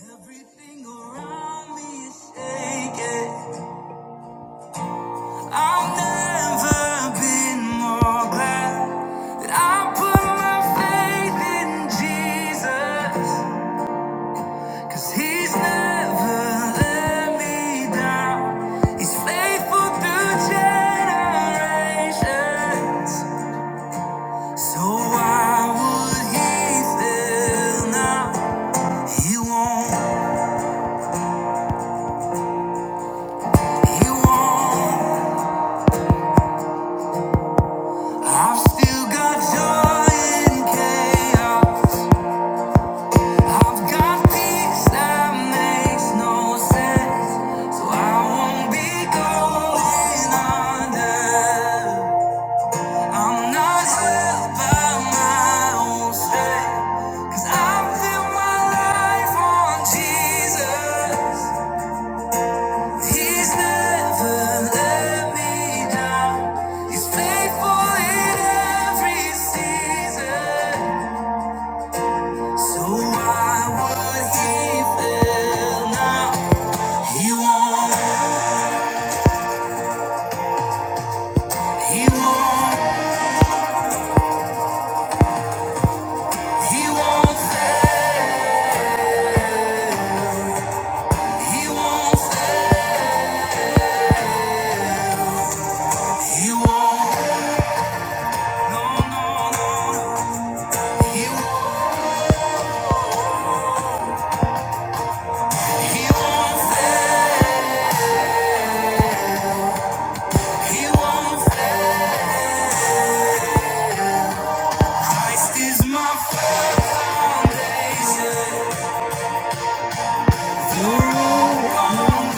Everything around me is shaking. I've never been more glad that I put my faith in Jesus, 'cause he's never let me down. He's faithful through generations. So why would he fail now? He won't, he won't. I've still got joy in chaos. I've got peace that makes no sense. So I won't be going under. I'm not held by my own strength. 'Cause I built my life on Jesus. He's never let me down. He's faithful in every season. So why would he fail now? He won't, he won't, he won't fail, he won't fail, he won't, no, no, no, no. he, he won't fail, he won't fail. Christ is my foundation, the rock on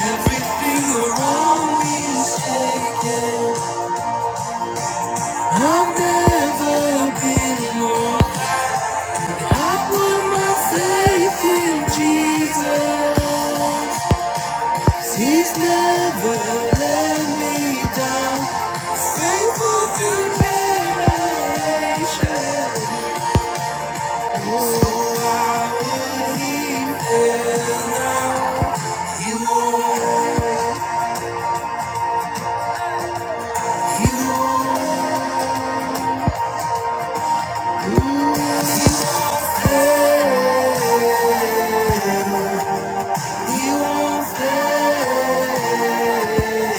Everything around me is shaking. I've never been more. I put my faith in Jesus. He's never let me down. Faithful to generation. Oh, I will leave there now. You are, you are. He won't fail.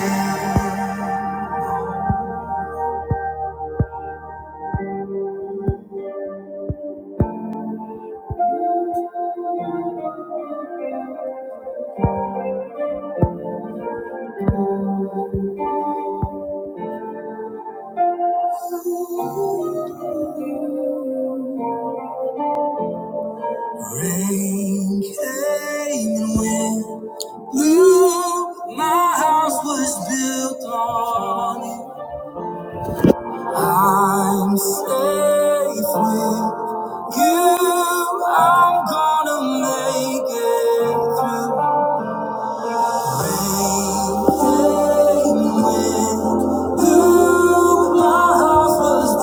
Rain came and went. Blue, my house was built on it. I'm safe with you. I'm gonna make it through. Ooh, my house was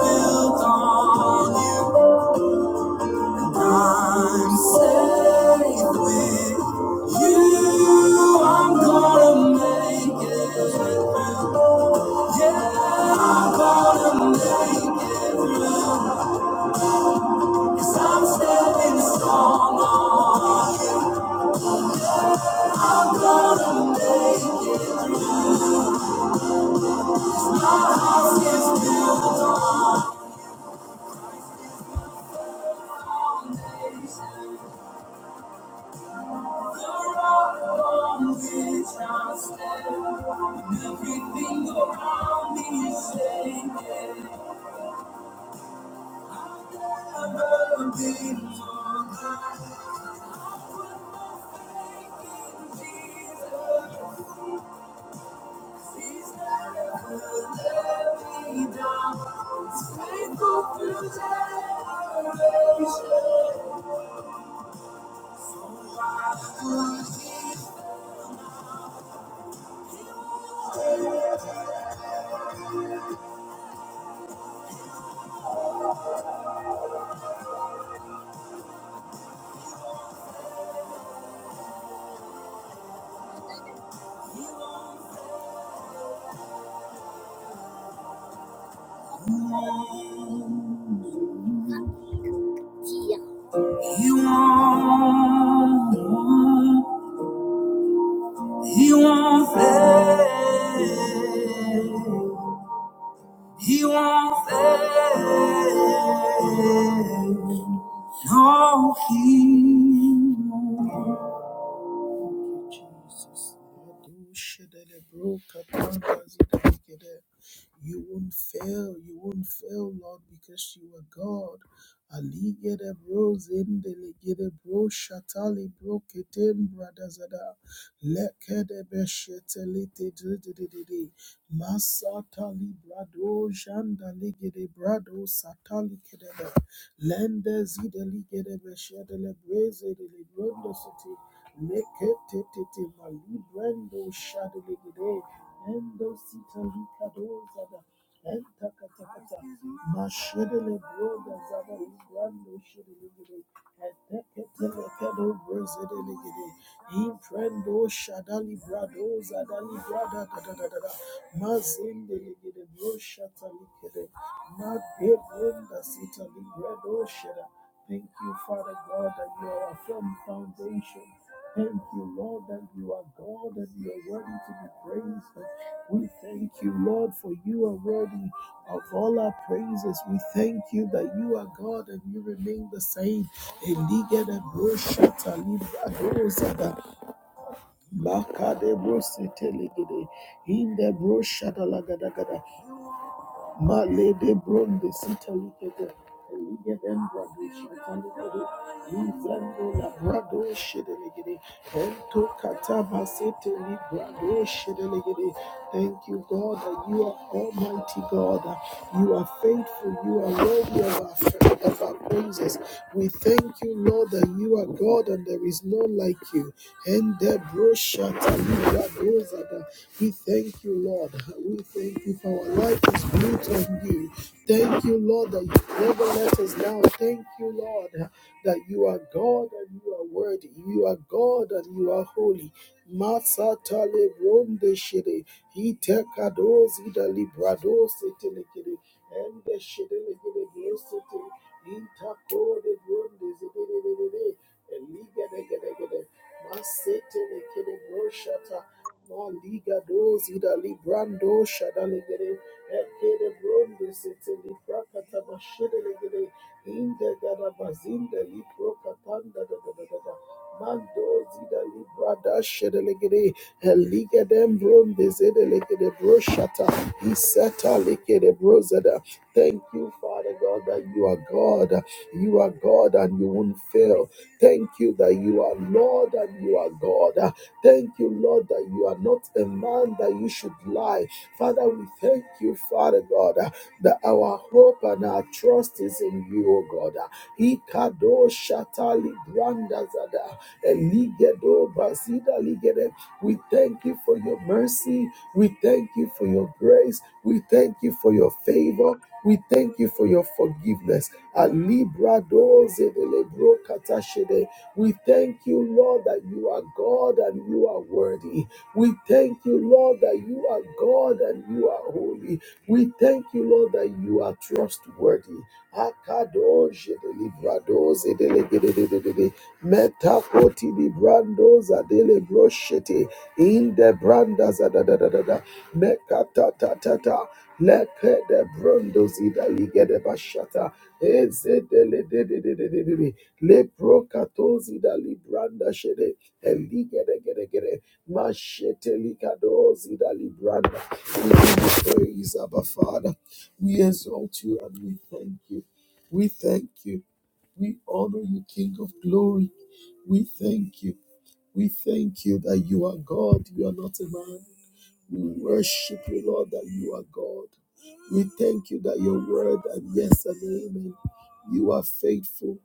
built on you. I'm safe with you. I'm gonna make it. Yeah, I'm gonna make it through. i I'm standing strong on you. I'm gonna make it. I'll just build the rock on which I stand. And everything around me is shaking. I've never been He won't, won't, he won't fail. He won't fail. No, he won't. Thank you, Jesus. You won't fail. You won't fail, Lord, because you are God. Ali, Aligede bro zindele gede bro shatali bro ketem bradazada lekede beshetele te dede masatali brado jandale gede brado satali kedebe lende zideli gede beshetele breze dele brondo Leketete malibrando shadelegede endo sita likadoza da enta katakata mashedele broda zada librando shadelegede etekete lekedo brezedelegede imprendo shadali brado zada librada da da da da da mazendelegede bro shata likede madebronda sita librado shada Thank you, Father God, that you are a firm foundation Thank you, Lord, that you are God and you are worthy to be praised. We thank you, Lord, for you are worthy of all our praises. We thank you that you are God and you remain the same. Elige broshata libra dozada, maka de broshata lagadagada. Male de bronde sita lipete. Elige dem brado shatali gede. Izando la brado shedele gede. Ento kataba sete li brado shedele gede. Thank you, God, that you are Almighty God. You are faithful. You are worthy of our, of our praises. We thank you, Lord, that you are God and there is none like you. Ende bro shatali brado zada. We thank you, Lord. We thank you for our life is built on you. Thank you, Lord, that you never let us down. Thank you, Lord, that you are God and you are worthy. You are God and you are holy. Masatale ronde shede. Itekado zida librado setelekede. Ende shedelekede grosete. Intakode ronde zedededede. Eligedegedegede. Masetelekede groshata. Maliga dozi da librando shadaligere. Ekede bronde sete liprakata bashedeligere. Inde gada bazinde liprokatanda da da da da da. Mandozi da librada shedeligere. Eliga dem bronde zedeligere broshata. Iseta ligere brozada. Thank you, Father God, that you are God. You are God and you won't fail. Thank you that you are Lord and you are God. Thank you, Lord, that you are not a man that you should lie. Father, we thank you, Father God, uh, that our hope and our trust is in you, O God. Uh, Ikado shatali brandazada, eligedo basida ligede. We thank you for your mercy. We thank you for your grace. We thank you for your favor. We thank you for your forgiveness. Alibra doze de lebro katashede. We thank you, Lord, that you are God and you are worthy. We thank you, Lord, that you are God and you are holy. We thank you, Lord, that you are trustworthy. Akadosh edelibrados edelegedededede. Metakoti librandos adelebroshete. Indebrandas adadadadada. Mekatatatata. Lekedebrondos idaligedebashata. Ezedelededededede. Leprokatozi da libranda shede eligedegedegede mashetelikadozi da libranda. We give you praise, Abba Father. We exalt you and we thank you. We thank you. We honor you, King of Glory. We thank you. We thank you that you are God. You are not a man. We worship you, Lord, that you are God. We thank you that your word and yes and amen. You are faithful.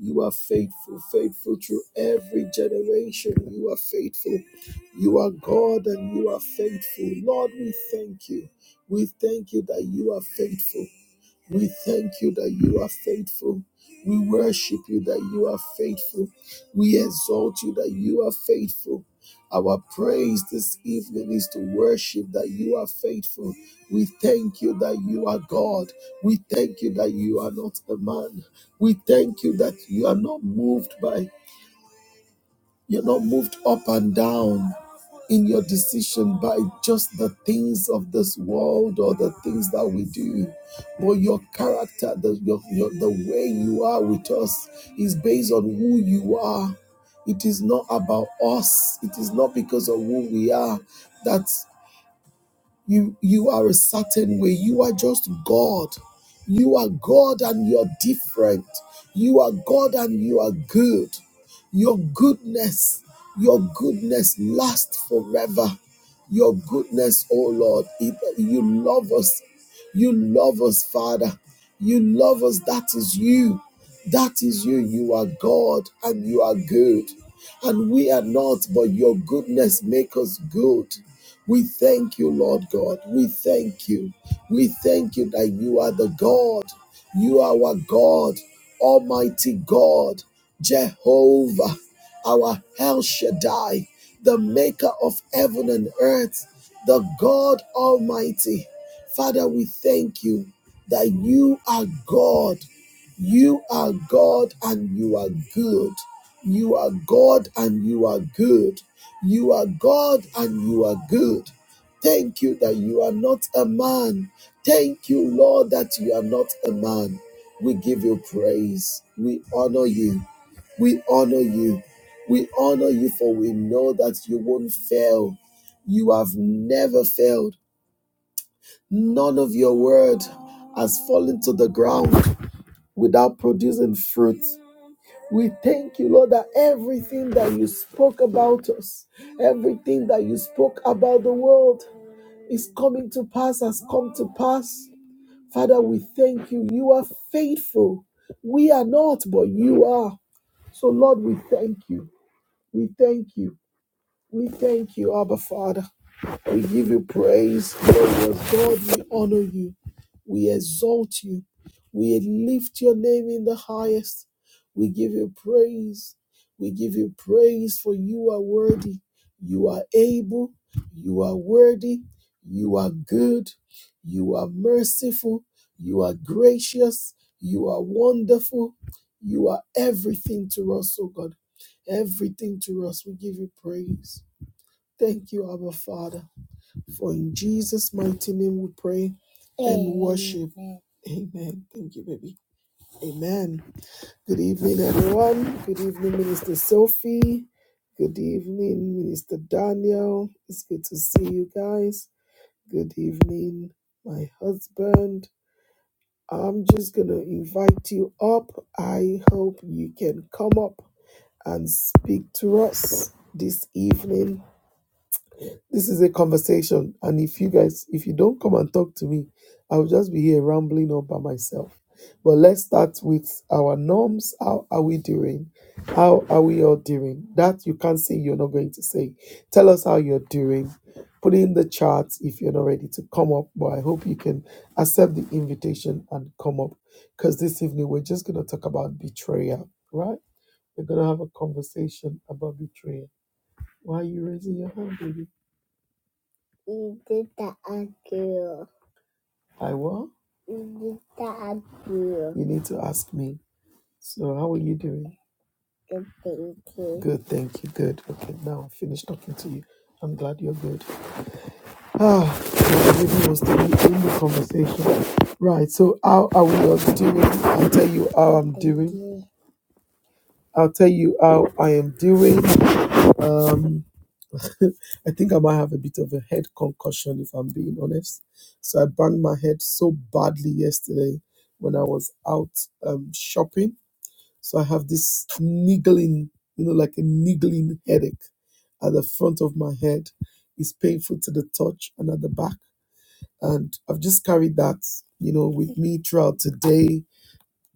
You are faithful, faithful through every generation. You are faithful. You are God and you are faithful. Lord, we thank you. We thank you that you are faithful. We thank you that you are faithful. We worship you that you are faithful. We exalt you that you are faithful. Our praise this evening is to worship that you are faithful. We thank you that you are God. We thank you that you are not a man. We thank you that you are not moved by, you're not moved up and down in your decision by just the things of this world or the things that we do. But your character, the, your, your, the way you are with us, is based on who you are. It is not about us, it is not because of who we are. that you you are a certain way you are just god you are god and you're different you are god and you are good your goodness your goodness lasts forever your goodness oh lord it, you love us you love us father you love us that is you that is you you are god and you are good and we are not but your goodness make us good we thank you, Lord God. We thank you. We thank you that you are the God. You are our God, Almighty God, Jehovah, our El Shaddai, the maker of heaven and earth, the God Almighty. Father, we thank you that you are God. You are God and you are good. You are God and you are good. You are God and you are good. Thank you that you are not a man. Thank you, Lord, that you are not a man. We give you praise. We honor you. We honor you. We honor you for we know that you won't fail. You have never failed. None of your word has fallen to the ground without producing fruit. We thank you, Lord, that everything that you spoke about us, everything that you spoke about the world is coming to pass, has come to pass. Father, we thank you. You are faithful. We are not, but you are. So, Lord, we thank you. We thank you. We thank you, Abba Father. We give you praise, glorious God. We honor you. We exalt you. We lift your name in the highest. We give you praise. We give you praise for you are worthy. You are able. You are worthy. You are good. You are merciful. You are gracious. You are wonderful. You are everything to us, oh God. Everything to us. We give you praise. Thank you, Abba Father. For in Jesus' mighty name we pray and worship. Amen. Thank you, baby. Amen. Good evening, everyone. Good evening, Minister Sophie. Good evening, Minister Daniel. It's good to see you guys. Good evening, my husband. I'm just going to invite you up. I hope you can come up and speak to us this evening This is a conversation. And if you guys, if you don't come and talk to me, I'll just be here rambling all by myself. But let's start with our norms. How are we doing? How are we all doing? That you can't say you're not going to say. Tell us how you're doing. Put in the chat if you're not ready to come up. But I hope you can accept the invitation and come up. Because this evening we're just gonna talk about betrayal, right? We're gonna have a conversation about betrayal. Why are you raising your hand, baby? I what? You need to ask me. So, how are you doing? Good, thank you. Good. Okay, now I finished talking to you. I'm glad you're good. Ah, well, maybe was the in the conversation. Right. So, how I was doing? I'll tell you. Um, I'll tell you how I am doing. Um, I think I might have a bit of a head concussion if I'm being honest. So I banged my head so badly yesterday when I was out um, shopping So I have this niggling, you know, like a niggling headache at the front of my head. It's painful to the touch and at the back. And I've just carried that, you know, with me throughout today,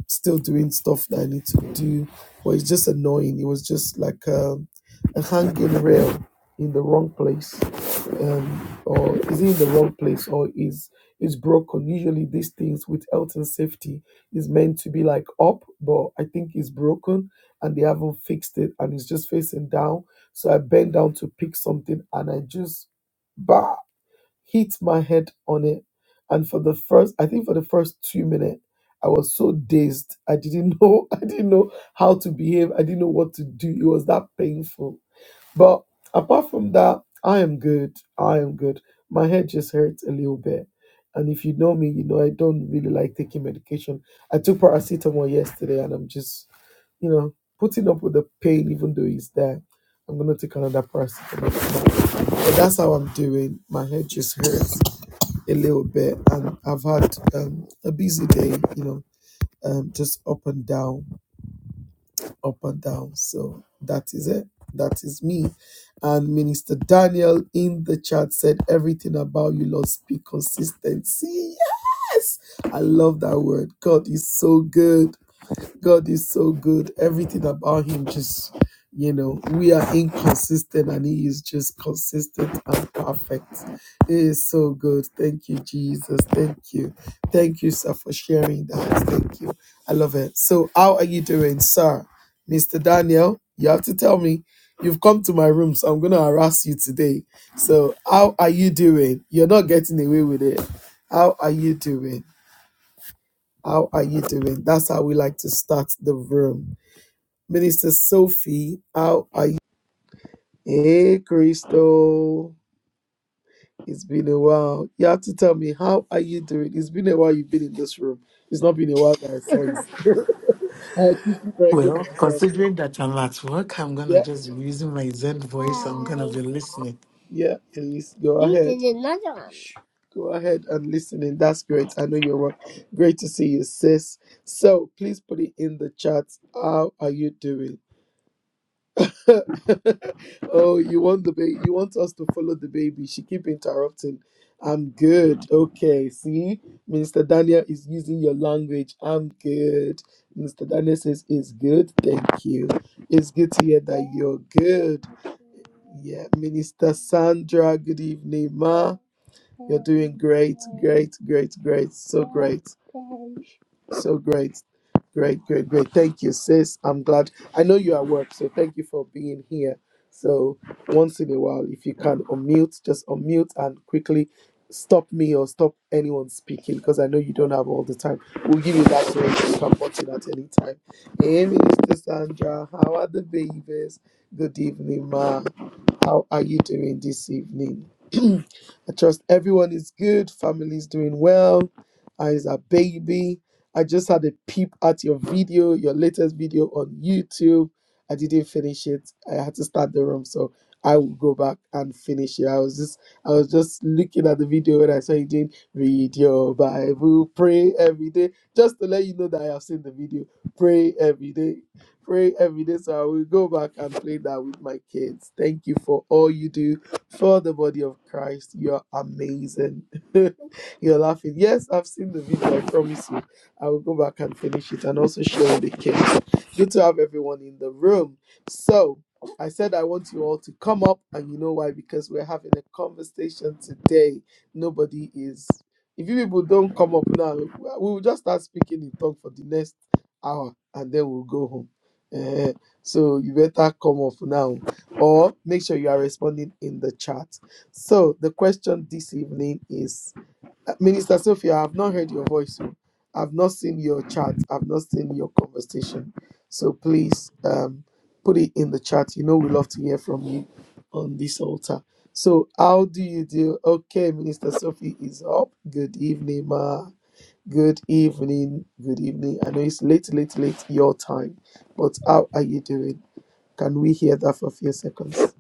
still doing stuff that I need to do. But it's just annoying. It was just like a, a hanging rail in the wrong place um, or is he in the wrong place or is is broken usually these things with health and safety is meant to be like up but i think it's broken and they haven't fixed it and it's just facing down so i bent down to pick something and i just bah, hit my head on it and for the first i think for the first two minutes i was so dazed i didn't know i didn't know how to behave i didn't know what to do it was that painful but apart from that, I am good. I am good. My head just hurts a little bit. And if you know me, you know I don't really like taking medication. I took paracetamol yesterday and I'm just, you know, putting up with the pain even though it's there. I'm gonna take another paracetamol. tomorrow. But that's how I'm doing. My head just hurts a little bit and I've had um, a busy day, you know, um, just up and down up and down. So that is it. That is me. And Minister Daniel in the chat said, Everything about you, Lord, speak consistency. Yes. I love that word. God is so good. God is so good. Everything about him just, you know, we are inconsistent and he is just consistent and perfect. He is so good. Thank you, Jesus. Thank you. Thank you, sir, for sharing that. Thank you. I love it. So, how are you doing, sir? Mr. Daniel, you have to tell me. You've come to my room, so I'm going to harass you today. So, how are you doing? You're not getting away with it. How are you doing? How are you doing? That's how we like to start the room. Minister Sophie, how are you? Hey, Crystal. It's been a while. You have to tell me, how are you doing? It's been a while you've been in this room. It's not been a while that I saw you. I quickly corrected Well, myself. considering that I'm at work, I'm gonna Yeah, just be using my Zen voice. I'm gonna be listening. yeah, please go, go ahead and listen in. That's great. I know you're work. Great to see you, sis. So please put it in the chat. How are you doing? oh, you want the baby? You want us to follow the baby? She keep interrupting. I'm good. Okay, see, Mr. Daniel is using your language. I'm good. Mr. Daniel says it's good. Thank you. It's good to hear that you're good. Yeah, Minister Sandra. Good evening, Ma. Doing great, great, great, great. So great. So great. Great, great, great. Thank you, sis. I'm glad. I know you are at work, so thank you for being here. So, once in a while, if you can unmute, just unmute and quickly stop me or stop anyone speaking because I know you don't have all the time. We'll give you that way. You can button at any time. Hey, Mr. Sandra, how are the babies? Good evening, ma. How are you doing this evening? I trust everyone is good, family is doing well. I is a baby. I just had a peep at your video, your latest video on YouTube. I didn't finish it. I had to start the room, so I will go back and finish it. I was just I was just looking at the video and I saw you doing read your Bible, pray every day. Just to let you know that I have seen the video. Pray every day pray every day. So I will go back and play that with my kids. Thank you for all you do for the body of Christ. You're amazing. You're laughing. Yes, I've seen the video. I promise you. I will go back and finish it and also share with the kids. Good to have everyone in the room. So I said I want you all to come up, and you know why? Because we're having a conversation today. Nobody is. If you people don't come up now, we will just start speaking in tongues for the next hour, and then we'll go home. Eh, so you better come off now or make sure you are responding in the chat. So the question this evening is uh, Minister Sophia, I've not heard your voice. oh. I've not seen your chat. I've not seen your conversation. So please um, put it in the chat. You know we love to hear from you on this altar. So how do you do? Okay, Minister Sophie is up. Good evening, ma. Good evening. Good evening. I know it's late, late, late your time, but how are you doing? Can we hear that for a few seconds?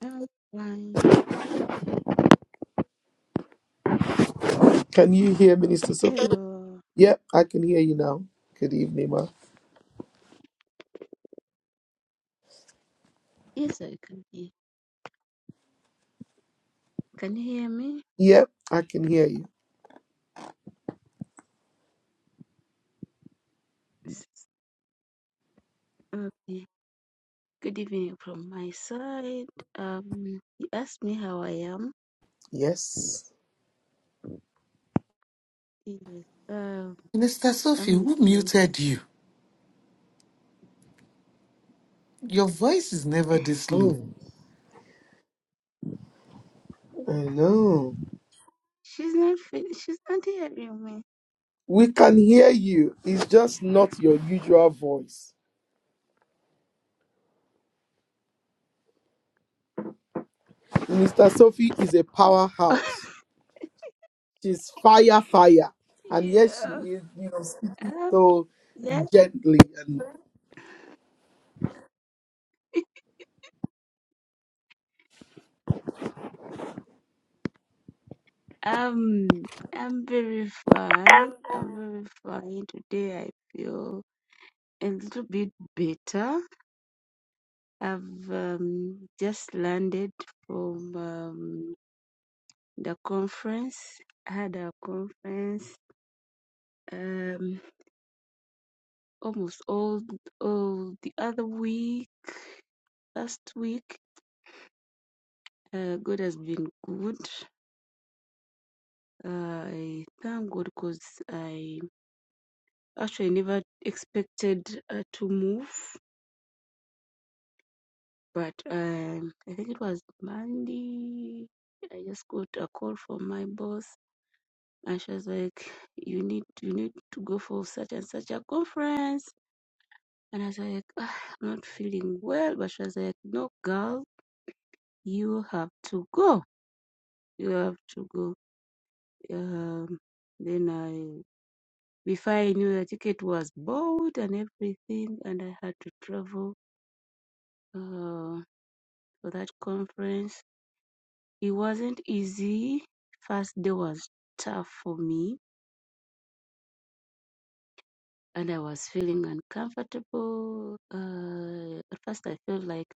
I'm fine. Can you hear Minister Sophie? Hello. Yep, I can hear you now. Good evening, ma. Yes, I can hear. Can you hear me? Yep, I can hear you. S- Okay. Good evening from my side. Um, you asked me how I am. Yes. Yes. Um, Mister Sophie, I'm who okay. muted you? Your voice is never this low. Oh, I know. She's not. Fin- she's not hearing me. We can hear you. It's just not your usual voice. Minister Sophie is a powerhouse. She's fire, fire. And yes, she yeah. is, you know, speaking Um, so yeah. gently and. Um, I'm very fine. I'm very fine today. I feel a little bit better. I've um, just landed from um, the conference. I had a conference um, almost all all the other week. Last week, uh, God has been good. Uh, I thank God because I actually never expected uh, to move, but um, I think it was Monday. I just got a call from my boss And she was like, "You need you need to go for such and such a conference." And I was like, "Ah, "I'm not feeling well." But she was like, "No, girl, you have to go. You have to go." Um, then I before I knew the ticket was bought and everything, and I had to travel uh, for that conference. It wasn't easy. First day was tough for me, and I was feeling uncomfortable. Uh, at first, I felt like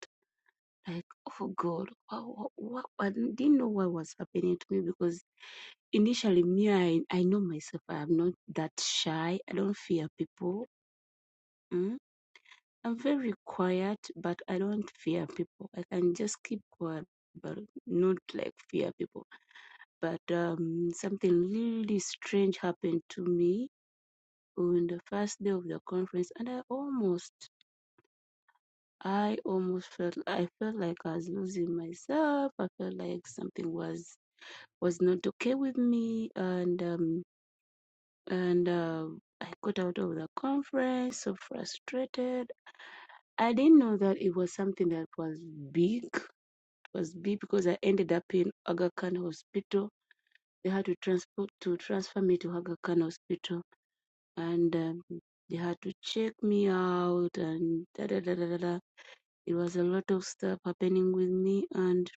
like oh god what, what, i didn't know what was happening to me because initially me i, I know myself i'm not that shy i don't fear people mm. i'm very quiet but i don't fear people i can just keep quiet but not like fear people but um something really strange happened to me on the first day of the conference and i almost I almost felt I felt like I was losing myself. I felt like something was was not okay with me and um, and uh, I got out of the conference so frustrated. I didn't know that it was something that was big, was big because I ended up in Aga Khan Hospital. They had to transport to transfer me to Aga Khan Hospital, and um, they had to check me out and da da da da da. da. It was a lot of stuff happening with me, and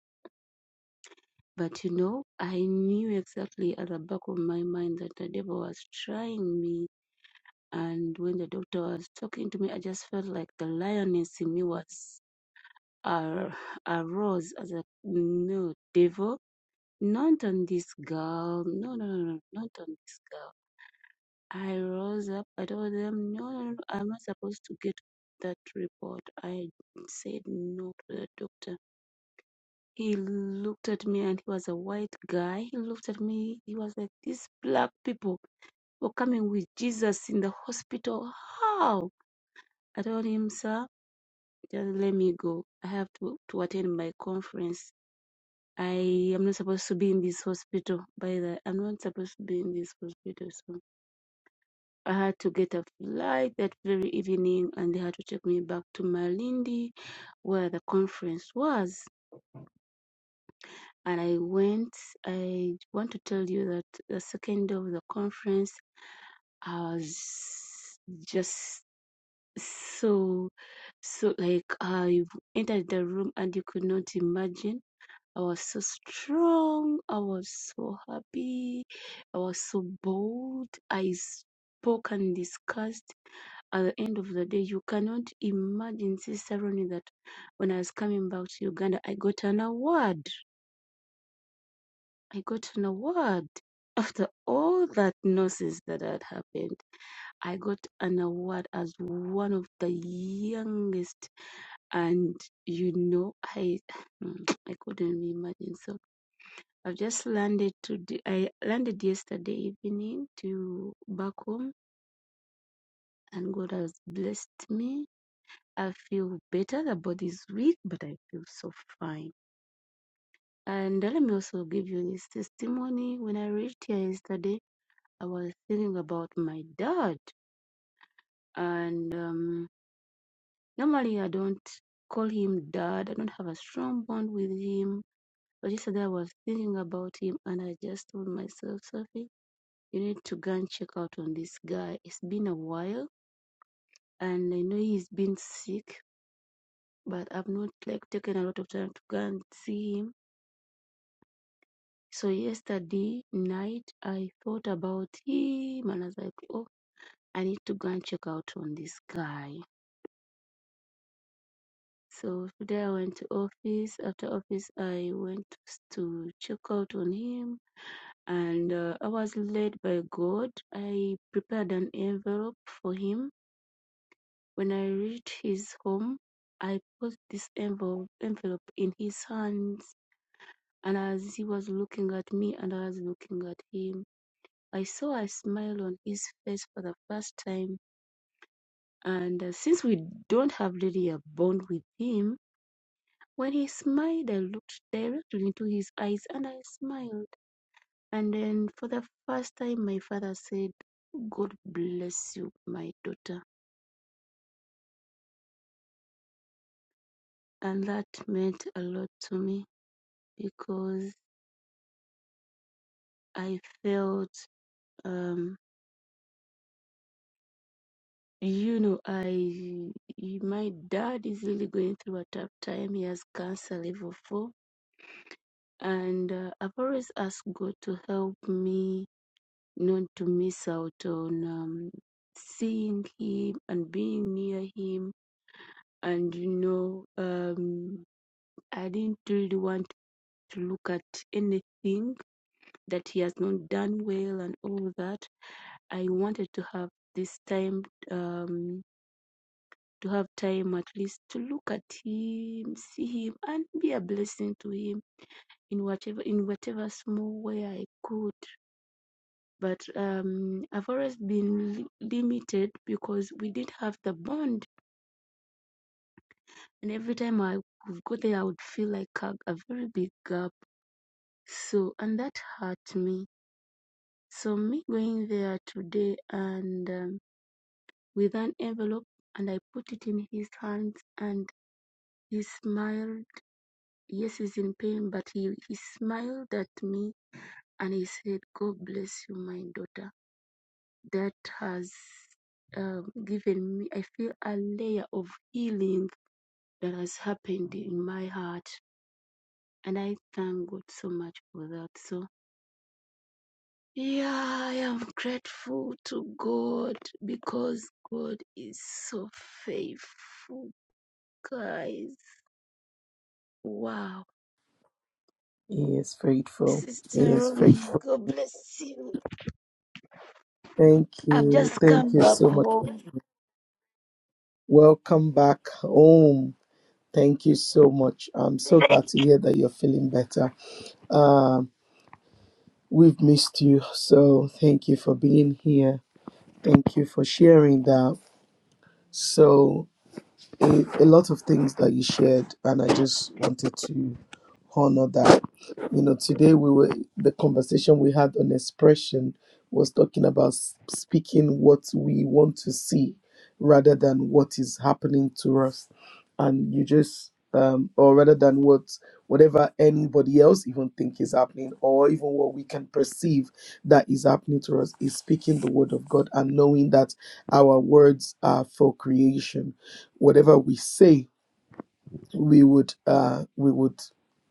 but you know, I knew exactly at the back of my mind that the devil was trying me And when the doctor was talking to me, I just felt like the lioness in me was ar- arose as a no devil, not on this girl, no, no, no, no, not on this girl. I rose up. I told them, no, no, no, I'm not supposed to get that report. I said no to the doctor. He looked at me, and he was a white guy. He looked at me. He was like, these black people were coming with Jesus in the hospital. How? I told him, sir. Just let me go. I have to, to attend my conference. I am not supposed to be in this hospital. By the I'm not supposed to be in this hospital. So I had to get a flight that very evening and they had to take me back to Malindi where the conference was. And I went. I want to tell you that the second day of the conference, I was just so so like I entered the room and you could not imagine I was so strong. I was so happy. I was so bold. I spoke and discussed. At the end of the day, you cannot imagine, Sister Ronnie, that when I was coming back to Uganda, I got an award. I got an award. After all that nonsense that had happened, I got an award as one of the youngest and you know i i couldn't imagine so I've just landed to. I landed yesterday evening to back home, and God has blessed me. I feel better. The body's weak, but I feel so fine. And let me also give you this testimony. When I reached here yesterday, I was thinking about my dad, and um, normally I don't call him dad. I don't have a strong bond with him. But yesterday I was thinking about him, and I just told myself, Sophie you need to go and check out on this guy. It's been a while and I know he's been sick, but I've not like taken a lot of time to go and see him. So yesterday night I thought about him and I was like, oh, I need to go and check out on this guy. So today I went to office. After office, I went to check out on him, and uh, I was led by God. I prepared an envelope for him When I reached his home, I put this envelope envelope in his hands, and as he was looking at me and I was looking at him, I saw a smile on his face for the first time. And uh, since we don't have really a bond with him, when he smiled, I looked directly into his eyes and I smiled. And then for the first time, my father said, God bless you, my daughter. And that meant a lot to me because I felt, um, you know, I my dad is really going through a tough time. He has cancer level four, and uh, I've always asked God to help me not to miss out on um, seeing him and being near him. And you know, um, I didn't really want to look at anything that he has not done well and all that. I wanted to have this time. Um, to have time at least to look at him, see him, and be a blessing to him in whatever in whatever small way I could. But um, I've always been li- limited because we didn't have the bond, and every time I would go there, I would feel like a, a very big gap. So and that hurt me. So me going there today and um, with an envelope, and I put it in his hands, and he smiled Yes, he's in pain, but he, he smiled at me and he said, God bless you, my daughter. That has um, given me, I feel a layer of healing that has happened in my heart. And I thank God so much for that. So, yeah, I am grateful to God because God is so faithful, guys. Wow. He is faithful. He Sister is Romy, faithful. God bless you. Thank I've you. just come Thank you back so much. home Welcome back home. Thank you so much. I'm so glad to hear that you're feeling better. Um, we've missed you. So thank you for being here. Thank you for sharing that. So, a, a lot of things that you shared, and I just wanted to honor that. You know, today we were the conversation we had on expression was talking about s- speaking what we want to see rather than what is happening to us, and you just um, or rather than what whatever anybody else even think is happening or even what we can perceive that is happening to us is speaking the word of god and knowing that our words are for creation whatever we say we would uh, we would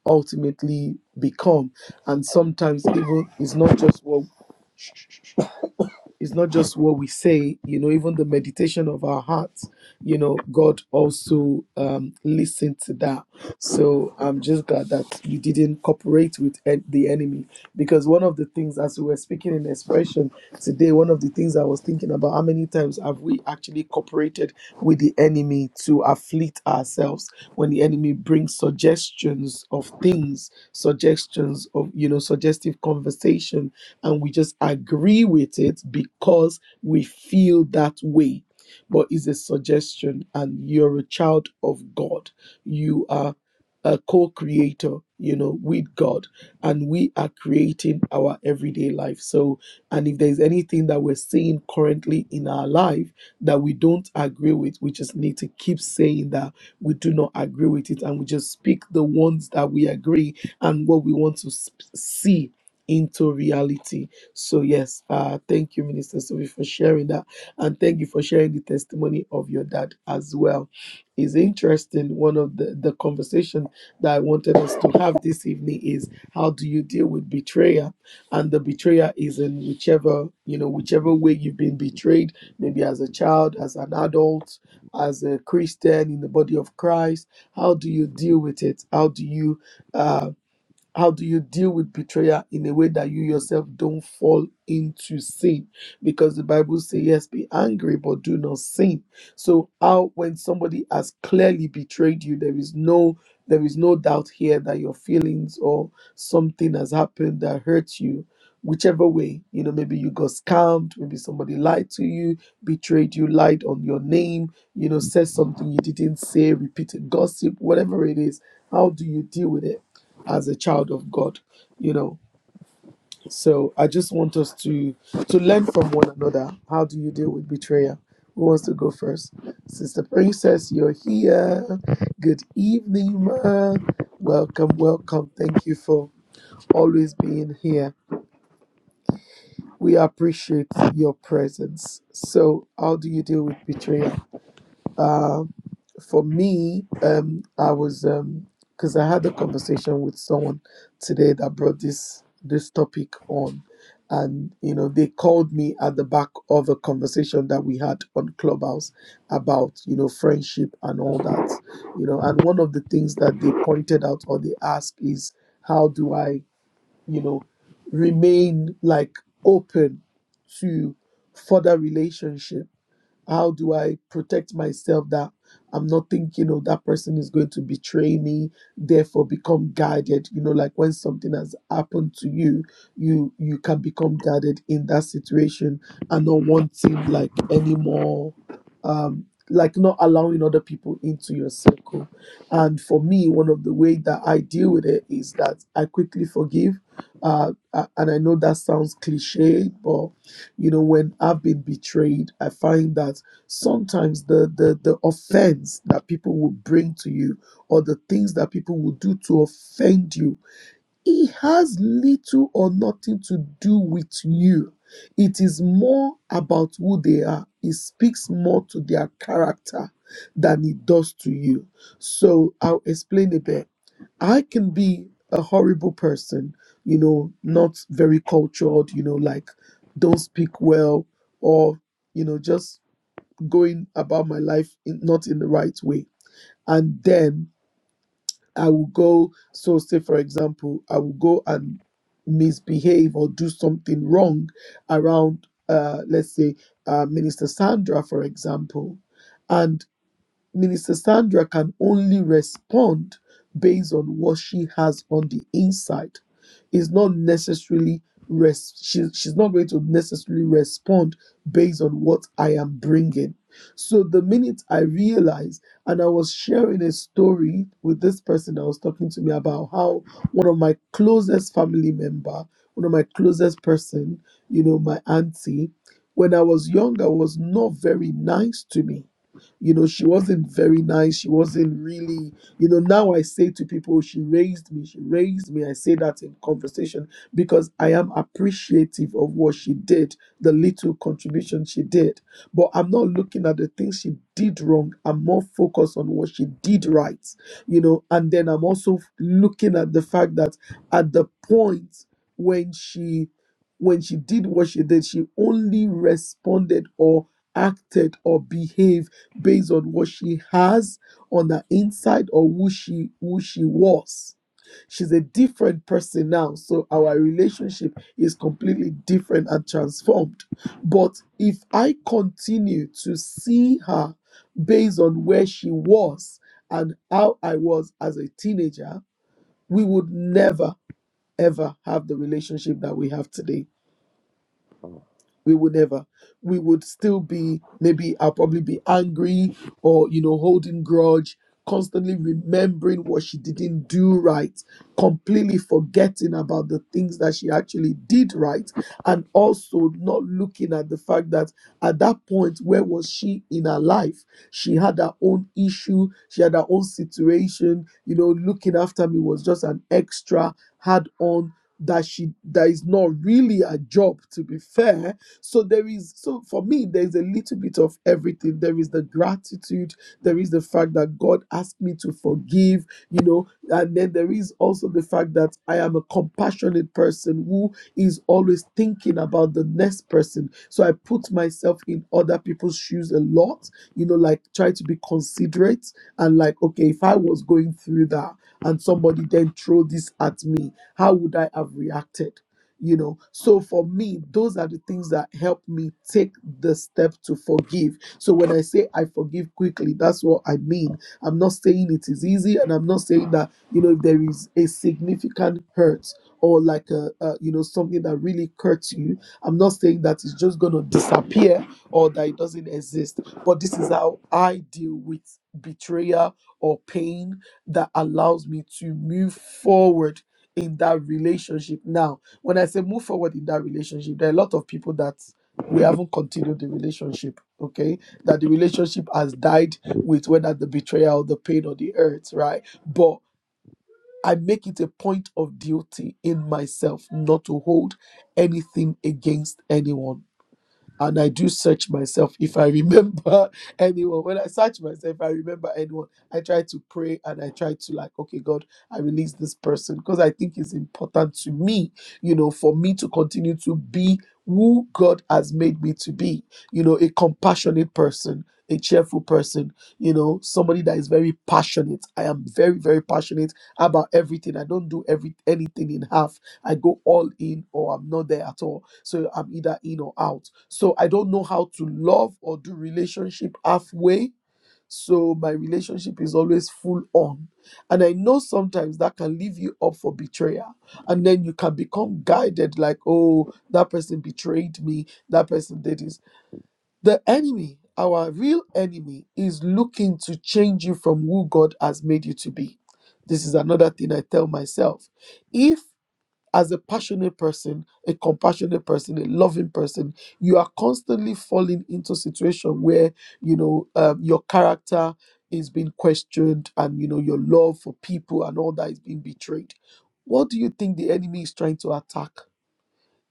ultimately become and sometimes even it's not just what it's not just what we say, you know, even the meditation of our hearts, you know, God also um, listened to that. So I'm just glad that you didn't cooperate with en- the enemy. Because one of the things, as we were speaking in expression today, one of the things I was thinking about how many times have we actually cooperated with the enemy to afflict ourselves when the enemy brings suggestions of things, suggestions of, you know, suggestive conversation and we just agree with it because we feel that way. But it's a suggestion, and you're a child of God. You are a co creator, you know, with God, and we are creating our everyday life. So, and if there's anything that we're seeing currently in our life that we don't agree with, we just need to keep saying that we do not agree with it, and we just speak the ones that we agree and what we want to s- see into reality. So, yes, uh, thank you, Minister Sophie, for sharing that. And thank you for sharing the testimony of your dad as well. It's interesting. One of the, the conversation that I wanted us to have this evening is how do you deal with betrayal? And the betrayer is in whichever, you know, whichever way you've been betrayed, maybe as a child, as an adult, as a Christian in the body of Christ. How do you deal with it? How do you uh, how do you deal with betrayal in a way that you yourself don't fall into sin? Because the Bible says, yes, be angry, but do not sin. So how when somebody has clearly betrayed you, there is no there is no doubt here that your feelings or something has happened that hurts you. Whichever way, you know, maybe you got scammed, maybe somebody lied to you, betrayed you, lied on your name, you know, said something you didn't say, repeated gossip, whatever it is. How do you deal with it? as a child of God, you know. So I just want us to to learn from one another. How do you deal with betrayal? Who wants to go first? Sister Princess, you're here. Good evening, ma. Welcome, welcome. Thank you for always being here. We appreciate your presence. So, how do you deal with betrayal? Uh, for me, um, I was because I had a conversation with someone today that brought this this topic on, and you know they called me at the back of a conversation that we had on Clubhouse about you know friendship and all that, you know, and one of the things that they pointed out or they asked is how do I you know remain like open to further relationship how do I protect myself that I'm not thinking, oh, that person is going to betray me, therefore become guarded. You know, like when something has happened to you, you you can become guarded in that situation and not wanting like any more um like not allowing other people into your circle. And for me, one of the way that I deal with it is that I quickly forgive. Uh, uh, and I know that sounds cliche, but you know when i've been betrayed i find that sometimes the the, the offense that people will bring to you or the things that people will do to offend you it has little or nothing to do with you. It is more about who they are. It speaks more to their character than it does to you. So I'll explain a bit. I can be a horrible person, you know, not very cultured, you know, like don't speak well or, you know, just going about my life in, not in the right way. And then I will go, so say, for example, I will go and misbehave or do something wrong around, uh, let's say, uh, Minister Sandra, for example. Minister Sandra can only respond based on what she has on the inside. Is not necessarily res- she, she's not going to necessarily respond based on what I am bringing. So the minute I realized, and I was sharing a story with this person that was talking to me about how one of my closest family member, one of my closest person, you know, my auntie, when I was young, I was not very nice to me you know, she wasn't very nice. She wasn't really, you know, now I say to people, she raised me, she raised me. I say that in conversation because I am appreciative of what she did, the little contribution she did. But I'm not looking at the things she did wrong. I'm more focused on what she did right, you know, and then I'm also looking at the fact that at the point when she when she did what she did, she only responded or acted or behaved based on what she has on the inside or who she who she was she's a different person now so our relationship is completely different and transformed but if i continue to see her based on where she was and how i was as a teenager we would never ever have the relationship that we have today we would never we would still be maybe i'll probably be angry or you know holding grudge constantly remembering what she didn't do right completely forgetting about the things that she actually did right and also not looking at the fact that at that point where was she in her life she had her own issue she had her own situation you know looking after me was just an extra had on that she that is not really a job to be fair so there is so for me there is a little bit of everything. There is the gratitude, there is the fact that God asked me to forgive, you know, and then there is also the fact that I am a compassionate person who is always thinking about the next person. So I put myself in other people's shoes a lot, you know, like try to be considerate and like okay, if I was going through that and somebody then throw this at me, how would I have reacted? you know so for me those are the things that help me take the step to forgive so when i say i forgive quickly that's what i mean i'm not saying it is easy and i'm not saying that you know if there is a significant hurt or like a, a you know something that really hurts you i'm not saying that it's just going to disappear or that it doesn't exist but this is how i deal with betrayal or pain that allows me to move forward in that relationship now when I say move forward in that relationship, there are a lot of people that we haven't continued the relationship, okay? That the relationship has died with whether the betrayal, the pain, or the hurt, right? But I make it a point of duty in myself not to hold anything against anyone and I do search myself if I remember anyone. When I search myself, if I remember anyone. I try to pray and I try to like, okay, God, I release this person because I think it's important to me, you know, for me to continue to be who God has made me to be, you know, a compassionate person, a cheerful person, you know, somebody that is very passionate. I am very, very passionate about everything. I don't do every anything in half. I go all in or I'm not there at all so I'm either in or out. So I don't know how to love or do relationship halfway. So my relationship is always full on. And I know sometimes that can leave you up for betrayal. And then you can become guided like, oh, that person betrayed me. That person did this. The enemy, our real enemy, is looking to change you from who God has made you to be. This is another thing I tell myself. If as a passionate person, a compassionate person, a loving person, you are constantly falling into situation where you know um, your character is being questioned, and you know your love for people and all that is being betrayed. What do you think the enemy is trying to attack?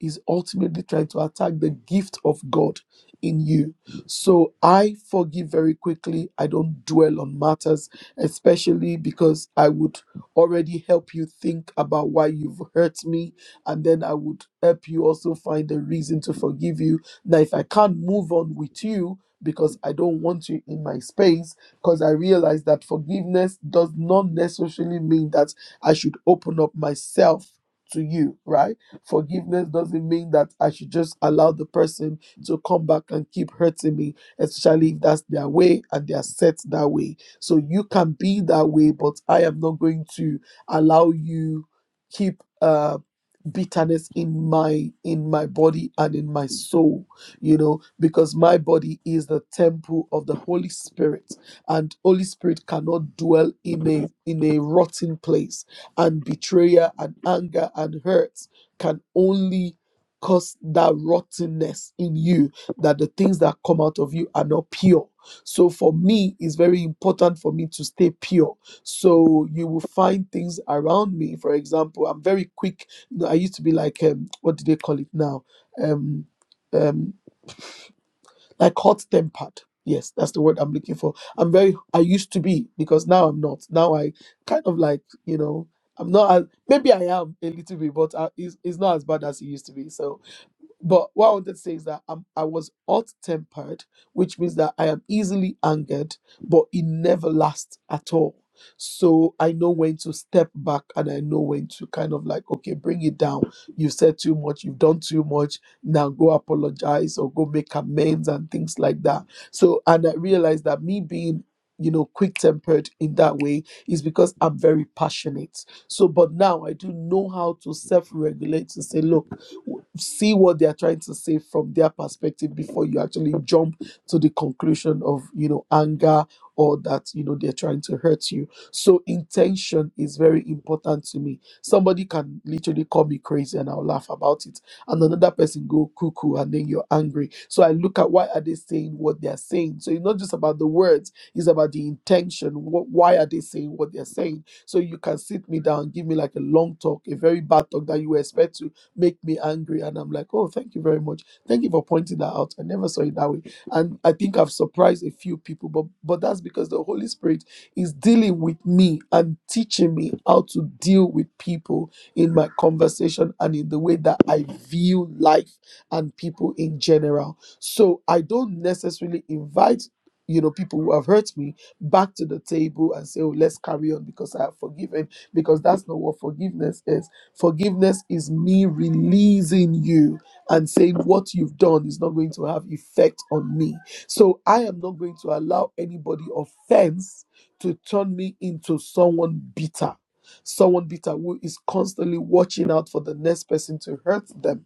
is ultimately trying to attack the gift of God in you. So I forgive very quickly. I don't dwell on matters, especially because I would already help you think about why you've hurt me. And then I would help you also find a reason to forgive you. Now, if I can't move on with you, because I don't want you in my space, because I realize that forgiveness does not necessarily mean that I should open up myself to you, right? Forgiveness doesn't mean that I should just allow the person to come back and keep hurting me, especially if that's their way and they are set that way. So you can be that way, but I am not going to allow you keep. um bitterness in my in my body and in my soul you know because my body is the temple of the holy spirit and holy spirit cannot dwell in a in a rotten place and betrayal and anger and hurt can only cause that rottenness in you that the things that come out of you are not pure so for me it's very important for me to stay pure so you will find things around me for example i'm very quick no, I used to be like um, what do they call it now? Um, um, like hot tempered. Yes, that's the word I'm looking for. I'm very. I used to be because now I'm not. Now I kind of like you know. I'm not. As, maybe I am a little bit, but I, it's, it's not as bad as it used to be. So but what I wanted to say is that I'm, I was hot tempered, which means that I am easily angered, but it never lasts at all. So I know when to step back and I know when to kind of like, okay, bring it down. You've said too much, you've done too much. Now go apologize or go make amends and things like that. So, and I realized that me being you know, quick tempered in that way is because I'm very passionate. So, but now I do know how to self regulate to say, look, see what they are trying to say from their perspective before you actually jump to the conclusion of you know anger or that you know they're trying to hurt you so intention is very important to me somebody can literally call me crazy and i'll laugh about it and another person go cuckoo and then you're angry so i look at why are they saying what they're saying so it's not just about the words it's about the intention what, why are they saying what they're saying so you can sit me down give me like a long talk a very bad talk that you expect to make me angry. And I'm like, oh, thank you very much. Thank you for pointing that out. I never saw it that way. And I think I've surprised a few people, but but that's because the Holy Spirit is dealing with me and teaching me how to deal with people in my conversation and in the way that I view life and people in general. So I don't necessarily invite you know people who have hurt me back to the table and say oh let's carry on because i have forgiven because that's not what forgiveness is Forgiveness is me releasing you and saying what you've done is not going to have effect on me. So I am not going to allow anybody offense to turn me into someone bitter. Someone bitter who is constantly watching out for the next person to hurt them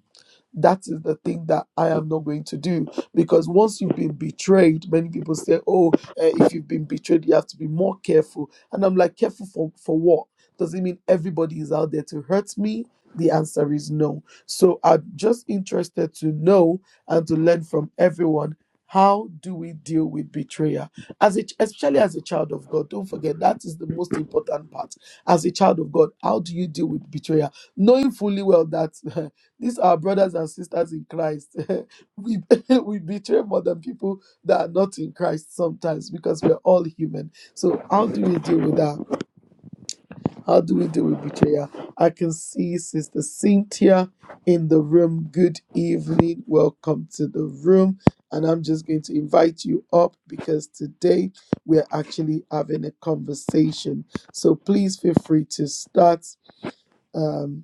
that is the thing that I am not going to do because once you've been betrayed, many people say, "Oh, uh, if you've been betrayed, you have to be more careful." And I'm like, "Careful for for what? Does it mean everybody is out there to hurt me?" The answer is no. So I'm just interested to know and to learn from everyone. How do we deal with betrayal? As a, especially as a child of God, don't forget that is the most important part as a child of God, how do you deal with betrayal? Knowing fully well that These are brothers and sisters in Christ. we we betray more than people that are not in Christ sometimes because we're all human. So how do we deal with that? How do we deal with betrayal? I can see Sister Cynthia in the room. Good evening. Welcome to the room. And I'm just going to invite you up because today we're actually having a conversation. So please feel free to start. Um,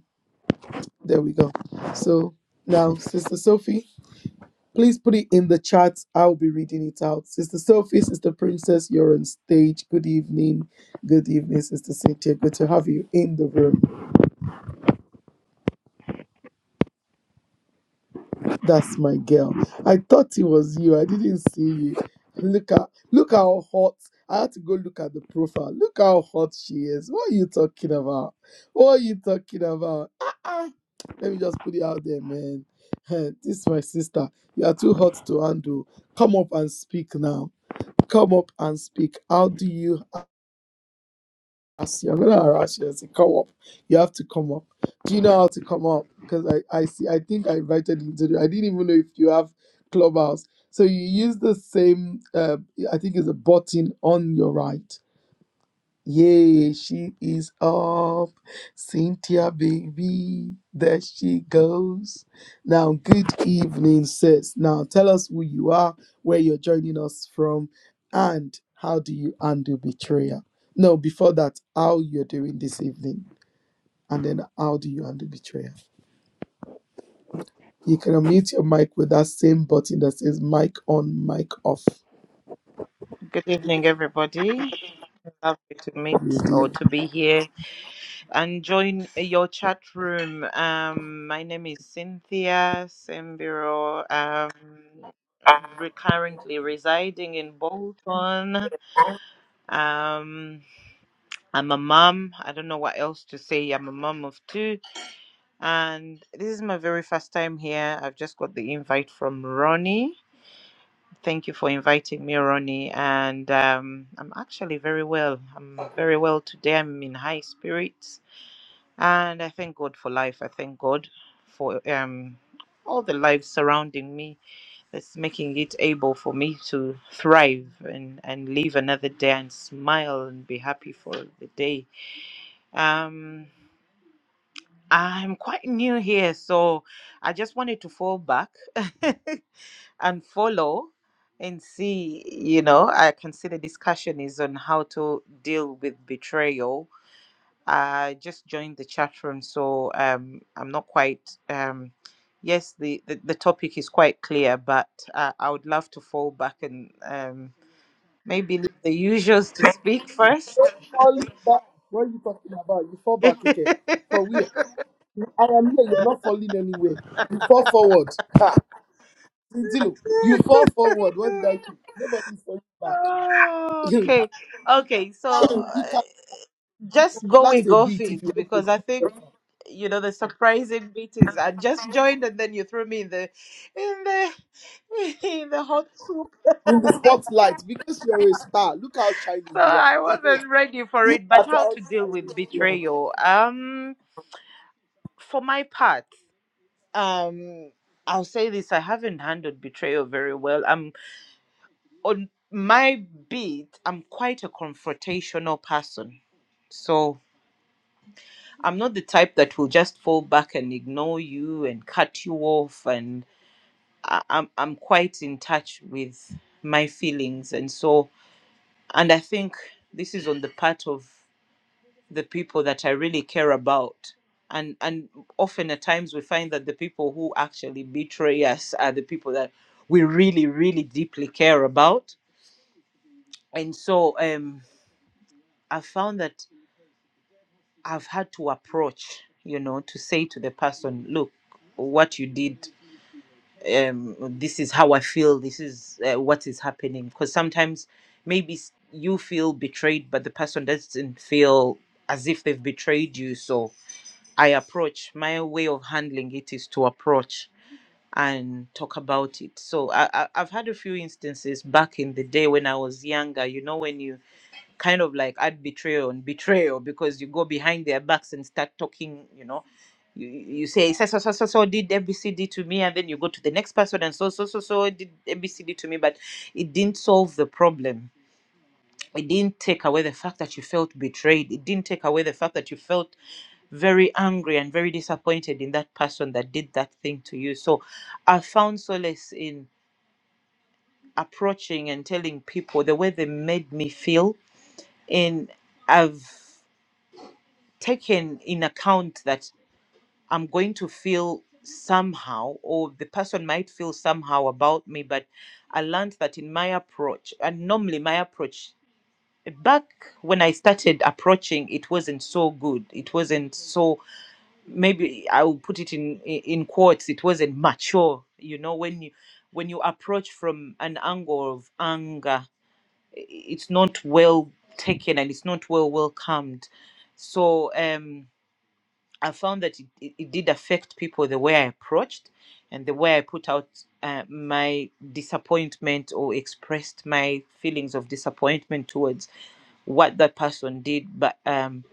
there we go. So now, Sister Sophie. Please put it in the chat. I'll be reading it out. Sister Sophie, Sister Princess, you're on stage. Good evening. Good evening, Sister Cynthia. Good to have you in the room. That's my girl. I thought it was you. I didn't see you. Look at look how hot. I had to go look at the profile. Look how hot she is. What are you talking about? What are you talking about? Ah, ah. Let me just put it out there, man. Eh, This is my sister. You are too hot to handle. Come up and speak now come up and speak. How do you ask you? I'm gonna harass you. and say, come up. You have to come up. Do you know how to come up? Because I, I see I think I invited you to the I didn't even know if you have clubhouse. So you use the same uh, I think it's a button on your right. Yay, she is up. Cynthia, baby, there she goes. Now, good evening, sis. Now, tell us who you are, where you're joining us from, and how do you handle betrayal? No, before that, how you're doing this evening, and then how do you handle betrayal? You can unmute your mic with that same button that says mic on, mic off. Good evening, everybody. Lovely to You meet or did. to be here and join your chat room. Um, my name is Cynthia Sembiro. Um, re- currently residing in Bolton. Um, I'm a mum. I don't know what else to say. I'm a mum of two, and this is my very first time here. I've just got the invite from Ronnie. Thank you for inviting me, Ronnie. And um, I'm actually very well. I'm very well today. I'm in high spirits. And I thank God for life. I thank God for um, all the lives surrounding me that's making it able for me to thrive and, and live another day and smile and be happy for the day. Um, I'm quite new here, so I just wanted to fall back and follow and see you know i can see the discussion is on how to deal with betrayal i just joined the chat room so um i'm not quite um yes the the, the topic is quite clear but uh, i would love to fall back and um maybe leave the usuals to speak first Falling back. What are you talking about? You fall back, Ike. For where? I am here. You're not falling anywhere. You fall forward. Ah, Tintilo, you fall forward. What did I do? Nobody's falling back. Oh, you okay okay so uh, can just go with relax a go bit if fit you want to because i think be you know the surprising meetings. I just joined and then you threw me in the in the in the hot soup. in the spotlight because you're a star. Look how shiny So you are. I wasn't ready for it. But That's how how to deal shiny with you are. betrayal? Um for my part, um I'll say this, I haven't handled betrayal very well. I'm on my beat, I'm quite a confrontational person. So I'm not the type that will just fall back and ignore you and cut you off and. I, I'm I'm quite in touch with my feelings, and so and I think this is on the part of the people that I really care about. And and often at times we find that the people who actually betray us are the people that we really really deeply care about. And so um, I found that I've had to approach, you know, to say to the person, look, what you did um, this is how I feel, this is uh, what is happening. Because sometimes maybe s- you feel betrayed, but the person doesn't feel as if they've betrayed you. So I approach, my way of handling it is to approach and talk about it. So I, I, I've had a few instances back in the day when I was younger, you know, when you kind of like add betrayal and betrayal because you go behind their backs and start talking, you know. You, you say so, so so so so did ABCD to me, and then you go to the next person and so so so so did ABCD to me, but it didn't solve the problem. It didn't take away the fact that you felt betrayed. It didn't take away the fact that you felt very angry and very disappointed in that person that did that thing to you. So I found solace in approaching and telling people the way they made me feel. And I've taken in account that I'm going to feel somehow, or the person might feel somehow about me. But I learned that in my approach, and normally my approach back when I started approaching, it wasn't so good. It wasn't so maybe I will put it in in quotes. It wasn't mature. You know when you when you approach from an angle of anger, i- it's not well taken and it's not well welcomed. So um I found that it, it, it did affect people the way I approached and the way I put out uh, my disappointment or expressed my feelings of disappointment towards what that person did. But um,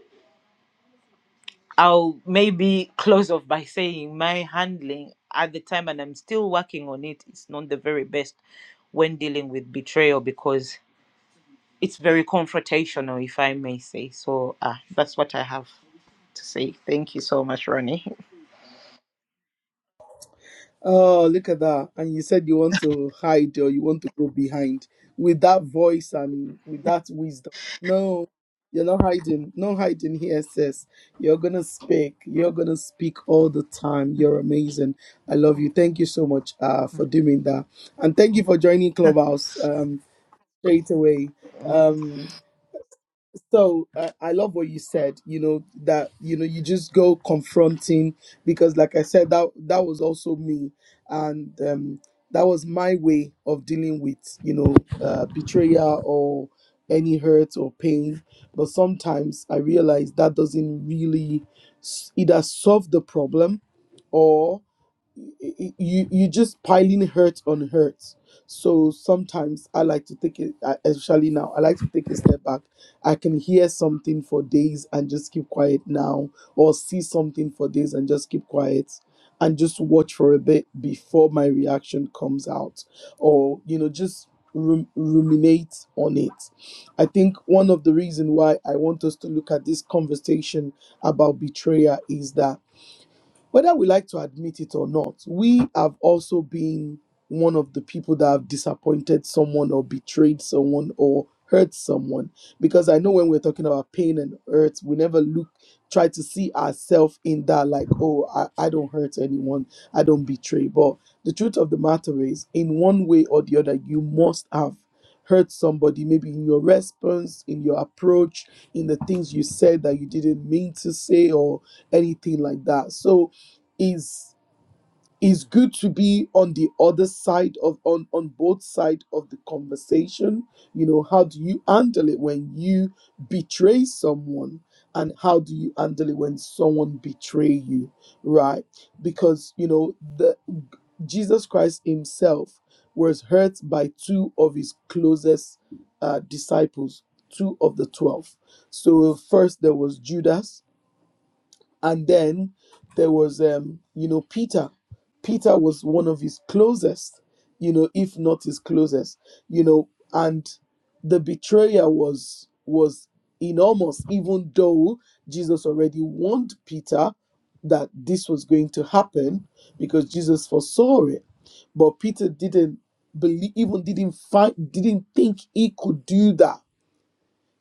I'll maybe close off by saying my handling at the time, and I'm still working on it, it's not the very best when dealing with betrayal because it's very confrontational, if I may say. So uh, that's what I have to say. Thank you so much, Ronnie. Oh, look at that. And you said you want to hide or you want to go behind with that voice and with that wisdom. No, you're not hiding. No hiding here, sis. You're going to speak. You're going to speak all the time. You're amazing. I love you. Thank you so much uh, for doing that. And thank you for joining Clubhouse um, straight away. Um, so I, I love what you said you know that you know you just go confronting because like i said that that was also me and um that was my way of dealing with you know uh, betrayal or any hurt or pain but sometimes i realize that doesn't really s- either solve the problem or y- you you just piling hurt on hurt. So sometimes I like to take it, I- especially now. I like to take a step back. I can hear something for days and just keep quiet now, or see something for days and just keep quiet, and just watch for a bit before my reaction comes out, or you know just rum- ruminate on it. I think one of the reason why I want us to look at this conversation about betrayal is that whether we like to admit it or not, we have also been one of the people that have disappointed someone or betrayed someone or hurt someone. Because I know when we're talking about pain and hurt, we never look, try to see ourselves in that, like, oh, I, I don't hurt anyone, I don't betray. But the truth of the matter is, in one way or the other, you must have hurt somebody, maybe in your response, in your approach, in the things you said that you didn't mean to say, or anything like that. So, is is good to be on the other side of on on both side of the conversation you know how do you handle it when you betray someone and how do you handle it when someone betray you right because you know the jesus christ himself was hurt by two of his closest uh, disciples two of the twelve so first there was judas and then there was um you know peter peter was one of his closest you know if not his closest you know and the betrayal was was enormous even though jesus already warned peter that this was going to happen because jesus foresaw it but peter didn't believe even didn't find didn't think he could do that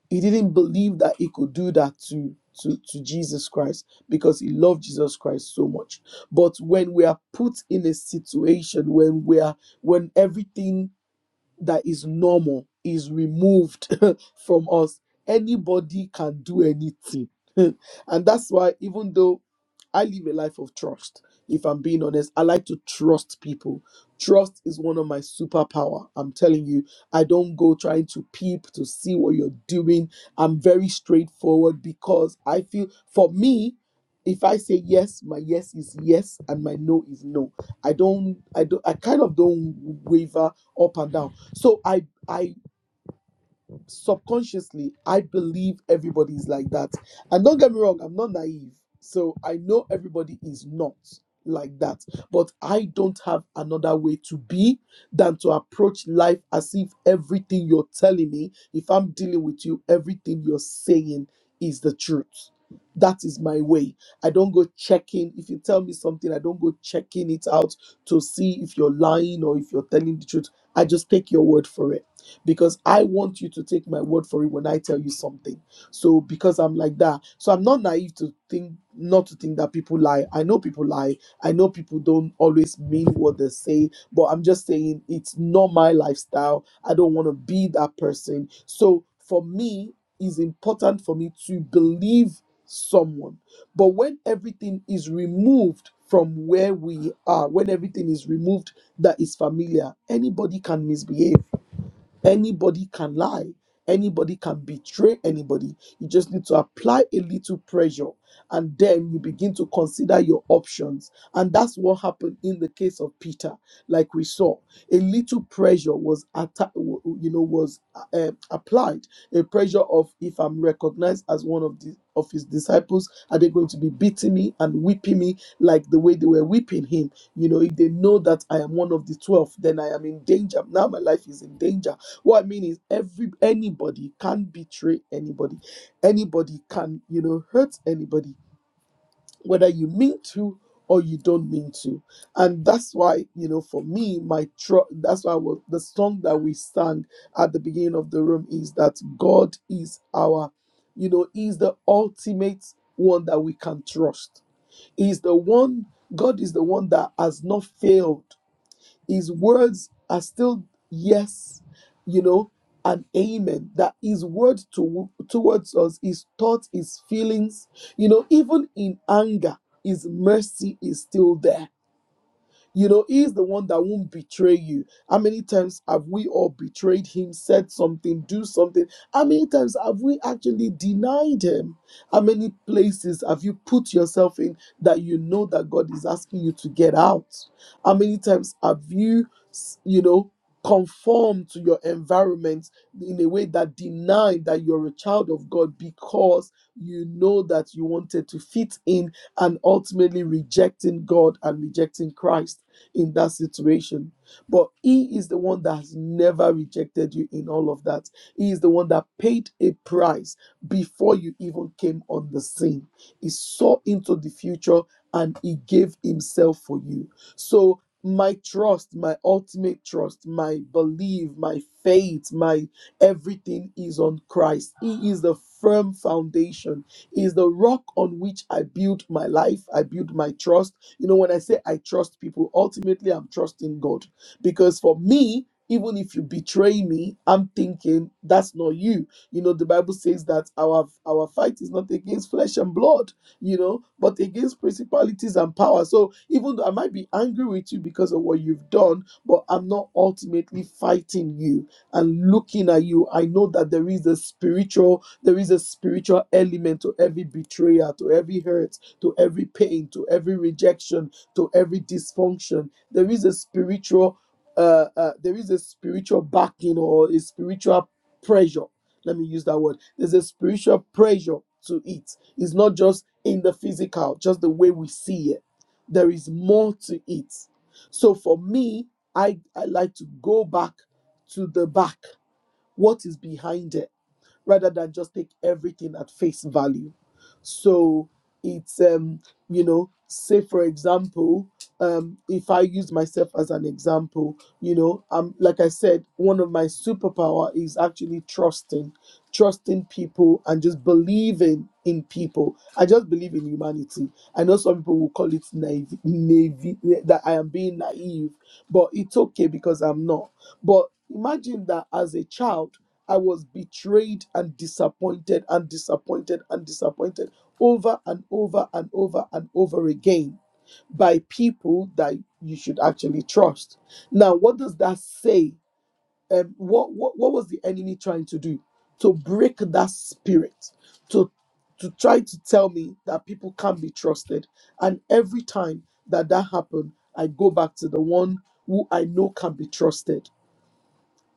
he didn't believe that he could do that to to, to Jesus Christ because he loved Jesus Christ so much. But when we are put in a situation when we are when everything that is normal is removed from us. Anybody can do anything. and that's why, even though I live a life of trust, if I'm being honest, I like to trust people. Trust is one of my superpower. I'm telling you, I don't go trying to peep to see what you're doing. I'm very straightforward because I feel for me, if I say yes, my yes is yes and my no is no. I don't I don't I kind of don't waver up and down. So I I subconsciously i believe everybody is like that and don't get me wrong i'm not naive so i know everybody is not like that but i don't have another way to be than to approach life as if everything you're telling me if i'm dealing with you everything you're saying is the truth that is my way i don't go checking if you tell me something i don't go checking it out to see if you're lying or if you're telling the truth i just take your word for it because I want you to take my word for it when I tell you something. So because I'm like that, so I'm not naive to think not to think that people lie. I know people lie. I know people don't always mean what they say, but I'm just saying it's not my lifestyle. I don't want to be that person. So for me, it's important for me to believe someone. But when everything is removed from where we are, when everything is removed that is familiar, anybody can misbehave Anybody can lie. Anybody can betray anybody. You just need to apply a little pressure and then you begin to consider your options. And that's what happened in the case of Peter, like we saw. A little pressure was atta- w- w- you know was uh, applied. A pressure of if I'm recognized as one of the of his disciples, are they going to be beating me and whipping me like the way they were whipping him? You know, if they know that I am one of the 12, then I am in danger. Now my life is in danger what I mean is every anybody can betray anybody. Anybody can, you know, hurt anybody, whether you mean to or you don't mean to. And that's why, you know, for me, my tr- that's why wa- the song that we sang at the beginning of the room is that God is our, you know, is the ultimate one that we can trust. Is the one God is the one that has not failed his words are still yes, you know, and amen. That His word to, towards us, His thoughts, His feelings, you know, even in anger, His mercy is still there you know, He is the one that won't betray you. How many times have we all betrayed Him, said something, do something? How many times have we actually denied Him? How many places have you put yourself in that you know that God is asking you to get out? How many times have you, you know, conformed to your environment in a way that denied that you're a child of God because you know that you wanted to fit in and ultimately rejecting God and rejecting Christ in that situation. But He is the one that has never rejected you in all of that. He is the one that paid a price before you even came on the scene. He saw into the future and He gave Himself for you. So, my trust, my ultimate trust, my belief, my faith, my everything is on Christ. He is the firm foundation, He is the rock on which I build my life, I build my trust. You know, when I say I trust people, ultimately I'm trusting God. Because for me, even if you betray me, I'm thinking that's not you. You know, the Bible says that our our fight is not against flesh and blood, you know, but against principalities and power. So even though I might be angry with you because of what you've done, but I'm not ultimately fighting you and looking at you. I know that there is a spiritual, there is a spiritual element to every betrayal, to every hurt to every pain, to every rejection, to every dysfunction. There is a spiritual, uh, uh, there is a spiritual backing or a spiritual pressure. Let me use that word. There's a spiritual pressure to it. It's not just in the physical, just the way we see it. There is more to it. So for me, I, I like to go back to the back. What is behind it? rather than just take everything at face value. So it's um, you know, say for example, um, if I use myself as an example, you know, um, like I said, one of my superpower is actually trusting, trusting people and just believing in people. I just believe in humanity. I know some people will call it naive, naive that I am being naive, but it's okay because I'm not. But imagine that as a child I was betrayed and disappointed and disappointed and disappointed over and over and over and over again by people that you should actually trust. Now, what does that say? Um, what, what what was the enemy trying to do? To break that spirit, to to try to tell me that people can't be trusted. And every time that that happened, I go back to the one who I know can be trusted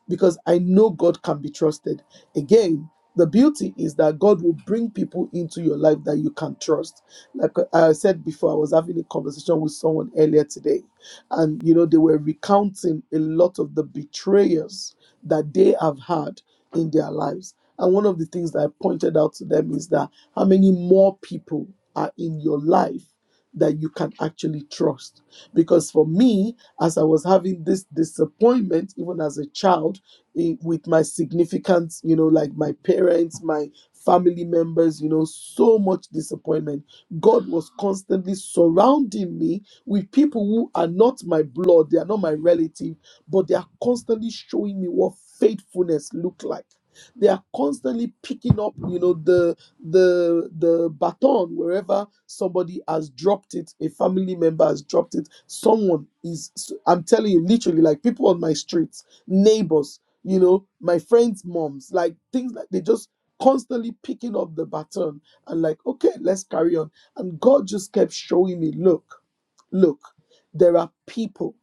because I know God can be trusted. Again, the beauty is that God will bring people into your life that you can trust. Like I said before, I was having a conversation with someone earlier today, and you know, they were recounting a lot of the betrayers that they have had in their lives. And one of the things that I pointed out to them is that how many more people are in your life that you can actually trust. Because for me, as I was having this disappointment, even as a child, i- with my significant, you know, like my parents, my family members, you know, so much disappointment. God was constantly surrounding me with people who are not my blood, they are not my relative, but they are constantly showing me what faithfulness look like. They are constantly picking up, you know, the the the baton wherever somebody has dropped it a family member has dropped it someone is i'm telling you literally like people on my streets neighbors you know my friends moms like things like they just constantly picking up the baton and like okay let's carry on and god just kept showing me look look there are people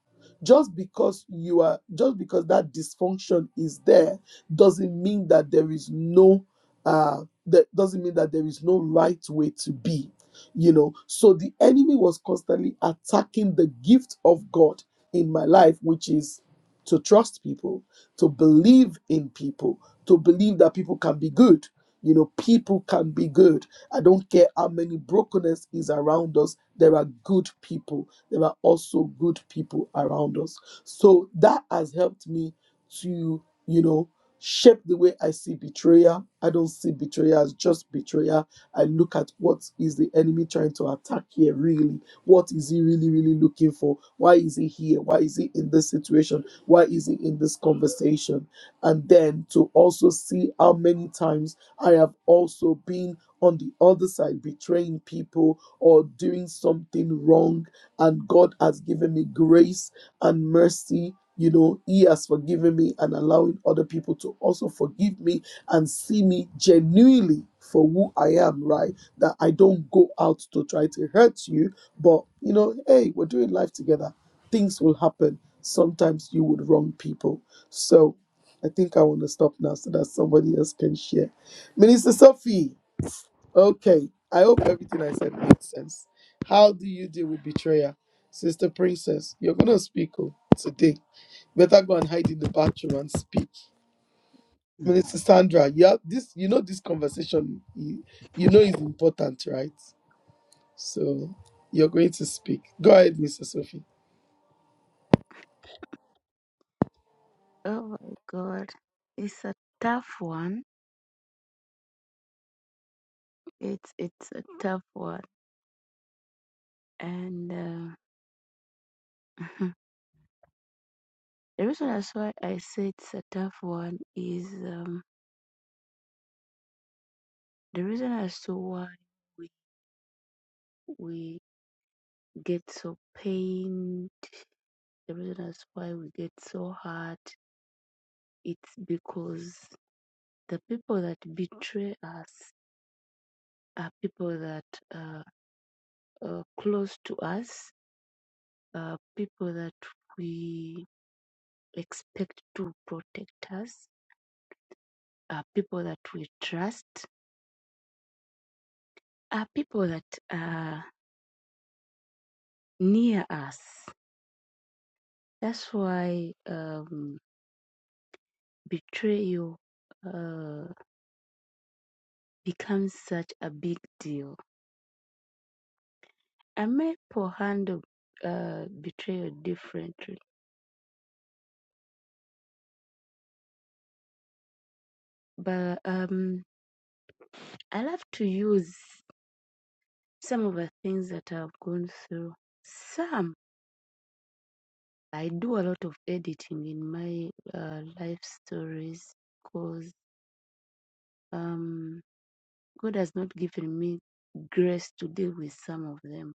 just because you are just because that dysfunction is there doesn't mean that there is no uh that doesn't mean that there is no right way to be you know so the enemy was constantly attacking the gift of god in my life which is to trust people to believe in people to believe that people can be good you know people can be good i don't care how many brokenness is around us there are good people there are also good people around us so that has helped me to you know shape the way I see betrayal. I don't see betrayal as just betrayal. I look at what is the enemy trying to attack here, really. What is he really, really looking for? Why is he here? Why is he in this situation? Why is he in this conversation? And then to also see how many times I have also been on the other side betraying people or doing something wrong, and God has given me grace and mercy. You know, He has forgiven me and allowing other people to also forgive me and see me genuinely for who I am, right? That I don't go out to try to hurt you, but you know, hey, we're doing life together. Things will happen. Sometimes you would wrong people. So I think I want to stop now so that somebody else can share. Minister Sophie, Okay, I hope everything I said made sense. How do you deal with betrayal? Sister Princess, you're going to speak oh, today. Better go and hide in the bathroom and speak. Minister Sandra, you, have this, you know this conversation, you, you know is important, right? So you're going to speak. Go ahead, Mr. Sophie. Oh my God, it's a tough one. It's it's a tough one, and uh, the reason as why I say it's a tough one is um, the reason as to why we we get so pain. The reason as why we get so hurt. It's because the people that betray us are people that uh, are close to us, uh, people that we expect to protect us are people that we trust, are people that are near us. That's why um, betrayal uh, becomes such a big deal. I may handle uh, betrayal differently, but um, I love to use some of the things that I've gone through. Some I do a lot of editing in my uh, life stories because Um, God has not given me grace to deal with some of them.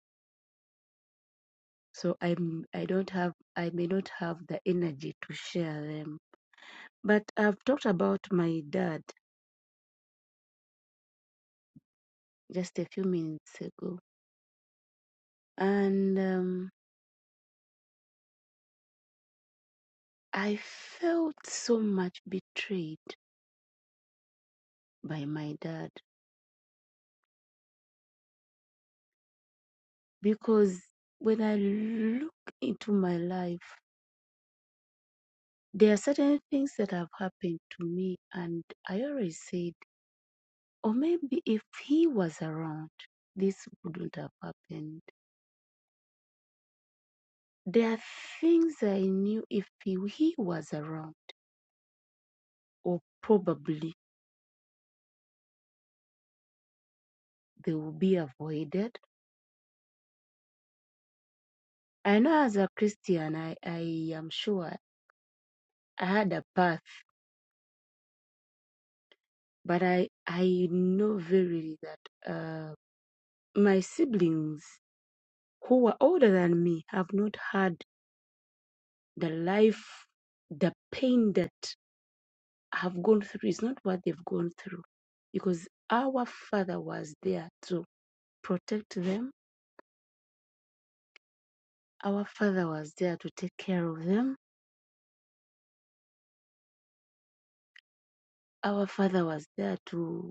So I'm I don't have I may not have the energy to share them. But I've talked about my dad just a few minutes ago, and um, I felt so much betrayed by my dad because when I look into my life, there are certain things that have happened to me, and I always said Or maybe if he was around, this wouldn't have happened. There are things I knew if he he was around, or probably they would be avoided. I know as a Christian, I, I am sure I had a path, but I, I know verily that uh, my siblings who were older than me have not had the life, the pain that have gone through is not what they've gone through because our father was there to protect them our father was there to take care of them our father was there to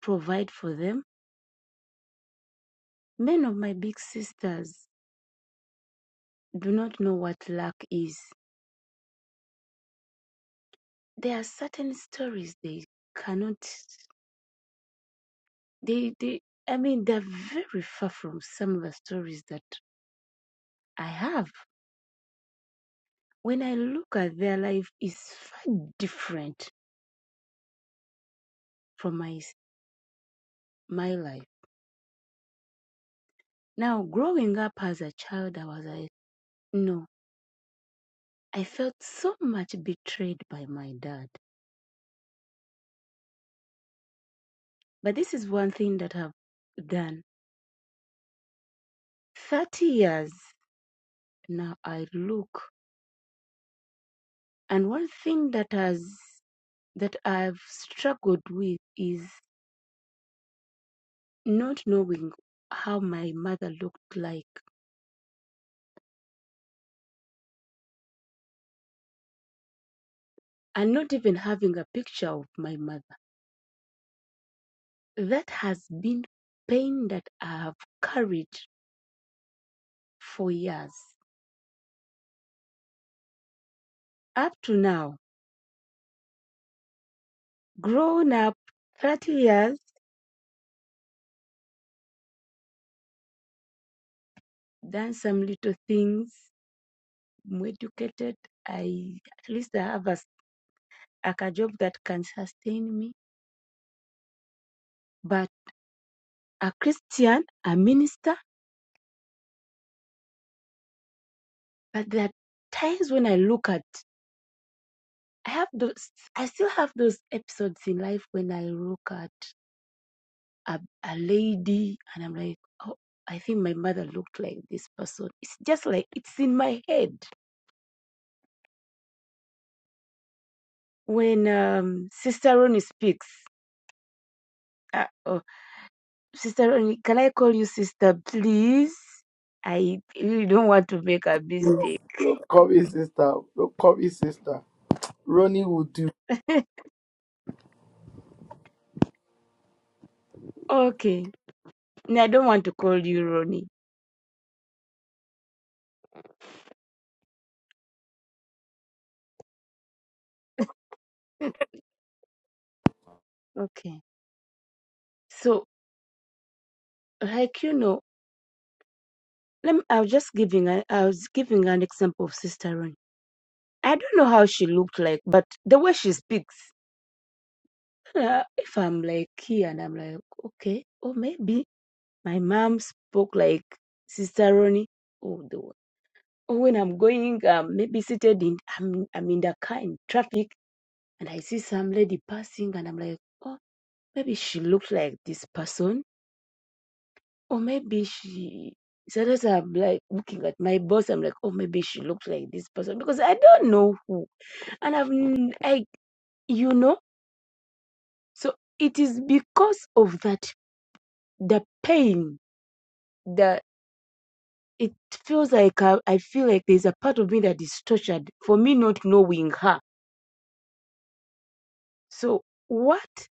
provide for them many of my big sisters do not know what luck is there are certain stories they cannot they they i mean they're very far from some of the stories that i have when i look at their life is far different from my my life Now, growing up as a child, I was like, no, I felt so much betrayed by my dad. But this is one thing that I've done. 30 years now, I look, and one thing that has that I've struggled with is not knowing how my mother looked like and not even having a picture of my mother. That has been pain that I have carried for years. Up to now, Grown up 30 years, done some little things. I'm educated. I at least I have a like a job that can sustain me. But a Christian, a minister. But there are times when I look at, I have those. I still have those episodes in life when I look at a, a lady and I'm like, oh, I think my mother looked like this person. It's just like it's in my head when um, Sister Ronnie speaks. uh, oh. Sister Ronnie, can I call you sister, please? I really don't want to make a Yes. mistake. Don't call me sister. Don't call me sister. Ronnie will do. okay. No, I don't want to call you Ronnie. okay. So, like you know, let me, I was just giving a, I was giving an example of Sister Ronnie. I don't know how she looked like, but the way she speaks, uh, if I'm like here and I'm like, okay, or maybe my mom spoke like Sister Ronnie. Oh, the Or when I'm going, um, maybe seated in, I'm, I'm in the car in traffic and I see some lady passing and I'm like, oh, maybe she looks like this person. Or maybe she, So sometimes I'm like looking at my boss, I'm like, oh, maybe she looks like this person because I don't know who. And I've, n- I, you know, so it is because of that, the pain, the, it feels like I, I feel like there's a part of me that is tortured for me not knowing her. So what?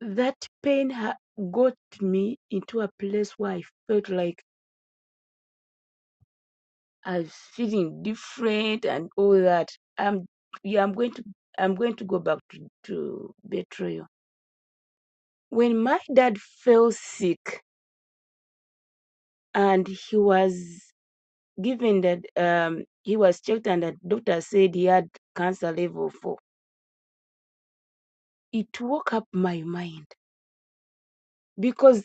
That pain ha- got me into a place where I felt like I was feeling different and all that. I'm yeah, I'm going to I'm going to go back to, to betrayal. When my dad fell sick and he was given that um he was checked and the doctor said he had cancer level four, it woke up my mind because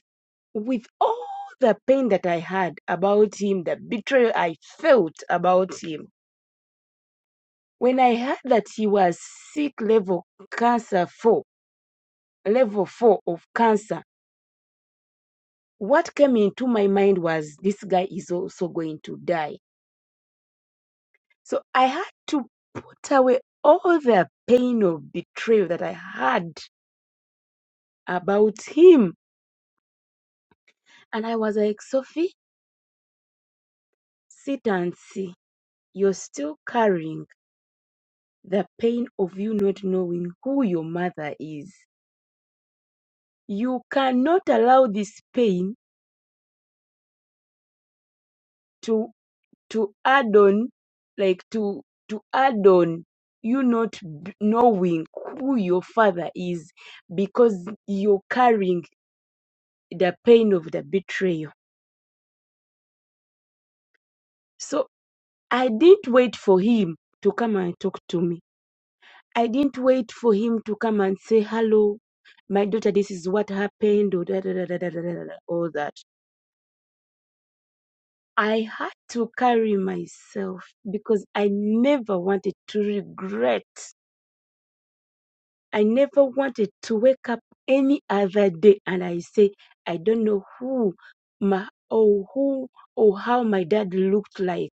with all the pain that I had about him, the betrayal I felt about him When I heard that he was sick level cancer four, level four of cancer, what came into my mind was this guy is also going to die. So I had to put away all the pain of betrayal that I had about him. And I was like, Sophie, sit and see. You're still carrying the pain of you not knowing who your mother is. You cannot allow this pain to. to add on like to to add on you not b- knowing who your father is because you're carrying the pain of the betrayal so i didn't wait for him to come and talk to me i didn't wait for him to come and say hello my daughter this is what happened or da, da, da, da, da, da, da, da, da, all that i had to carry myself because i never wanted to regret I never wanted to wake up any other day and I say, I don't know who my or who or how my dad looked like.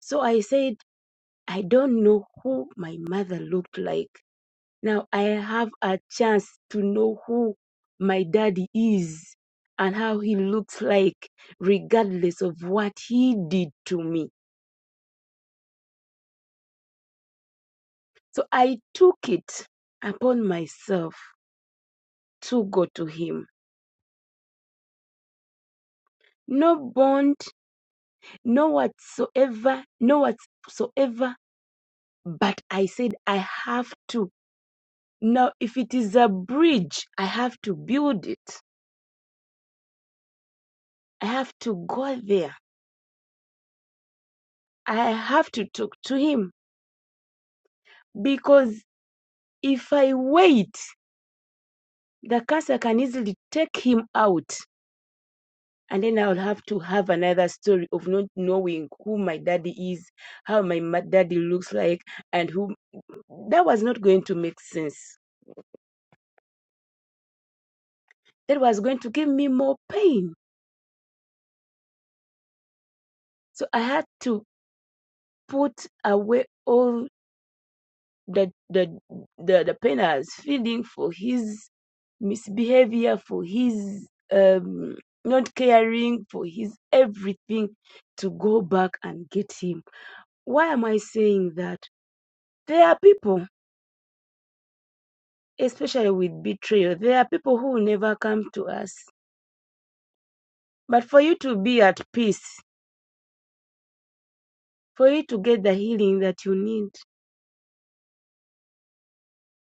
So I said, I don't know who my mother looked like. Now I have a chance to know who my daddy is and how he looks like, regardless of what he did to me. So I took it upon myself to go to him. No bond No whatsoever, no whatsoever, but I said I have to. Now, if it is a bridge, I have to build it. I have to go there. I have to talk to him because if I wait, the cancer can easily take him out. And then I'll have to have another story of not knowing who my daddy is, how my ma- daddy looks like, and who. That was not going to make sense. That was going to give me more pain So I had to put away all the the the, the pain I was feeling for his misbehavior, for his um, not caring, for his everything to go back and get him. Why am I saying that? There are people, especially with betrayal, there are people who will never come to us. But for you to be at peace, for you to get the healing that you need,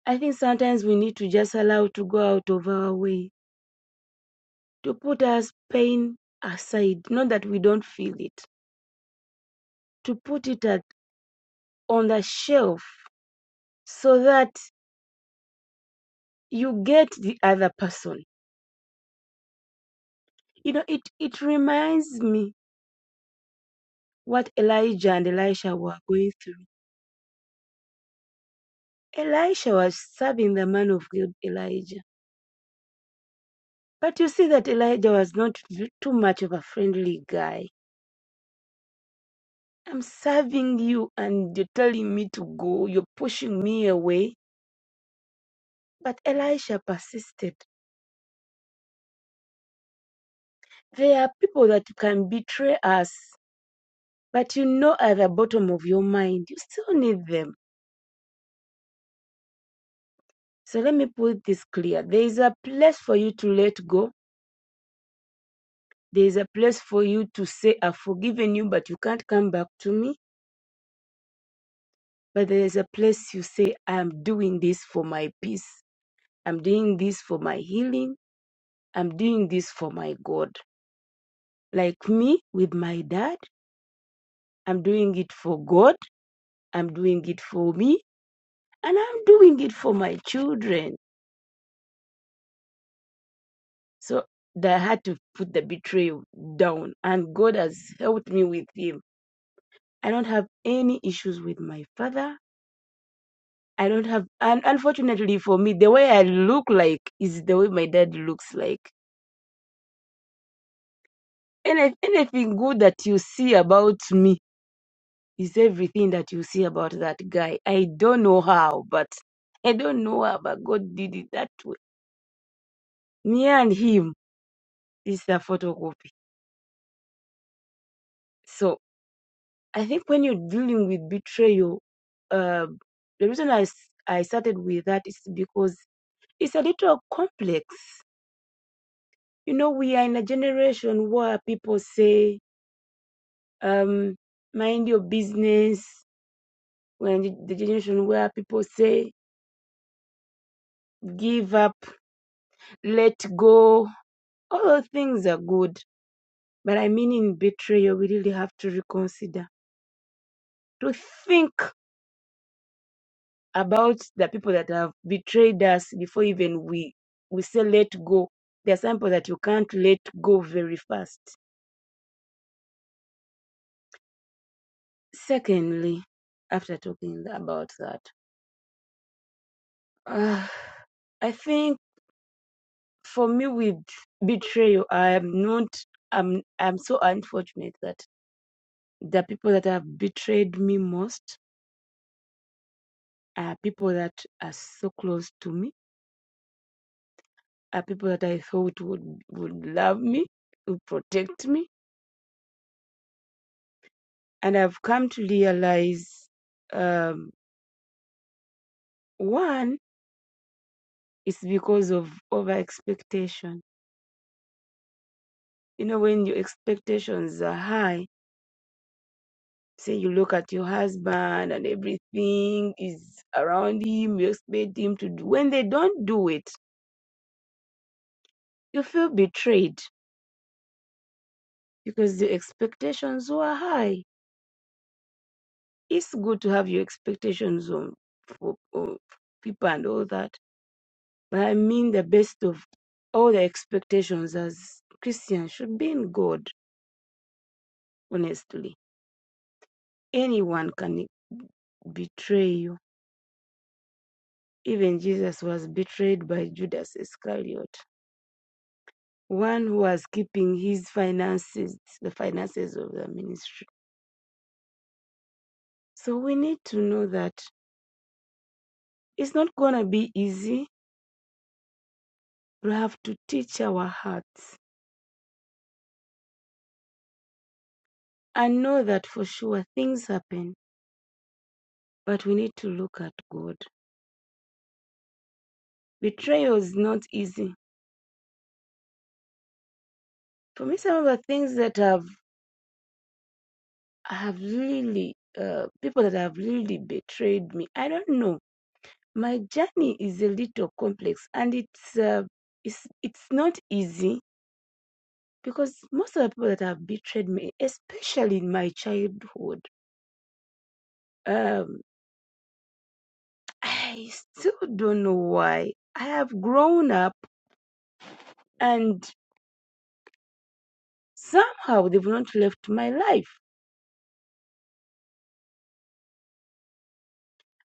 I think sometimes we need to just allow to go out of our way to put as pain aside, not that we don't feel it, to put it at, on the shelf so that you get the other person. You know, it, it reminds me what Elijah and Elisha were going through. Elisha was serving the man of God, Elijah. But you see that Elijah was not too much of a friendly guy. I'm serving you and you're telling me to go, you're pushing me away. But Elisha persisted There are people that can betray us, but you know at the bottom of your mind, you still need them. So let me put this clear. There is a place for you to let go. There is a place for you to say, I've forgiven you, but you can't come back to me. But there is a place you say, I'm doing this for my peace. I'm doing this for my healing. I'm doing this for my God. Like me with my dad, I'm doing it for God. I'm doing it for me. And I'm doing it for my children. So that I had to put the betrayal down. And God has helped me with him. I don't have any issues with my father. I don't have, and unfortunately for me, the way I look like is the way my dad looks like. And anything good that you see about me is everything that you see about that guy. I don't know how, but I don't know how, but God did it that way. Me and him is a photocopy. So I think when you're dealing with betrayal, uh, the reason I, s- I started with that is because it's a little complex. You know, we are in a generation where people say, um, mind your business. We're in the generation where people say, give up, let go. All those things are good. But I mean, in betrayal, we really have to reconsider, to think about the people that have betrayed us before even we we say let go. There are some people that you can't let go very fast. Secondly, after talking about that, uh, I think for me with betrayal, I am not. I'm I'm so unfortunate that the people that have betrayed me most are people that are so close to me, are people that I thought would would love me, would protect me, and I've come to realize um, one is because of over expectation. You know, when your expectations are high, say you look at your husband and everything is around him, you expect him to do. When they don't do it, you feel betrayed because the expectations were high. It's good to have your expectations on for, for people and all that, But I mean the best of all the expectations as Christians should be in God, honestly. Anyone can betray you. Even Jesus was betrayed by Judas Iscariot, one who was keeping his finances, the finances of the ministry. So we need to know that it's not going to be easy. We have to teach our hearts and know that for sure things happen, but we need to look at God. Betrayal is not easy For me, some of the things that have have really uh, people that have really betrayed me. I don't know. My journey is a little complex, and it's uh, it's it's not easy because most of the people that have betrayed me, especially in my childhood, um, I still don't know why. I have grown up, and somehow they've not left my life.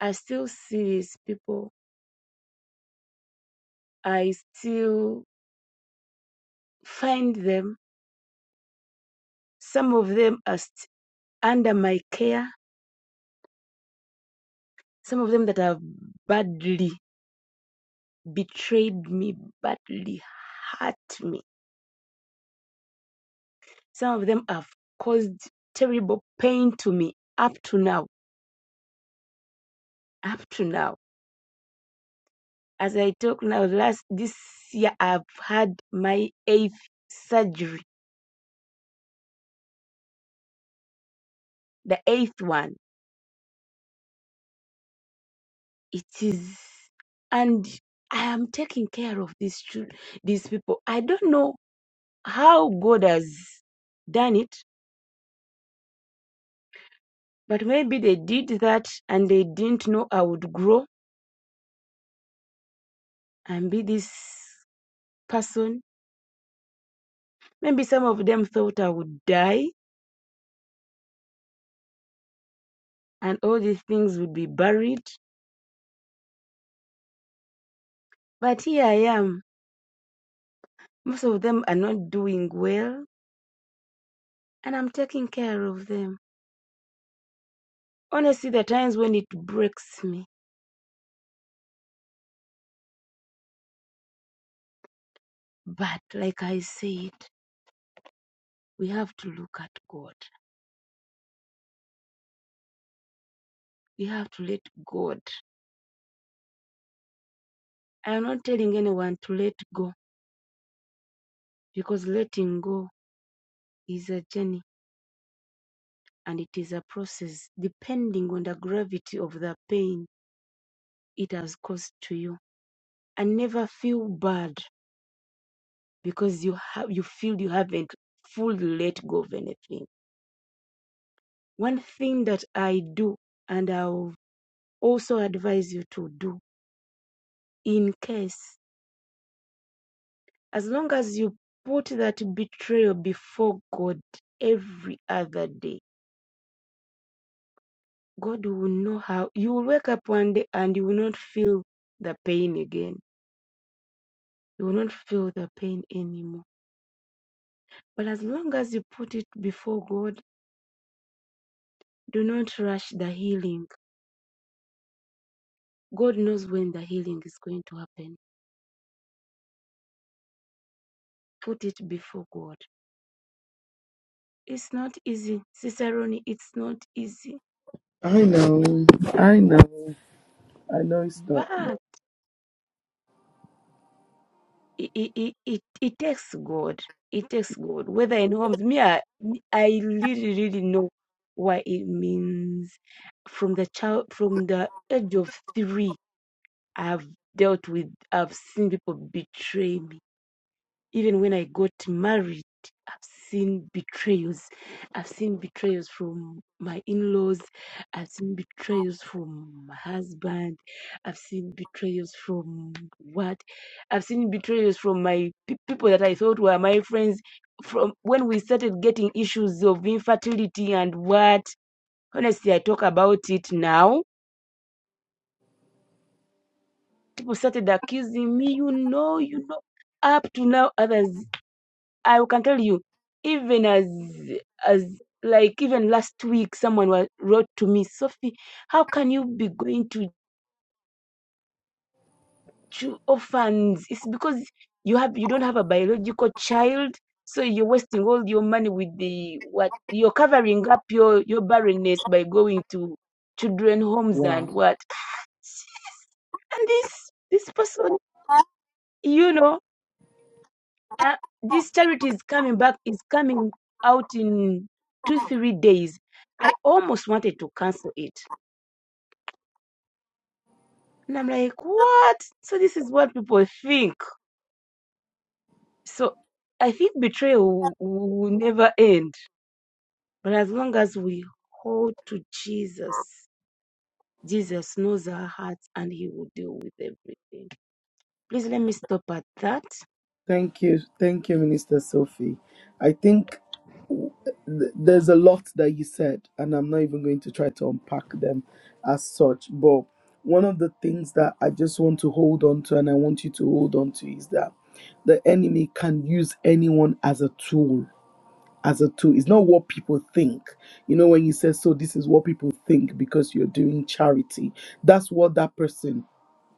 I still see these people. I still find them Some of them are st- under my care. Some of them that have badly betrayed me, badly hurt me. Some of them have caused terrible pain to me up to now. Up to now. As I talk now, last this year I've had my eighth surgery, the eighth one. It is, and I am taking care of these children, these people. I don't know how God has done it But maybe they did that and they didn't know I would grow and be this person. Maybe some of them thought I would die and all these things would be buried. But here I am. Most of them are not doing well and I'm taking care of them. Honestly, there are times when it breaks me. But like I said, we have to look at God. We have to let God. I am not telling anyone to let go because letting go is a journey and it is a process depending on the gravity of the pain it has caused to you. And never feel bad because you have you feel you haven't fully let go of anything. One thing that I do and I'll also advise you to do in case as long as you put that betrayal before God every other day, God will know how you will wake up one day and you will not feel the pain again. You will not feel the pain anymore But as long as you put it before God, do not rush the healing. God knows when the healing is going to happen. Put it before God. It's not easy, Cicerone. It's not easy, I know. I know. I know it's not. but it, it, it, it takes God. It takes God. Whether in homes, me, I, I really, really know what it means. From the child, from the age of three, I've dealt with. I've seen people betray me even when I got married, I've seen betrayals. I've seen betrayals from my in laws. I've seen betrayals from my husband. I've seen betrayals from what? I've seen betrayals from my pe- people that I thought were my friends. From when we started getting issues of infertility and what? Honestly, I talk about it now. People started accusing me, you know, you know. Up to now, others I can tell you, even as as like even last week, someone was, wrote to me, Sophie, how can you be going to cho- orphans? It's because you have you don't have a biological child, so you're wasting all your money with the what you're covering up your your barrenness by going to children homes and Wow. what. And this this person, you know. uh, this charity is coming back is coming out in two three days i almost wanted to cancel it and i'm like what so this is what people think so i think betrayal will, will never end but as long as we hold to jesus jesus knows our hearts and he will deal with everything please let me stop at that Thank you. Thank you, Minister Sophie. I think Mm. th- there's a lot that you said, and I'm not even going to try to unpack them as such. But one of the things that I just want to hold on to, and I want you to hold on to, is that the enemy can use anyone as a tool as a tool. It's not what people think. You know, when you say, so this is what people think because you're doing charity, that's what that person,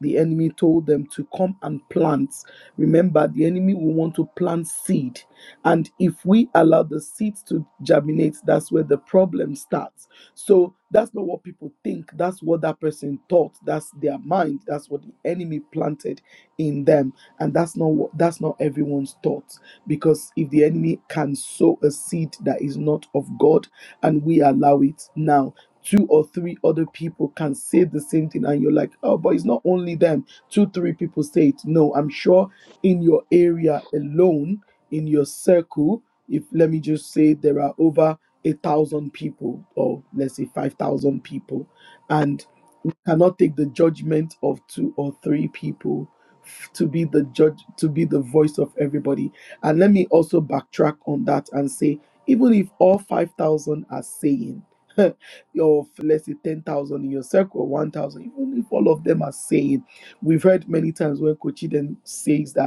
the enemy, told them to come and plant. Remember, the enemy will want to plant seed. And if we allow the seeds to germinate, that's where the problem starts so that's not what people think. That's what that person thought. That's their mind. That's what the enemy planted in them. And that's not what that's not everyone's thoughts. Because if the enemy can sow a seed that is not of God and we allow it now. Two or three other people can say the same thing, and you're like, Oh, but it's not only them. Two, three people say it. No, I'm sure in your area alone, in your circle, if let me just say there are over a thousand people, or let's say 5,000 people, and we cannot take the judgment of two or three people f- to be the judge, to be the voice of everybody. And let me also backtrack on that and say, even if all 5,000 are saying, or f- let's say 10,000 in your circle, 1,000, even if all of them are saying, we've heard many times when Kochi then says that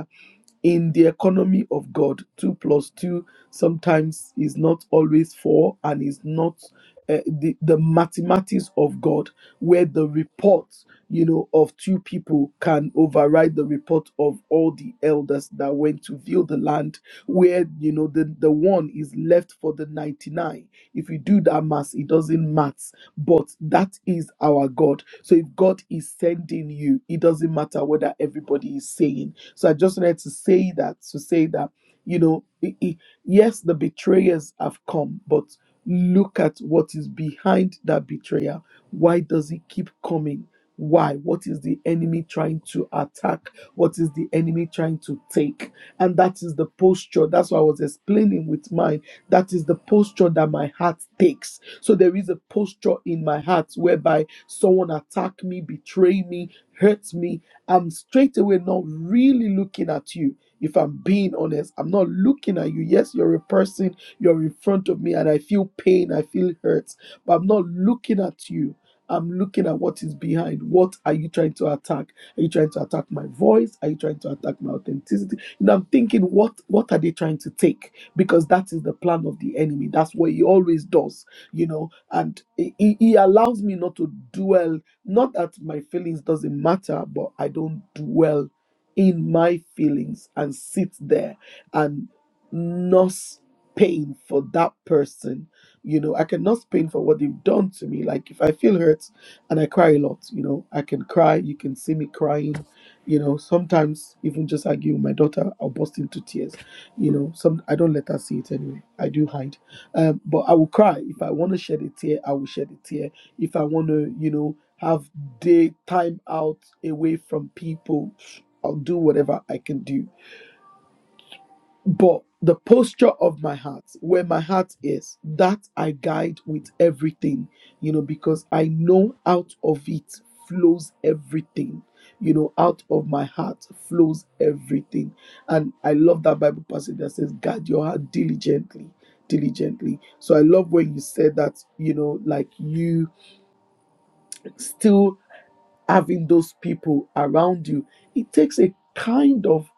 in the economy of God, two plus two sometimes is not always four and is not uh, the, the mathematics of God, where the report, you know, of two people can override the report of all the elders that went to view the land, where, you know, the, the one is left for the 99. If you do that math, it doesn't matter, but that is our God. So if God is sending you, it doesn't matter whether everybody is saying so I just wanted to say that to say that you know, i- i- yes, the betrayers have come, but look at what is behind that betrayal. Why does it keep coming? Why? What is the enemy trying to attack? What is the enemy trying to take? And that is the posture. That's what I was explaining with mine. That is the posture that my heart takes. So there is a posture in my heart whereby someone attack me, betray me, hurt me, I'm straight away not really looking at you. If I'm being honest, I'm not looking at you. Yes, you're a person, you're in front of me, and I feel pain, I feel hurt, but I'm not looking at you. I'm looking at what is behind. What are you trying to attack? Are you trying to attack my voice? Are you trying to attack my authenticity? And I'm thinking, what what are they trying to take? Because that is the plan of the enemy. That's what he always does, you know. And he, he he allows me not to dwell not that my feelings doesn't matter, but I don't dwell in my feelings and sit there and nurse pain for that person. You know, I can nurse pain for what they've done to me. Like if I feel hurt and I cry a lot, you know, I can cry. You can see me crying. You know, sometimes even just arguing with my daughter, I'll burst into tears. You know, some I don't let her see it anyway. I do hide um, but I will cry if I want to shed a tear. I will shed a tear if I want to, you know, have day time out away from people, I'll do whatever I can do. But the posture of my heart, where my heart is, that I guide with everything, you know, because I know out of it flows everything. You know, out of my heart flows everything. And I love that Bible passage that says, guard your heart diligently, diligently. So I love when you said that, you know, like you still having those people around you. It takes a kind of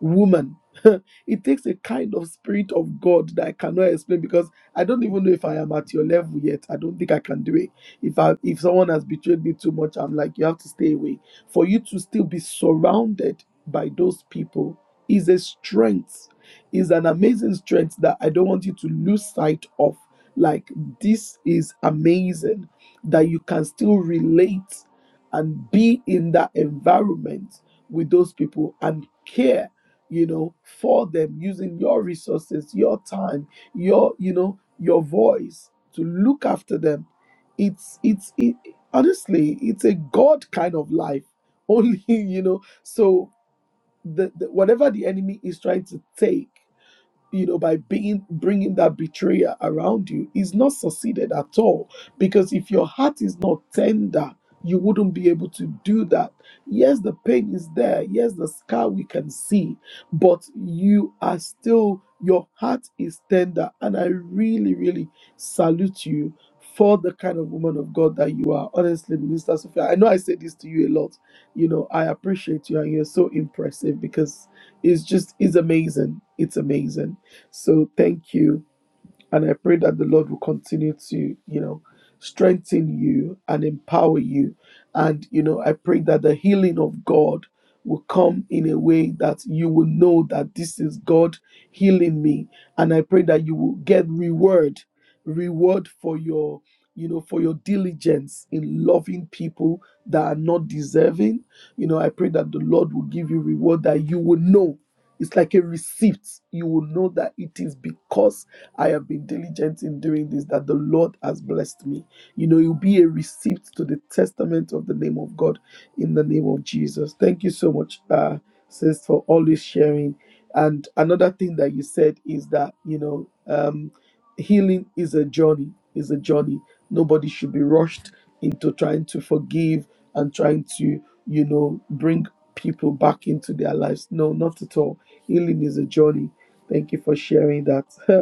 woman. it takes a kind of spirit of God that I cannot explain because I don't even know if I am at your level yet. I don't think I can do it. If I if someone has betrayed me too much, I'm like, you have to stay away. For you to still be surrounded by those people is a strength, is an amazing strength that I don't want you to lose sight of. Like this is amazing that you can still relate and be in that environment with those people and care you know for them using your resources your time your you know your voice to look after them it's it's it, honestly it's a god kind of life only you know so the, the whatever the enemy is trying to take you know, by being bringing that betrayer around you is not succeeded at all. Because if your heart is not tender, you wouldn't be able to do that. Yes, the pain is there. Yes, the scar we can see, but you are still your heart is tender, and I really, really salute you for the kind of woman of God that you are. Honestly, Minister Sophia, I know I say this to you a lot. You know, I appreciate you, and you're so impressive because it's just it's amazing. It's amazing. So thank you. And I pray that the Lord will continue to, you know, strengthen you and empower you. And, you know, I pray that the healing of God will come in a way that you will know that this is God healing me. And I pray that you will get reward, reward for your, you know, for your diligence in loving people that are not deserving. You know, I pray that the Lord will give you reward that you will know. It's like a receipt. You will know that it is because I have been diligent in doing this, that the Lord has blessed me. You know, it will be a receipt to the testament of the name of God in the name of Jesus. Thank you so much, uh, sis, for always sharing. And another thing that you said is that, you know, um, healing is a journey, is a journey. Nobody should be rushed into trying to forgive and trying to, you know, bring people back into their lives. No, not at all. Healing is a journey. Thank you for sharing that.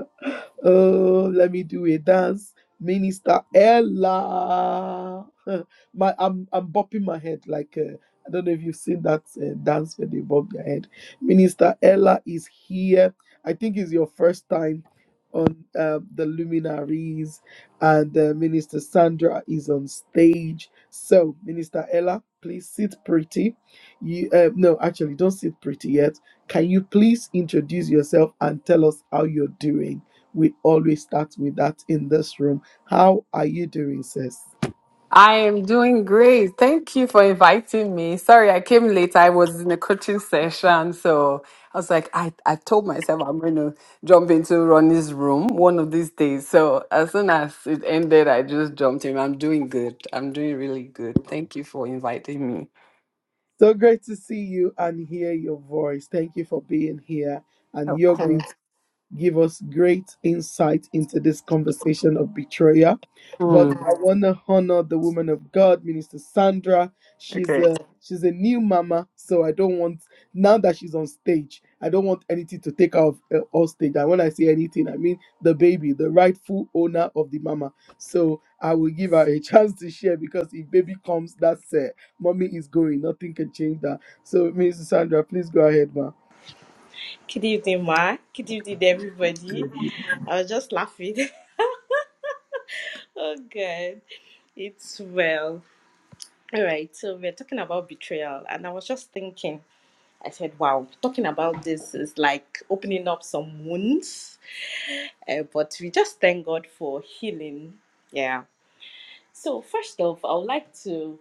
Oh, let me do a dance. Minister Ella. my, I'm, I'm bopping my head like, uh, I don't know if you've seen that uh, dance where they bob their head. Minister Ella is here. I think it's your first time on um, the luminaries, and uh, Minister Sandra is on stage. So, Minister Ella, please sit pretty. You uh, No, actually, don't sit pretty yet. Can you please introduce yourself and tell us how you're doing? We always start with that in this room. How are you doing, sis? I am doing great. Thank you for inviting me. Sorry, I came late. I was in a coaching session. So I was like, I, I told myself I'm going to jump into Ronnie's room one of these days. So as soon as it ended, I just jumped in. I'm doing good. I'm doing really good. Thank you for inviting me. So great to see you and hear your voice. Thank you for being here. And Of you're going course. give us great insight into this conversation of betrayal. Hmm. But I want to honor the woman of God, Minister Sandra. She's Okay. a she's a new mama, so I don't want now that she's on stage. I don't want anything to take her off uh, off stage. And when I say anything, I mean the baby, the rightful owner of the mama. So I will give her a chance to share because if baby comes, that's it. Mommy is going. Nothing can change that. So, Minister Sandra, please go ahead, ma. Good evening, Ma. Good evening, everybody. I was just laughing. oh, God. It's well. All right. So, we're talking about betrayal. And I was just thinking, I said, wow, talking about this is like opening up some wounds. Uh, but we just thank God for healing. Yeah. So, first off, I would like to.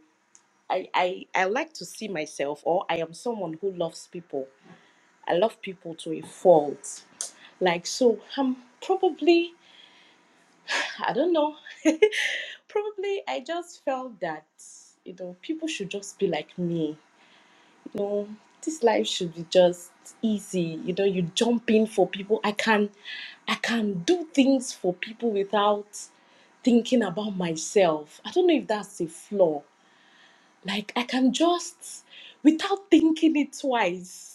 I, I, I like to see myself, or I am someone who loves people. I love people to a fault. Like, so I'm probably I don't know. Probably I just felt that, you know, people should just be like me. You know, this life should be just easy. You know, you jump in for people. I can I can do things for people without thinking about myself. I don't know if that's a flaw. Like I can just without thinking it twice.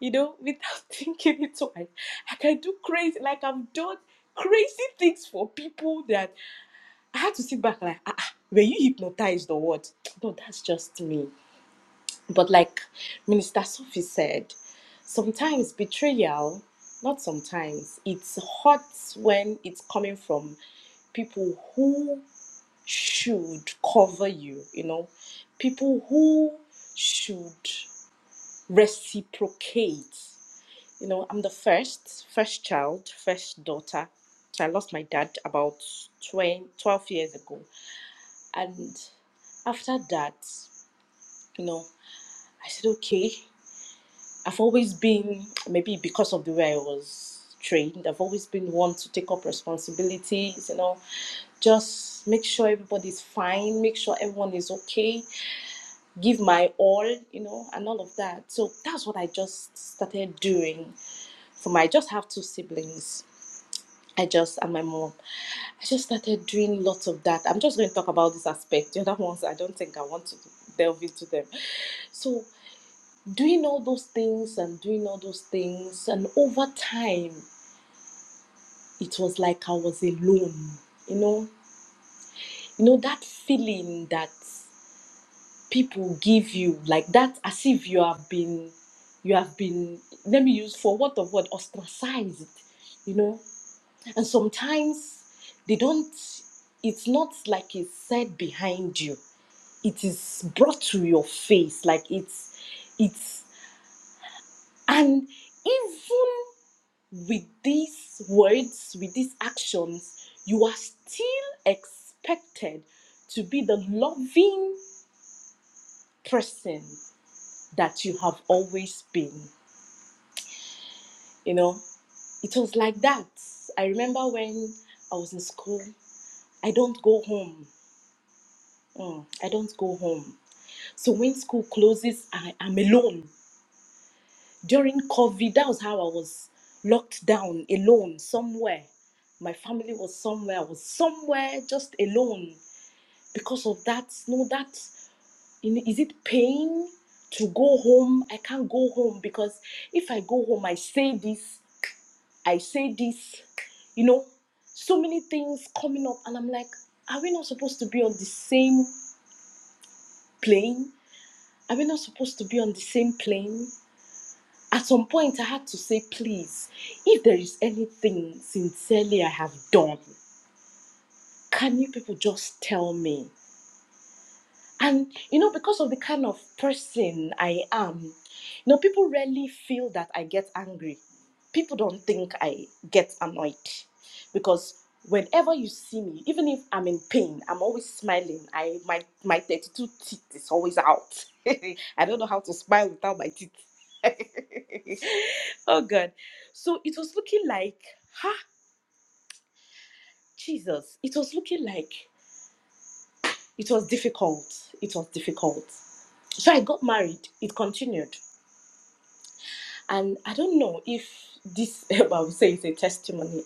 You know, without thinking it twice. I can do crazy like I've done crazy things for people that I had to sit back like, ah, ah, were you hypnotized or what? No, that's just me. But like Minister Sophie said, sometimes betrayal, not sometimes, it's hot when it's coming from people who should cover you, you know, people who should reciprocate. You know, I'm the first, first child, first daughter. So I lost my dad about 20, 12 years ago and after that, you know, I said, okay, I've always been, maybe because of the way I was trained, I've always been one to take up responsibilities, you know, just make sure everybody's fine, make sure everyone is okay, give my all, you know, and all of that. So that's what I just started doing for my, I just have two siblings. I just and my mom. I just started doing lots of that. I'm just going to talk about this aspect. The other ones, I don't think I want to delve into them. So, doing all those things and doing all those things, and over time, it was like I was alone. You know, you know that feeling that people give you, like that, as if you have been, you have been. Let me use for what of what ostracized. You know. And sometimes they don't, it's not like it's said behind you. It is brought to your face. Like it's, it's, and even with these words, with these actions, you are still expected to be the loving person that you have always been. You know, it was like that. I remember when I was in school, I don't go home. Mm, I don't go home. So when school closes, I am alone. During COVID, that was how I was locked down alone somewhere. My family was somewhere. I was somewhere just alone because of that. No, that you know, is it pain to go home? I can't go home because if I go home, I say this, I say this, you know, so many things coming up, and I'm like, are we not supposed to be on the same plane? Are we not supposed to be on the same plane? At some point, I had to say, please, if there is anything sincerely I have done, can you people just tell me? And, you know, because of the kind of person I am, you know, people rarely feel that I get angry. People don't think I get annoyed because whenever you see me, even if I'm in pain, I'm always smiling. I my my 32 teeth is always out. I don't know how to smile without my teeth. oh god so it was looking like ha jesus it was looking like it was difficult it was difficult so i got married it continued and i don't know if this i would say is a testimony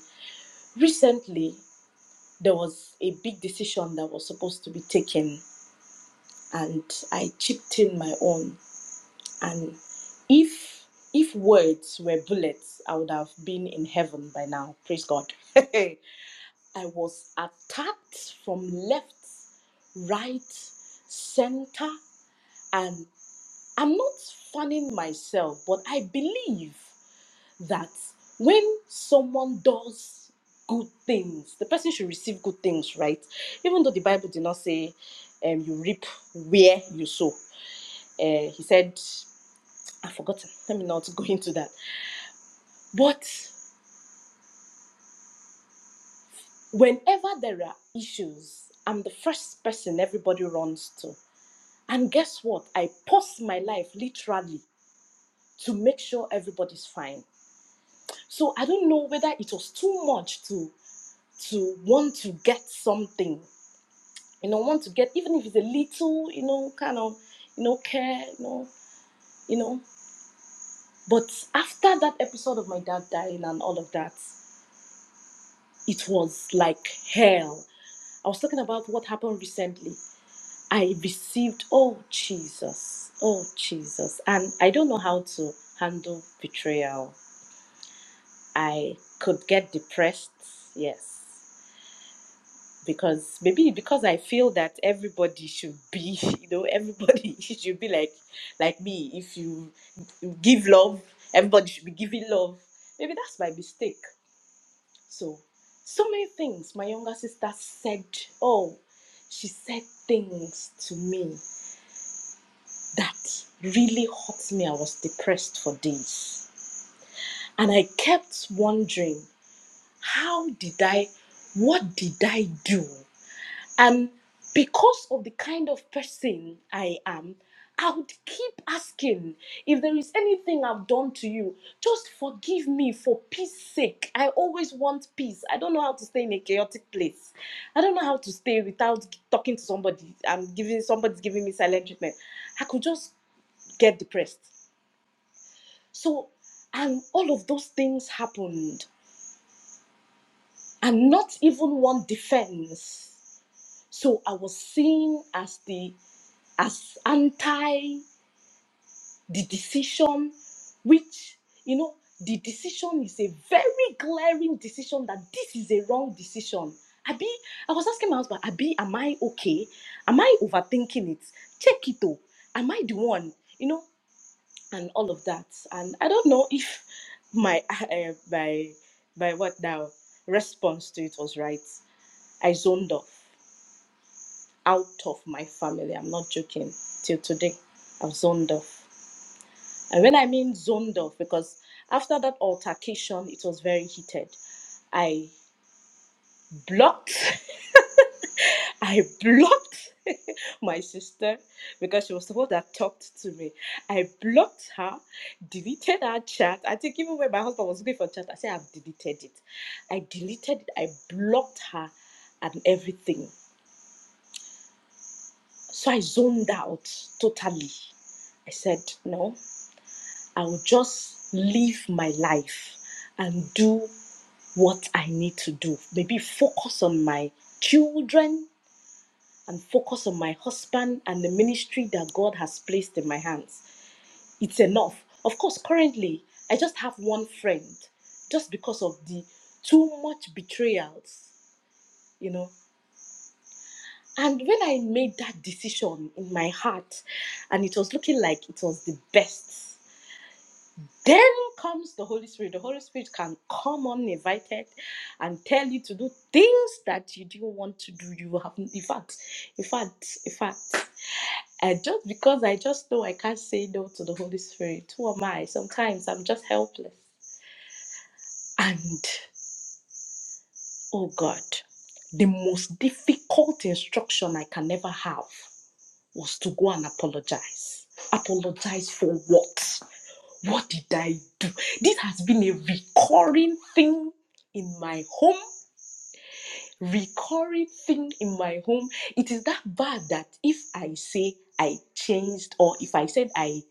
recently there was a big decision that was supposed to be taken and i chipped in my own and if if words were bullets i would have been in heaven by now praise god I was attacked from left, right, center, and I'm not fanning myself, but I believe that when someone does good things, the person should receive good things, right? Even though the Bible did not say um, you reap where you sow, uh, he said, I've forgotten, let me not go into that. But whenever there are issues, I'm the first person everybody runs to And guess what? I post my life literally to make sure everybody's fine. So I don't know whether it was too much to to want to get something, you know, want to get even if it's a little, you know, kind of, you know, care, you know, you know. But after that episode of my dad dying and all of that, it was like hell. I was talking about what happened recently. I received, oh Jesus, oh Jesus. And I don't know how to handle betrayal I could get depressed, yes, because maybe because I feel that everybody should be, you know, everybody should be like like me. If you give love, everybody should be giving love. Maybe that's my mistake. So, so many things. My younger sister said, oh, she said things to me that really hurt me. I was depressed for days, and I kept wondering. How did I, what did I do? And because of the kind of person I am, I would keep asking if there is anything I've done to you, just forgive me for peace sake. I always want peace. I don't know how to stay in a chaotic place. I don't know how to stay without talking to somebody. I'm giving somebody's giving me silent treatment. I could just get depressed. So, and all of those things happened, and not even one defense. So I was seen as the as anti the decision, which you know the decision is a very glaring decision that this is a wrong decision. Abi, I was asking my husband, Abi, am I okay? Am I overthinking it? Check it though. Am I the one? You know, and all of that. And I don't know if my uh, my my what now response to it was right. I zoned off. out of my family. I'm not joking. Till today, I've zoned off. And when I mean zoned off, because after that altercation, it was very heated. I blocked, I blocked my sister because she was the one that talked to me. I blocked her, deleted her chat. I think even when my husband was looking for chat, I said, I've deleted it. I deleted it, I blocked her and everything. So I zoned out totally. I said, no, I will just live my life and do what I need to do. Maybe focus on my children and focus on my husband and the ministry that God has placed in my hands. It's enough. Of course, currently, I just have one friend just because of the too much betrayals, you know. And when I made that decision in my heart, and it was looking like it was the best Then comes the Holy Spirit. The Holy Spirit can come uninvited and tell you to do things that you didn't want to do. You haven't, in fact, in fact, in fact, uh, just because I just know I can't say no to the Holy Spirit, who am I? Sometimes I'm just helpless. And oh God, the most difficult instruction I can ever have was to go and apologize. Apologize for what? What did I do? This has been a recurring thing in my home. Recurring thing in my home. It is that bad that if I say I changed or if I said I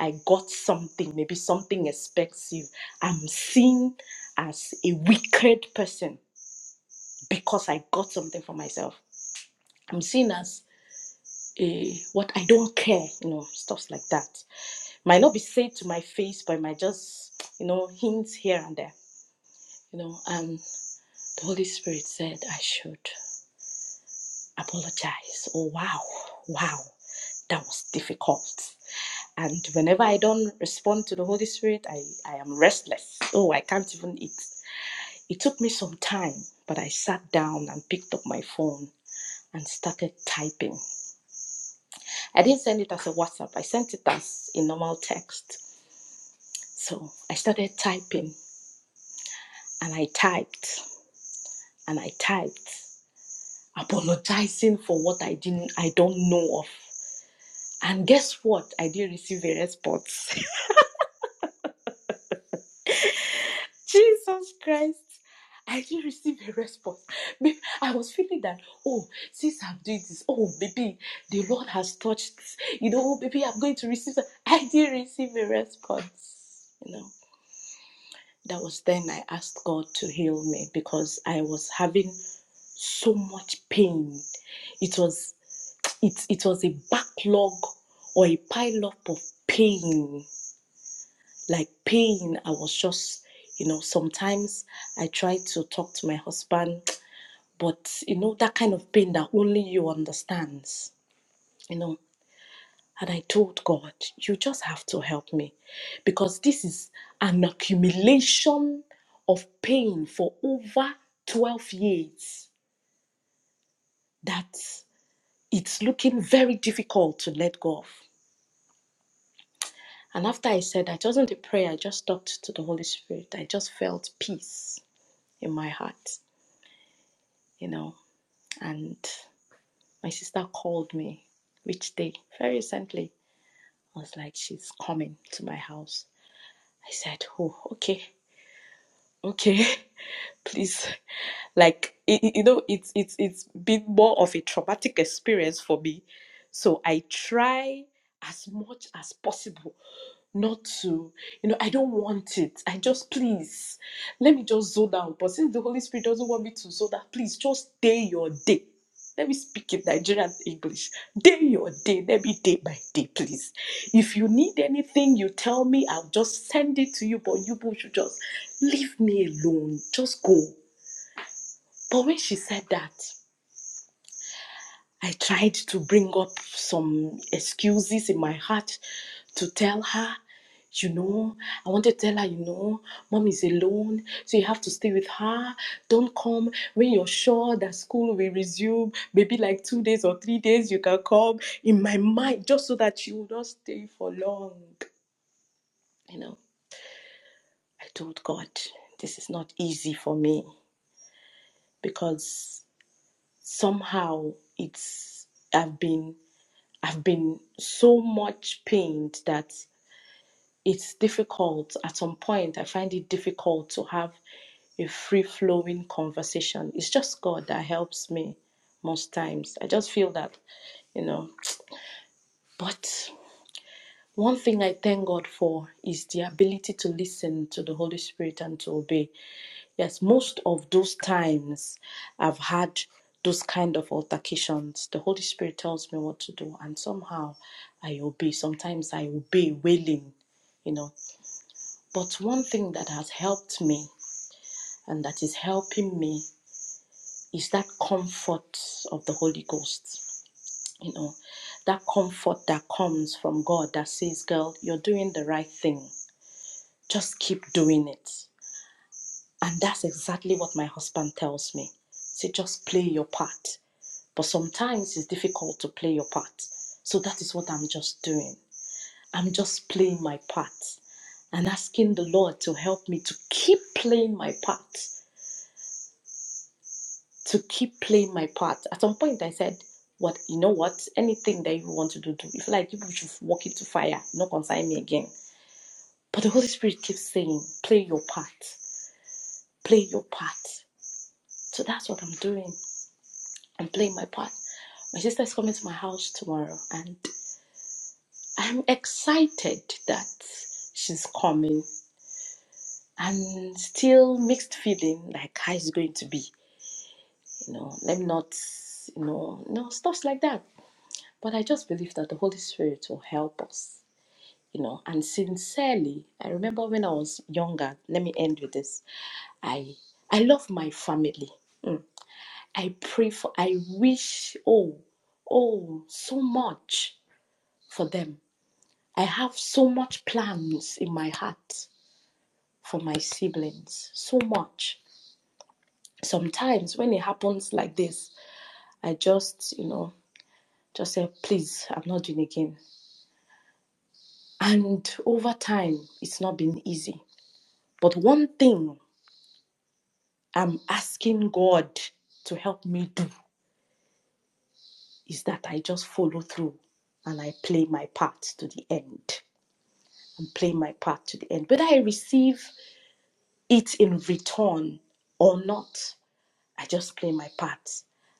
I got something, maybe something expensive, I'm seen as a wicked person because I got something for myself. I'm seen as a what I don't care, you know, stuff like that. Might not be said to my face, but it might just, you know, hints here and there. you know, and the Holy Spirit said I should apologize. Oh, wow, wow, that was difficult. And whenever I don't respond to the Holy Spirit, I, I am restless. Oh, I can't even eat. It took me some time, but I sat down and picked up my phone and started typing. I didn't send it as a WhatsApp, I sent it as a normal text. So I started typing and I typed and I typed. apologizing for what I didn't I don't know of. And guess what? I didn't receive a response. Jesus Christ. I didn't receive a response. Maybe I was feeling that, oh, since I'm doing this, oh, maybe the Lord has touched, you know, maybe I'm going to receive. some- I didn't receive a response. You know, that was then I asked God to heal me because I was having so much pain. It was it it was a backlog or a pile up of pain like pain i was just you know sometimes i try to talk to my husband but you know that kind of pain that only you understands you know and i told god you just have to help me because this is an accumulation of pain for over 12 years that it's looking very difficult to let go of And after I said that, it wasn't a prayer, I just talked to the Holy Spirit. I just felt peace in my heart, you know. And my sister called me, which day, very recently. I was like, she's coming to my house. I said, oh, okay, okay, please. Like, i you know, it's, it's, it's been more of a traumatic experience for me. So I try as much as possible not to, you know, I don't want it. I just please let me just zoom down. But since the Holy Spirit doesn't want me to zoom down, please just day your day. Let me speak in Nigerian English. Day your day. Let me day by day, please. If you need anything, you tell me. I'll just send it to you. But you people should just leave me alone. Just go. But when she said that, I tried to bring up some excuses in my heart to tell her, you know, I wanted to tell her, you know, mom is alone, so you have to stay with her. Don't come when you're sure that school will resume, maybe like two days or three days, you can come in my mind, just so that you will not stay for long. You know, I told God, this is not easy for me because somehow it's I've been I've been so much pained that it's difficult. At some point, I find it difficult to have a free flowing conversation. It's just God that helps me most times. I just feel that, you know. But one thing I thank God for is the ability to listen to the Holy Spirit and to obey. Yes, most of those times I've had those kind of altercations. The Holy Spirit tells me what to do, and somehow I obey. Sometimes I obey willing, you know. But one thing that has helped me and that is helping me is that comfort of the Holy Ghost, you know, that comfort that comes from God that says, Girl, you're doing the right thing, just keep doing it. And that's exactly what my husband tells me. Say, just play your part. But sometimes it's difficult to play your part. So that is what I'm just doing. I'm just playing my part and asking the Lord to help me to keep playing my part, to keep playing my part. At some point, I said, What, you know what? Anything that you want to do, do. If like you should walk into fire, don't consign me again. But the Holy Spirit keeps saying, Play your part, play your part. So that's what I'm doing. I'm playing my part. My sister is coming to my house tomorrow, and I'm excited that she's coming. I'm still mixed feeling like how it's going to be. You know, let me not, you know, no stuff like that. But I just believe that the Holy Spirit will help us. You know, and sincerely, I remember when I was younger. Let me end with this. I I love my family. Mm. I pray for. I wish. Oh, oh, so much for them. I have so much plans in my heart for my siblings so much. Sometimes when it happens like this, I just, you know, just say, please, I'm not doing it again. And over time, it's not been easy. But one thing I'm asking God to help me do is that I just follow through and I play my part to the end. And play my part to the end. Whether I receive it in return or not, I just play my part.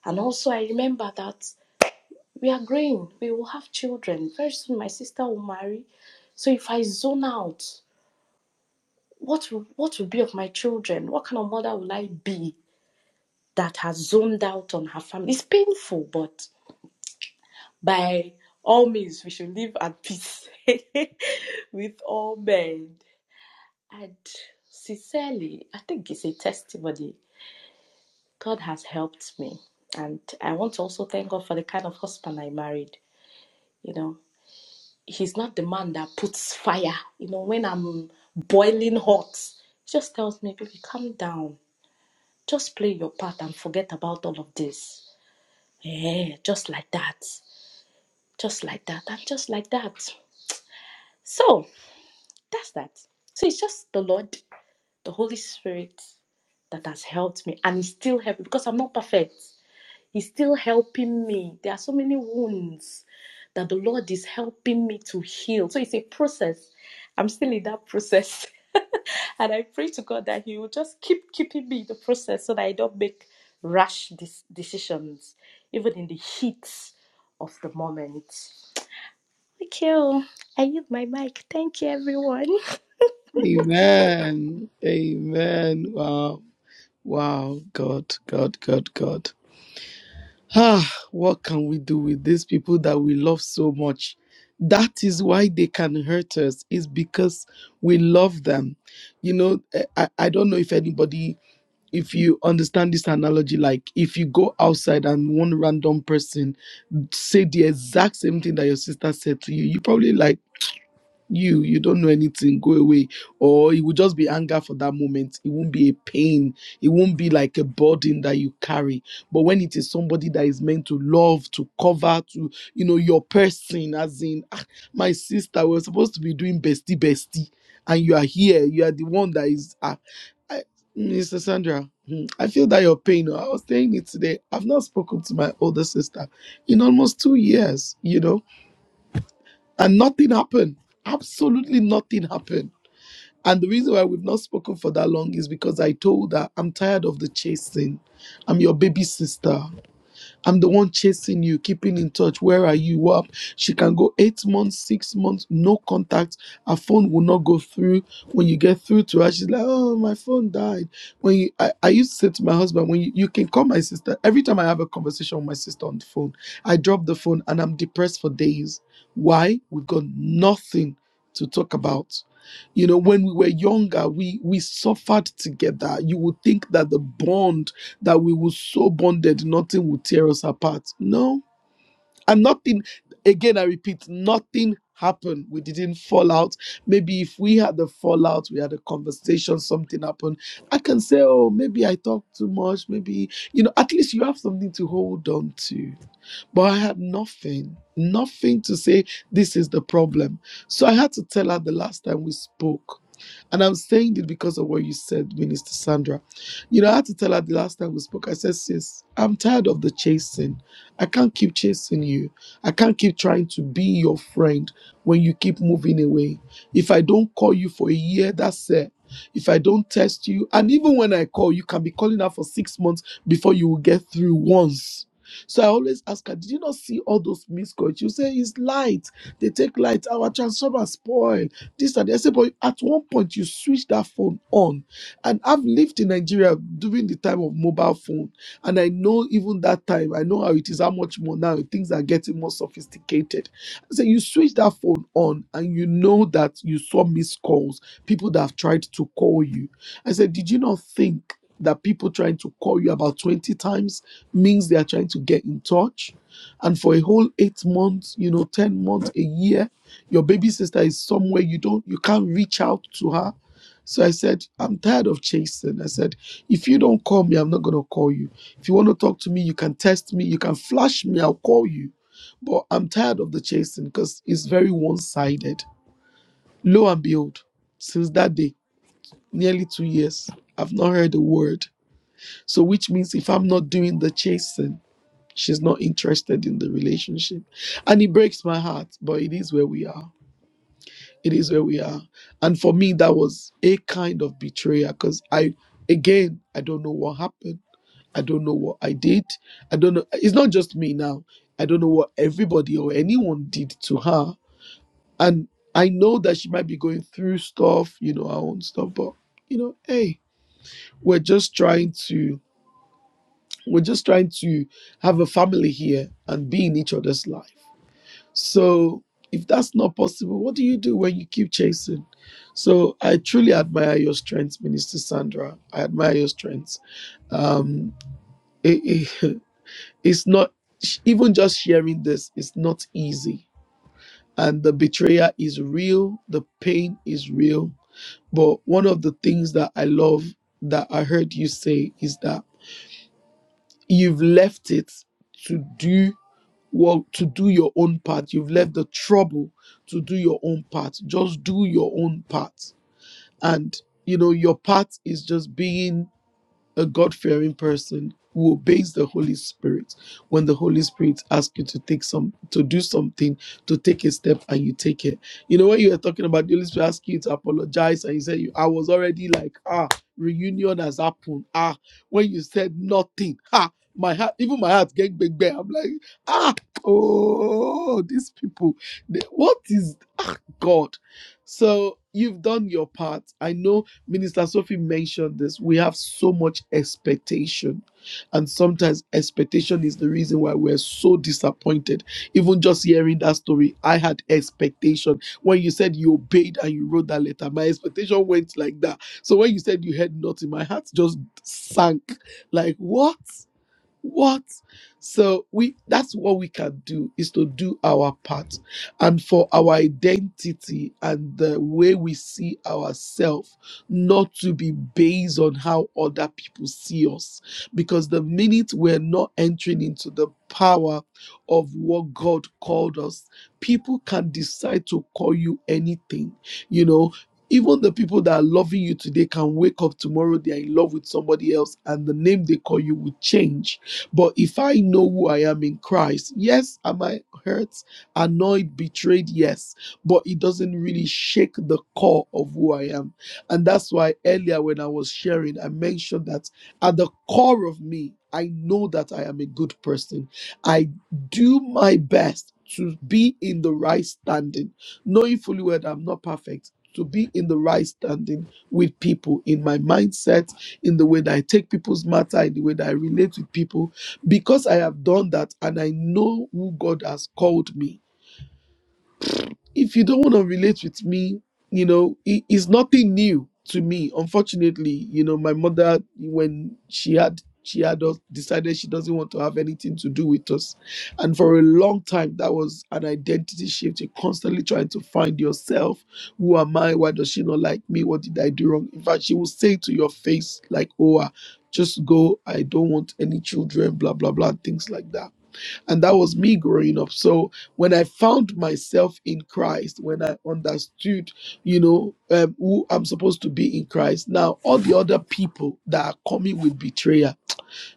And also, I remember that We are growing. We will have children. Very soon my sister will marry. So if I zone out, what will, what will be of my children? What kind of mother will I be that has zoned out on her family? It's painful, but by all means, we should live at peace with all men. And sincerely, I think it's a testimony. God has helped me. And I want to also thank God for the kind of husband I married. You know, he's not the man that puts fire. You know, when I'm boiling hot, he just tells me, baby, calm down. Just play your part and forget about all of this. Yeah, just like that. Just like that. And just like that. So that's that. So it's just the Lord, the Holy Spirit that has helped me. And He's still helping because I'm not perfect. He's still helping me. There are so many wounds that the Lord is helping me to heal. So it's a process. I'm still in that process. And I pray to God that He will just keep keeping me in the process so that I don't make rash dis- decisions, even in the heat of the moment. Okay, oh, I use my mic. Thank you, everyone. Amen. Amen. Wow. Wow. God, God, God, God. Ah, what can we do with these people that we love so much? That is why they can hurt us, is because we love them. You know, eh, I, I don't know if anybody, if you understand this analogy, like if you go outside and one random person say the exact same thing that your sister said to you, you probably like, you you don't know anything go away or it will just be anger for that moment it won't be a pain it won't be like a burden that you carry but when it is somebody that is meant to love to cover to you know your person as in "Ah, my sister we're supposed to be doing bestie bestie and you are here you are the one that is ah, I, mr sandra hmm, i feel that your pain oh, i was saying it today i've not spoken to my older sister in almost two years you know and nothing happened. Absolutely nothing happened. And the reason why we've not spoken for that long is because I told her, I'm tired of the chasing. I'm your baby sister. I'm the one chasing you, keeping in touch. Where are you? What? She can go eight months, six months, no contact. Her phone will not go through. When you get through to her, she's like, "Oh, my phone died." When you, I, I used to say to my husband, "When you, you can call my sister." Every time I have a conversation with my sister on the phone, I drop the phone and I'm depressed for days. Why? We've got nothing to talk about you know when we were younger we we suffered together you would think that the bond that we will so bonded, nothing will tear us apart. No, and nothing again i repeat nothing happened we didn't fall out maybe if we had a fallout we had a conversation something happened i can say oh maybe i talked too much maybe you know at least you have something to hold on to but i had nothing nothing to say this is the problem so i had to tell her the last time we spoke and i'm saying it because of what you said minister sandra you know i had to tell her the last time we spoke i said sis i'm tired of the chasing I can't keep chasing you. I can't keep trying to be your friend when you keep moving away. If I don't call you for a year, that's it. If I don't test you, and even when I call, you can be calling her for six months before you will get through once. So I always ask her, Did you not see all those missed calls? You say it's light. They take light. Our transformer spoil. This and that. I say, but at one point you switch that phone on and I've lived in Nigeria during the time of mobile phone. And I know even that time, I know how it is, how much more now things are getting more sophisticated. So you switch that phone on and you know that you saw missed calls, people that have tried to call you. I said, Did you not think that people trying to call you about 20 times means they are trying to get in touch? And for a whole eight months, you know, 10 months, a year, your baby sister is somewhere you don't you can't reach out to her so I said, I'm tired of chasing. I said, if you don't call me, I'm not going to call you. If you want to talk to me, you can test me, you can flash me, I'll call you. But I'm tired of the chasing because it's very one sided. Lo and behold, since that day, nearly two years, I've not heard a word. So, which means if I'm not doing the chasing, she's not interested in the relationship. And it breaks my heart, but it is where we are. it is where we are. And for me, that was a kind of betrayal because I, again, I don't know what happened. I don't know what I did. I don't know. It's not just me now. I don't know what everybody or anyone did to her. And I know that she might be going through stuff, you know, her own stuff, but, you know, hey, we're just trying to. We're just trying to have a family here and be in each other's life. So if that's not possible, what do you do when you keep chasing? So I truly admire your strength, Minister Sandra. I admire your strength. Um, it, it- it's not even just sharing this. It's not easy, and the betrayal is real. The pain is real. But one of the things that I love that I heard you say is that you've left it to do. well to do your own part you've left the trouble to do your own part just do your own part and you know your part is just being a God fearing person who obeys the Holy Spirit. When the Holy Spirit asks you to take some, to do something, to take a step, and you take it. You know, when you were talking about the Holy Spirit asking you to apologize, and you said, you, I was already like, ah, reunion has happened. Ah, when you said nothing, ah, my heart, even my heart get big bang. I'm like, ah, oh, these people, they- what is, ah, God. So you've done your part. I know Minister Sophie mentioned this. We have so much expectation. And sometimes expectation is the reason why we're so disappointed. Even just hearing that story, I had expectation. When you said you obeyed and you wrote that letter, my expectation went like that. So when you said you heard nothing, my heart just sank. Like, what? What? So we that's what we can do is to do our part and for our identity and the way we see ourselves not to be based on how other people see us because the minute we're not entering into the power of what God called us people can decide to call you anything you know even the people that are loving you today can wake up tomorrow they are in love with somebody else and the name they call you will change but if I know who I am in Christ, yes, am I hurt, annoyed, betrayed? Yes, but it doesn't really shake the core of who I am. And that's why earlier when I was sharing, I mentioned that at the core of me, I know that I am a good person. I do my best to be in the right standing, knowing fully well that I'm not perfect. To be in the right standing with people in my mindset, in the way that I take people's matter, in the way that I relate with people, because I have done that and I know who God has called me. If you don't want to relate with me, you know, it is nothing new to me. Unfortunately, you know, my mother, when she had she had us- decided she doesn't want to have anything to do with us. And for a long time, that was an identity shift. You're constantly trying to find yourself. Who am I? Why does she not like me? What did I do wrong? In fact, she will say to your face, like, oh, ah, just go. I don't want any children, blah, blah, blah, things like that and that was me growing up. So when I found myself in Christ, when I understood, you know, um, who I'm supposed to be in Christ, now all the other people that are coming with betrayal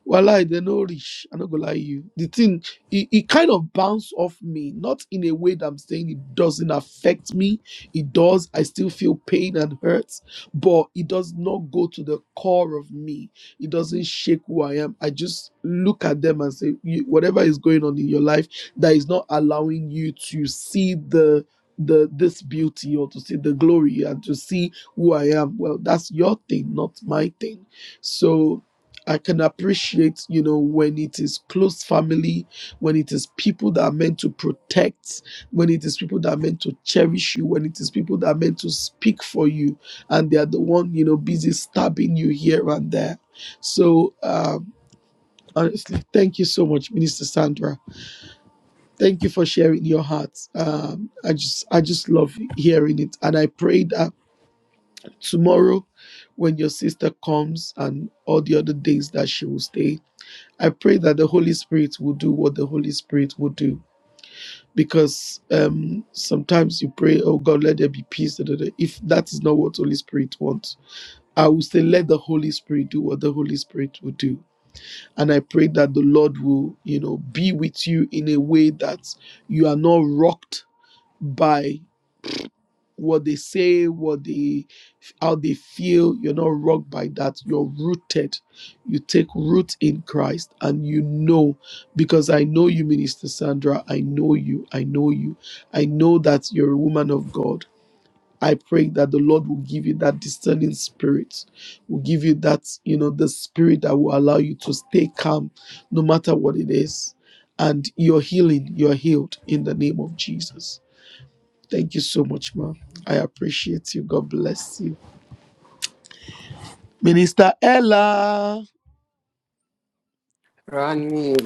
well, they no rich. I'm not gonna lie you. The thing it, it kind of bounced off me, not in a way that I'm saying it doesn't affect me. It does. I still feel pain and hurt, but it does not go to the core of me. It doesn't shake who I am. I just look at them and say, "You- whatever is going on in your life that is not allowing you to see the the this beauty or to see the glory and to see who I am. Well, that's your thing, not my thing. So I can appreciate, you know, when it is close family, when it is people that are meant to protect, when it is people that are meant to cherish you, when it is people that are meant to speak for you, and they are the one, you know, busy stabbing you here and there. So, um, honestly, thank you so much, Minister Sandra. Thank you for sharing your heart. Um, I just, I just love hearing it, and I pray that tomorrow, when your sister comes and all the other days that she will stay I pray that the Holy Spirit will do what the Holy Spirit will do. Because um, sometimes you pray, oh God, let there be peace. da, da, da." If that is not what Holy Spirit wants, I will say, let the Holy Spirit do what the Holy Spirit will do. And I pray that the Lord will, you know, be with you in a way that you are not rocked by what they say, what they how they feel. You're not rocked by that. You're rooted. You take root in Christ and you know because I know you, Minister Sandra. I know you. I know you. I know that you're a woman of God. I pray that the Lord will give you that discerning spirit, will give you that, you know, the spirit that will allow you to stay calm no matter what it is. And you're healing, you're healed in the name of Jesus. Thank you so much, ma. I appreciate you. God bless you. Minister Ella, Ronnie.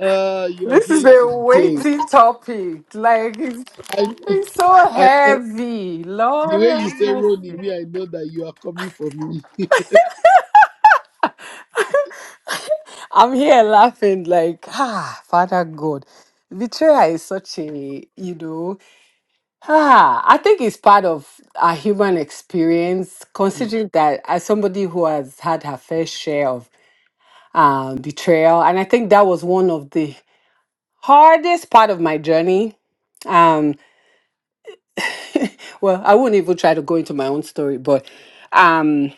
uh, you're This is here a today. weighty topic. Like, it's, it's so I know heavy. the Lord way you have say Ronnie, me, mercy. I know that you are coming for me. I'm here laughing like, ah, Father God. Betrayal is such a, you know, ah, I think it's part of our human experience, Mm. considering that as somebody who has had her fair share of um, betrayal, and I think that was one of the hardest part of my journey. Um, well, I wouldn't even try to go into my own story, but um,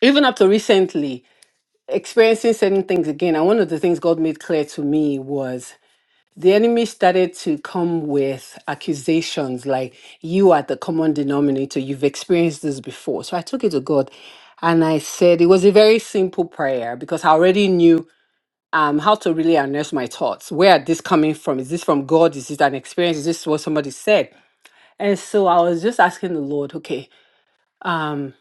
even up to recently, experiencing certain things again, and one of the things God made clear to me was the enemy started to come with accusations like you are the common denominator you've experienced this before so i took it to god and i said it was a very simple prayer because i already knew um, how to really unearth my thoughts where are this coming from is this from god is it an experience is this what somebody said and so i was just asking the lord okay um,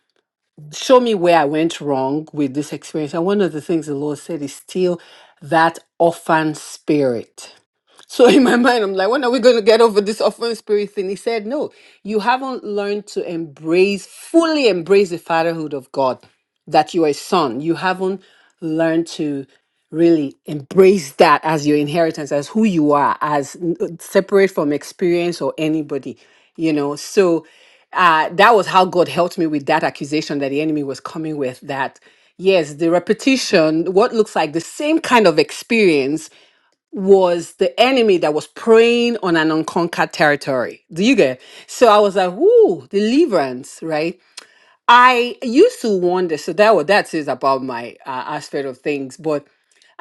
show me where i went wrong with this experience and one of the things the lord said is still that orphan spirit so in my mind, I'm like, when are we going to get over this offering spirit thing? He said, no, you haven't learned to embrace, fully embrace the fatherhood of God, that you are a son. You haven't learned to really embrace that as your inheritance, as who you are, as n- uh, separate from experience or anybody, you know? So uh, that was how God helped me with that accusation that the enemy was coming with that. Yes, the repetition, what looks like the same kind of experience was the enemy that was preying on an unconquered territory. Do you get? So I was like, "Ooh, deliverance!" Right? I used to wonder. So that was that is about my uh, aspect of things, but.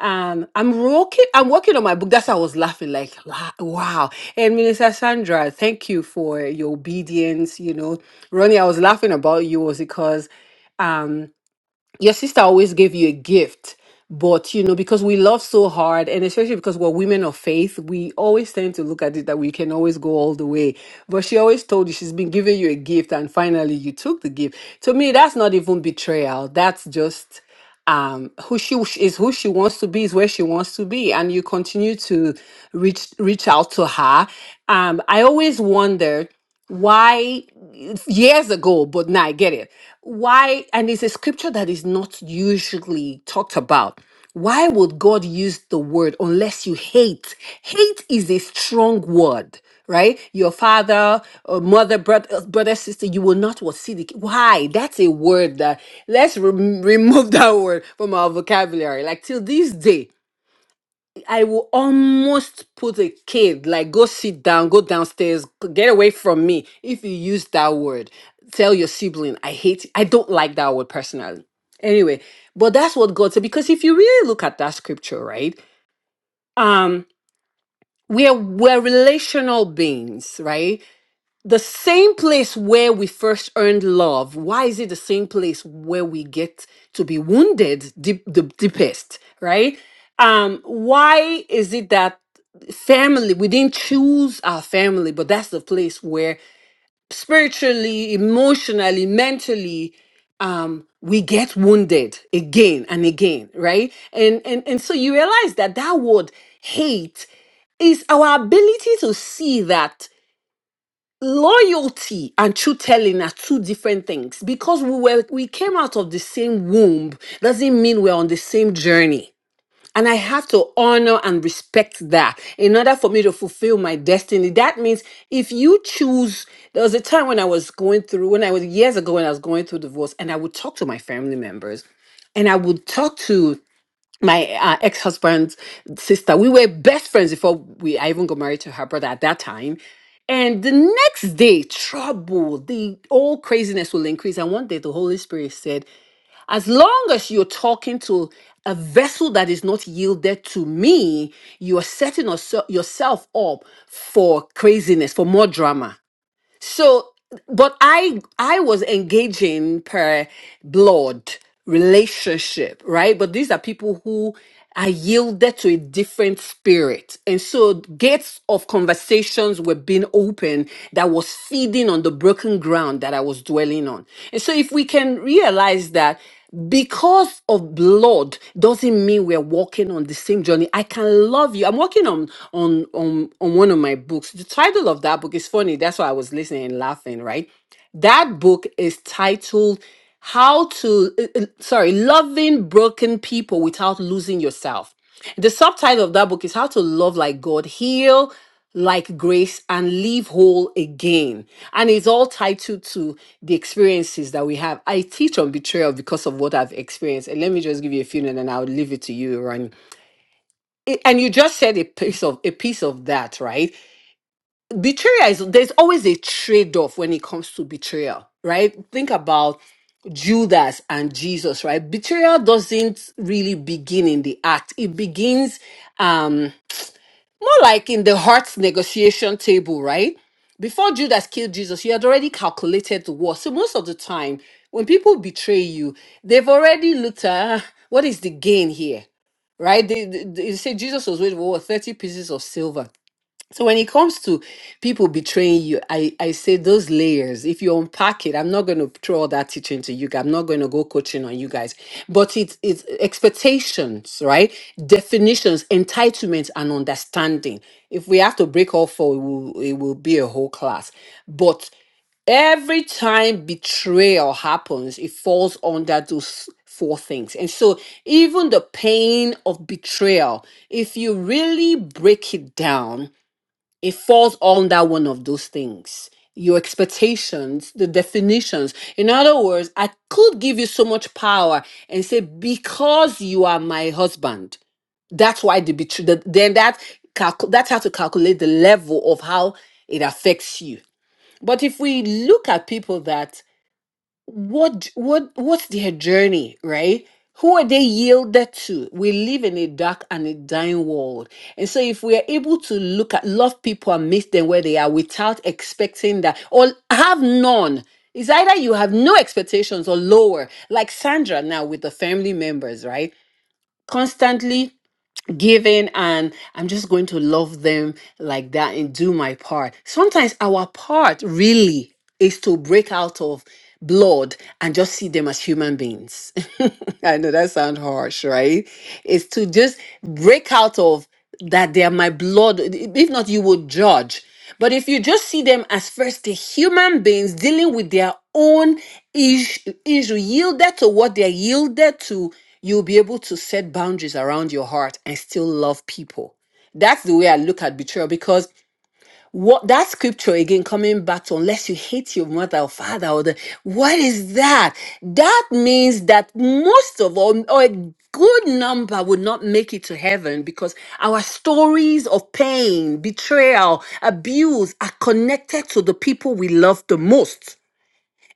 Um, I'm working. I'm working on my book. That's why I was laughing, like, "La- wow. And Minister Sandra, thank you for your obedience. You know, Ronnie, I was laughing about you was because um your sister always gave you a gift but you know because we love so hard and especially because we're women of faith we always tend to look at it that we can always go all the way but she always told you she's been giving you a gift and finally you took the gift to me that's not even betrayal that's just um, who she w- is, who she wants to be, is where she wants to be, and you continue to reach reach out to her. Um, I always wondered why years ago, but now I get it. Why? And it's a scripture that is not usually talked about. Why would God use the word unless you hate? Hate is a strong word, right? Your father, uh, mother, brother, uh, brother, sister, you will not what see the. Why? That's a word Let's rem remove that word from our vocabulary. Like till this day, I will almost put a kid, like, go sit down, go downstairs, g- get away from me if you use that word. Tell your sibling, I hate, I don't like that word personally. Anyway, but that's what God said. Because if you really look at that scripture, right? Um, we're we're relational beings, right? the same place where we first earned love why is it the same place where we get to be wounded deep, the deepest right um why is it that family we didn't choose our family but that's the place where spiritually emotionally mentally um we get wounded again and again right and and and so you realize that that word hate is our ability to see that loyalty and truth telling are two different things because we were we came out of the same womb doesn't mean we're on the same journey and i have to honor and respect that in order for me to fulfill my destiny that means if you choose there was a time when i was going through when i was years ago when i was going through divorce and i would talk to my family members and i would talk to my uh, ex-husband's sister we were best friends before we i even got married to her brother at that time and the next day trouble the old craziness will increase and one day the holy spirit said as long as you're talking to a vessel that is not yielded to me you are setting us- yourself up for craziness for more drama so, but I I was engaging per blood relationship, right? But these are people who are yielded to a different spirit. And so gates of conversations were being opened that was feeding on the broken ground that I was dwelling on. And so if we can realize that because of blood doesn't mean we're walking on the same journey i can love you i'm working on on on on one of my books the title of that book is funny that's why i was listening and laughing right that book is titled how to uh, uh, sorry loving broken people without losing yourself the subtitle of that book is How to Love Like God, Heal Like Grace, and Live Whole Again. And it's all titled to the experiences that we have. I teach on betrayal because of what I've experienced. And let me just give you a few and then I'll leave it to you, Ronnie. It- And you just said a piece of a piece of that, right? Betrayal is there's always a trade-off when it comes to betrayal, right? Think about Judas and Jesus, right? Betrayal doesn't really begin in the act. It begins um. More like in the heart negotiation table, right? Before Judas killed Jesus, you had already calculated the war. So most of the time, when people betray you, they've already looked at "Ah, what is the gain here, right? They, they, they say Jesus was worth what, 30 pieces of silver. So when it comes to people betraying you, I, I say those layers, if you unpack it, I'm not going to throw all that teaching to you guys. I'm not going to go coaching on you guys. But it's it's expectations, right? Definitions, entitlements, and understanding. If we have to break all four, it will, it will be a whole class. But every time betrayal happens, it falls under those four things. And so, even the pain of betrayal, if you really break it down, it falls under one of those things your expectations the definitions in other words i could give you so much power and say because you are my husband that's why the betrayal then that calcu- that's how to calculate the level of how it affects you but if we look at people that what what what's their journey right who are they yielded to we live in a dark and a dying world and so if we are able to look at love people and meet them where they are without expecting that or have none it's either you have no expectations or lower like sandra now with the family members right constantly giving and I'm just going to love them like that and do my part. Sometimes our part really is to break out of blood and just see them as human beings. I know that sounds harsh, right? It's to just break out of that they are my blood. If not, you would judge. But if you just see them as first the human beings dealing with their own issue, issue yielded to what they're yielded to, you'll be able to set boundaries around your heart and still love people. That's the way I look at betrayal because what that scripture again coming back to unless you hate your mother or father or the what is that? That means that most of all or a good number would not make it to heaven because our stories of pain, betrayal, abuse are connected to the people we love the most.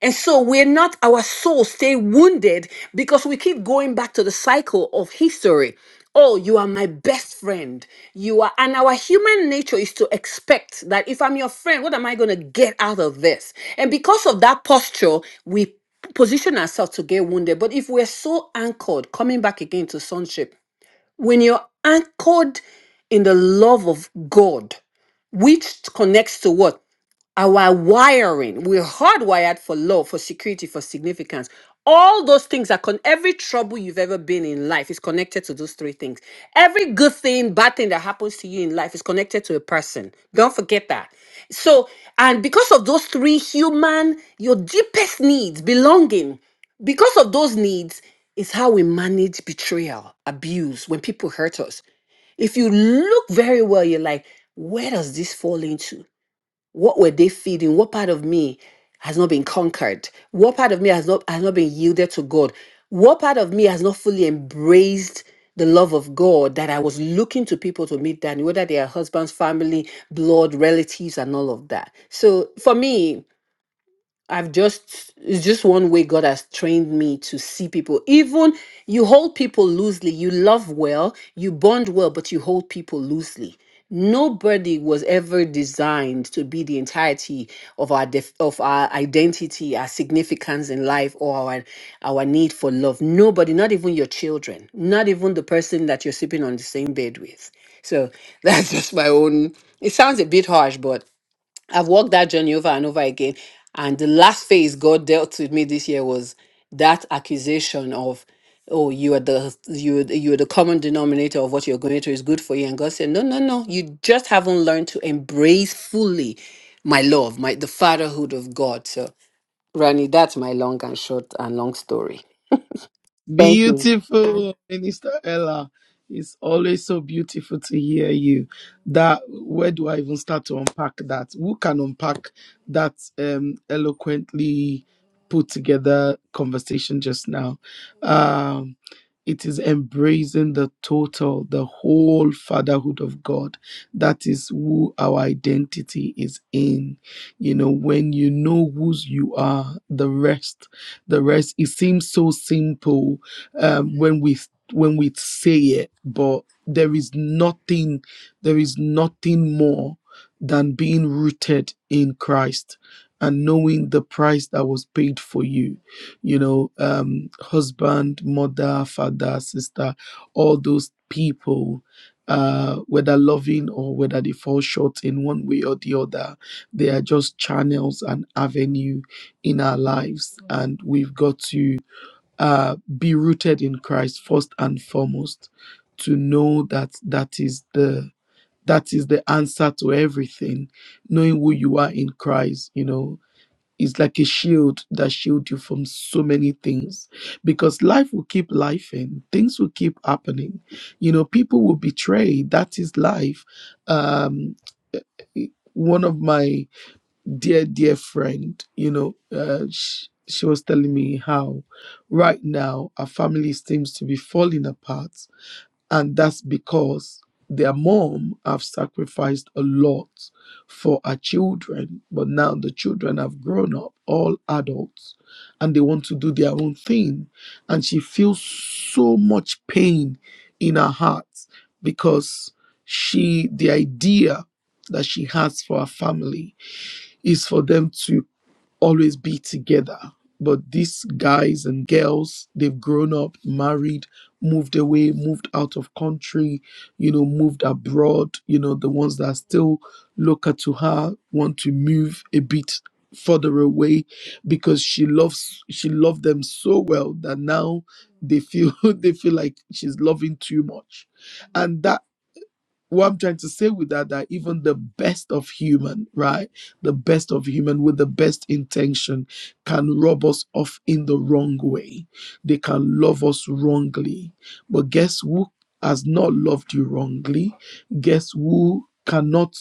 And so we're not, our soul stay wounded because we keep going back to the cycle of history. Oh, you are my best friend. You are, and our human nature is to expect that if I'm your friend, what am I going to get out of this? And because of that posture, we position ourselves to get wounded. But if we're so anchored, coming back again to sonship, when you're anchored in the love of God, which connects to what? our wiring we're hardwired for love for security for significance all those things are con every trouble you've ever been in life is connected to those three things every good thing bad thing that happens to you in life is connected to a person don't forget that so and because of those three human your deepest needs belonging because of those needs is how we manage betrayal abuse when people hurt us if you look very well you're like where does this fall into what were they feeding? What part of me has not been conquered? What part of me has not has not been yielded to God? What part of me has not fully embraced the love of God that I was looking to people to meet that, whether they are husbands, family, blood, relatives, and all of that. So for me, I've just it's just one way God has trained me to see people. Even you hold people loosely, you love well, you bond well, but you hold people loosely. Nobody was ever designed to be the entirety of our def- of our identity, our significance in life, or our our need for love. Nobody, not even your children, not even the person that you're sleeping on the same bed with. So that's just my own. It sounds a bit harsh, but I've walked that journey over and over again. And the last phase God dealt with me this year was that accusation of, oh, you are the you are the- you are the common denominator of what you're going through is good for you. And God said, no, no, no, you just haven't learned to embrace fully my love, my the fatherhood of God. So, Rani, that's my long and short and long story. Thank you. Beautiful, Minister Ella. It's always so beautiful to hear you. That where do I even start to unpack that? Who can unpack that um, eloquently put together conversation just now? Um, it is embracing the total, the whole fatherhood of God. That is who our identity is in. You know, when you know whose you are, the rest, the rest, it seems so simple um, when we when we say it, but there is nothing there is nothing more than being rooted in Christ and knowing the price that was paid for you you know um husband mother father sister all those people uh whether loving or whether they fall short in one way or the other they are just channels and avenue in our lives and we've got to uh, be rooted in Christ first and foremost, to know that that is the that is the answer to everything. Knowing who you are in Christ, you know, is like a shield that shield you from so many things, because life will keep life and things will keep happening. You know, people will betray. That is life. Um, eh, eh, one of my dear dear friend you know uh, she, she was telling me how right now our family seems to be falling apart and that's because their mom have sacrificed a lot for our children but now the children have grown up all adults and they want to do their own thing and she feels so much pain in her heart because she the idea that she has for her family is for them to always be together. But these guys and girls, they've grown up, married, moved away, moved out of country, you know, moved abroad. You know, the ones that are still local to her want to move a bit further away because she loves she loved them so well that now they feel they feel like she's loving too much. And that what I'm trying to say with that, that even the best of human, right? The best of human with the best intention can rob us off in the wrong way. They can love us wrongly. But guess who has not loved you wrongly? Guess who cannot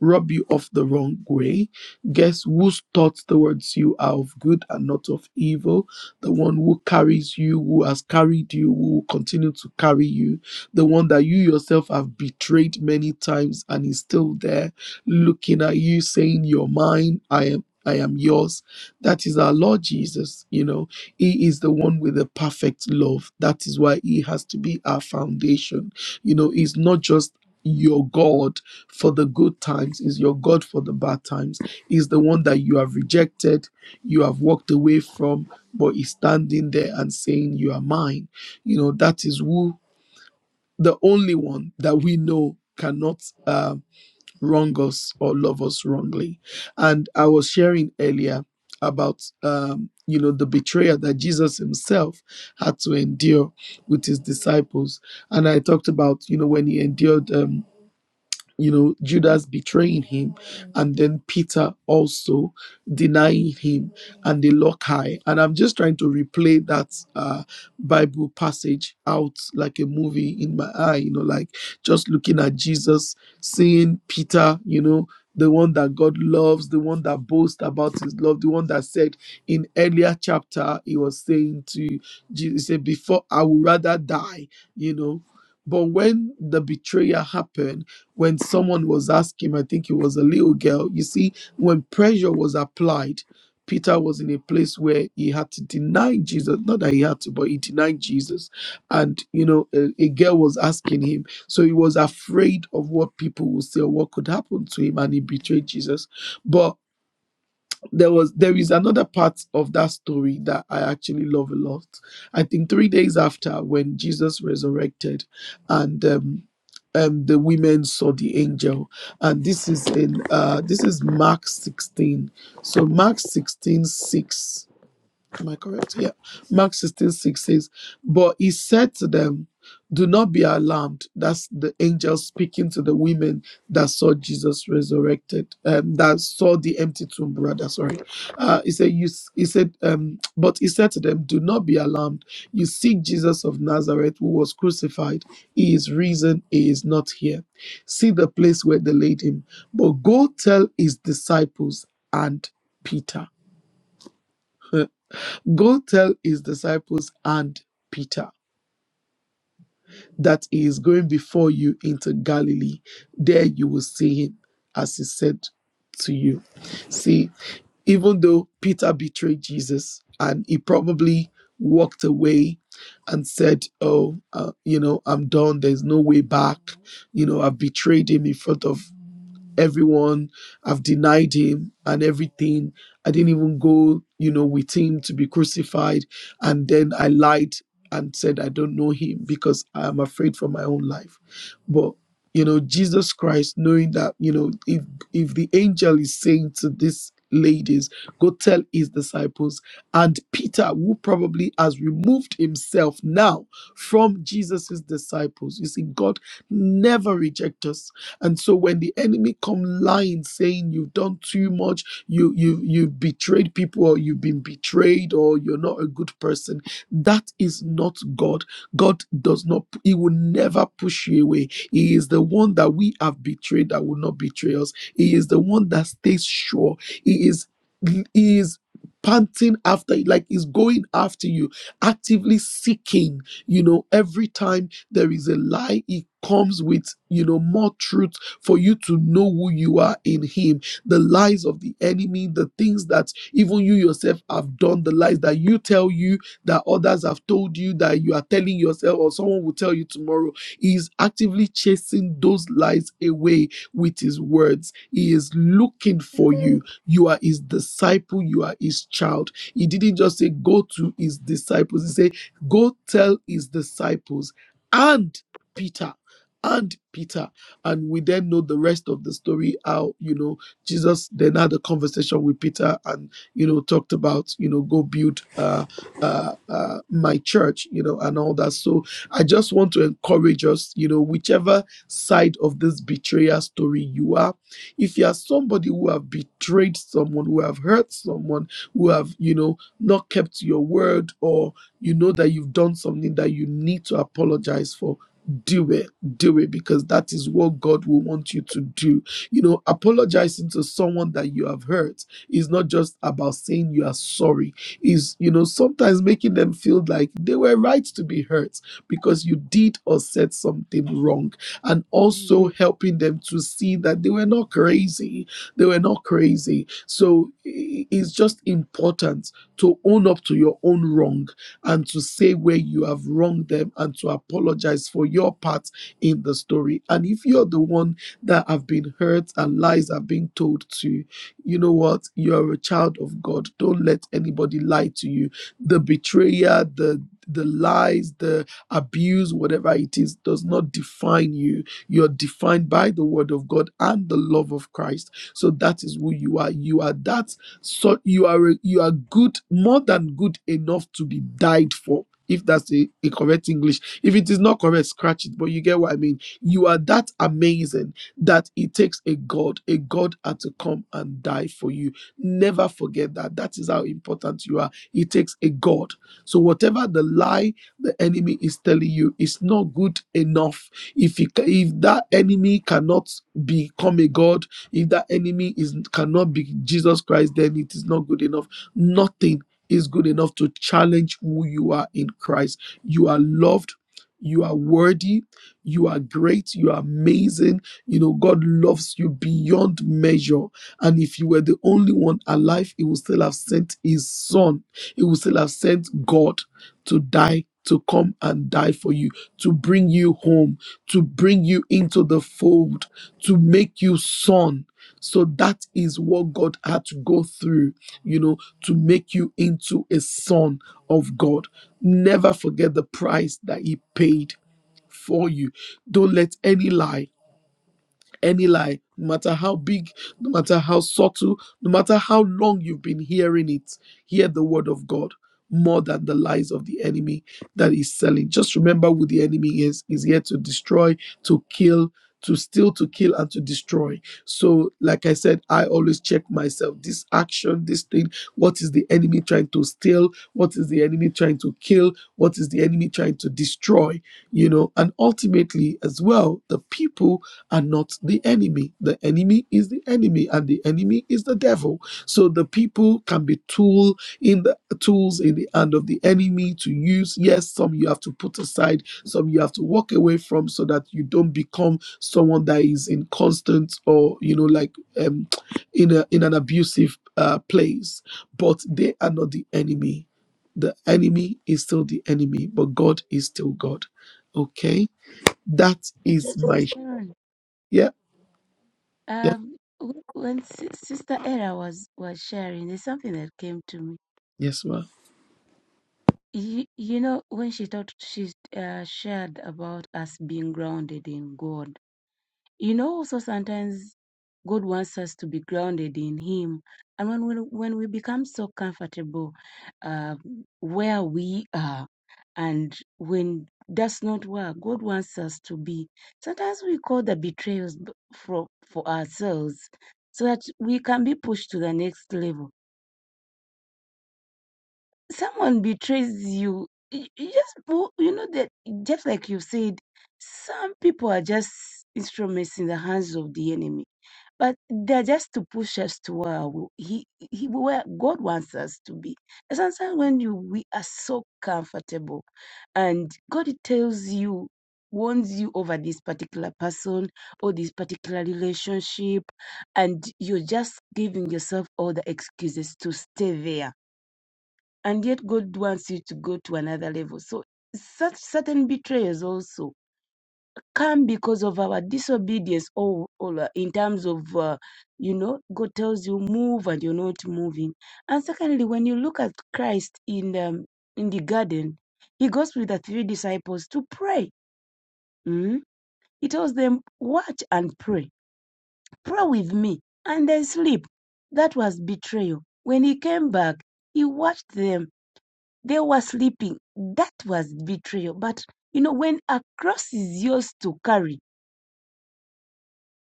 rob you of the wrong way? Guess whose thoughts towards you are of good and not of evil? The one who carries you, who has carried you, who will continue to carry you, the one that you yourself have betrayed many times and is still there looking at you, saying, You're mine, I am. I am yours. That is our Lord Jesus. You know, He is the one with the perfect love. That is why He has to be our foundation. You know, He's not just your God for the good times, He's your God for the bad times. He's the one that you have rejected, you have walked away from, but He's standing there and saying, You are mine. You know, that is who the only one that we know cannot uh, wrong us or love us wrongly. And I was sharing earlier about um, you know the betrayal that Jesus himself had to endure with his disciples, and I talked about you know when he endured. um, you know judas betraying him and then peter also denying him and the loci and i'm just trying to replay that uh bible passage out like a movie in my eye you know like just looking at jesus seeing peter you know the one that God loves, the one that boasts about his love, the one that said in earlier chapter, he was saying to Jesus, he said, Before I would rather die, you know, but when the betrayal happened, when someone was asking, him, I think it was a little girl, you see, when pressure was applied, Peter was in a place where he had to deny Jesus. Not that he had to, but he denied Jesus. And, you know, a, a girl was asking him. So he was afraid of what people would say or what could happen to him, and he betrayed Jesus. But there was there is another part of that story that I actually love a lot. I think three days after when Jesus resurrected, and um, um, the women saw the angel, and this is in uh, this is Mark sixteen. So Mark 16 6. Am I correct? Yeah. Mark 16 6 says, But he said to them, Do not be alarmed. That's the angel speaking to the women that saw Jesus resurrected, um, that saw the empty tomb, rather. Sorry. Uh, he said, you, s- he said um, But he said to them, Do not be alarmed. You seek Jesus of Nazareth, who was crucified. He is risen. He is not here. See the place where they laid him. But go tell his disciples and Peter Go tell his disciples and Peter that he is going before you into Galilee. There you will see him, as he said to you. See, even though Peter betrayed Jesus and he probably walked away and said, Oh, uh, you know, I'm done. There's no way back. You know, I've betrayed him in front of everyone i have denied him and everything. I didn't even go, you know, with him to be crucified. And then I lied and said, I don't know him because I am afraid for my own life. But, you know, Jesus Christ, knowing that, you know, if, if the angel is saying to these ladies, go tell his disciples, and Peter, who probably has removed himself now from Jesus's disciples, you see, God never rejects us and so when the enemy come lying, saying you've done too much, you you you've betrayed people, or you've been betrayed, or you're not a good person, that is not God. God does not. He will never push you away. He is the one that we have betrayed that will not betray us. He is the one that stays sure. He is. He is panting after you, like he's going after you, actively seeking. You know, every time there is a lie it comes with you know more truth for you to know who you are in him the lies of the enemy the things that even you yourself have done the lies that you tell you that others have told you that you are telling yourself or someone will tell you tomorrow he is actively chasing those lies away with his words he is looking for you. You are his disciple, you are his child. He didn't just say, Go to his disciples. He said, Go tell his disciples and Peter. And Peter, and we then know the rest of the story. How you know Jesus then had a conversation with Peter, and you know talked about you know go build uh, uh, uh, my church, you know, and all that. So I just want to encourage us, you know, whichever side of this betrayal story you are, if you are somebody who have betrayed someone who have hurt someone who have you know not kept your word or you know that you've done something that you need to apologize for do it do it because that is what god will want you to do you know apologizing to someone that you have hurt is not just about saying you are sorry is you know sometimes making them feel like they were right to be hurt because you did or said something wrong and mm, also helping them to see that they were not crazy. They were not crazy. So i- it's just important to own up to your own wrong and to say where you have wronged them and to apologize for your part in the story. And if you're the one that have been hurt and lies have been told to, you know what? You're a child of God. Don't let anybody lie to you. The betrayer, the the lies, the abuse, whatever it is, does not define you. You're defined by the word of God and the love of Christ. So that is who you are. You are that so you are you are good, more than good enough to be died for. If that's a, a correct English. If it is not correct, scratch it. But you get what I mean. You are that amazing that it takes a God, a God had to come and die for you. Never forget that. That is how important you are. It takes a God. So whatever the lie the enemy is telling you it's not good enough if you, ca- if that enemy cannot become a god if that enemy is cannot be jesus christ then it is not good enough nothing is good enough to challenge who you are in christ you are loved you are worthy you are great you are amazing you know god loves you beyond measure and if you were the only one alive he would still have sent his son he would still have sent god to die, to come and die for you, to bring you home, to bring you into the fold, to make you son. So that is what God had to go through, you know, to make you into a son of God. Never forget the price that He paid for you. Don't let any lie any lie, no matter how big, no matter how subtle, no matter how long you've been hearing it, hear the word of God more than the lies of the enemy that is selling. Just remember who the enemy is. Is here to destroy, to kill, to steal, to kill, and to destroy. So, like I said, I always check myself. This action, this thing, what is the enemy trying to steal? What is the enemy trying to kill? What is the enemy trying to destroy? You know, and ultimately as well, the people are not the enemy. The enemy is the enemy, and the enemy is the devil. So the people can be tool in the tools in the hand of the enemy to use. Yes, some you have to put aside, some you have to walk away from, so that you don't become someone that is in constant or you know like um, in a in an abusive uh, place. But they are not the enemy. The enemy is still the enemy, but God is still God. Okay, that Yeah, is true, my Sister Ron. yeah. Um, w- when Sis- Sister Era was was sharing, there's something that came to me. Yes, ma'am. You, you know, when she talked, she uh, shared about us being grounded in God. you know also sometimes god wants us to be grounded in him and when we when we become so comfortable uh, where we are and when that's not where god wants us to be sometimes we call the betrayals b- for for ourselves so that we can be pushed to the next level someone betrays you you you just go- you know that just like you said some people are just instruments in the hands of the enemy but they're just to push us to where we- he, he where God wants us to be. And sometimes when you we are so comfortable, and God tells you warns you over this particular person or this particular relationship, and you're just giving yourself all the excuses to stay there. And yet God wants you to go to another level. So such certain betrayals also come because of our disobedience or, or uh, in terms of uh, you know god tells you move and you're not moving and secondly when you look at christ in um, in the garden he goes with the three disciples to pray Mhm. he tells them watch and pray pray with me and they sleep that was betrayal when he came back he watched them they were sleeping that was betrayal but you know when a cross is yours to carry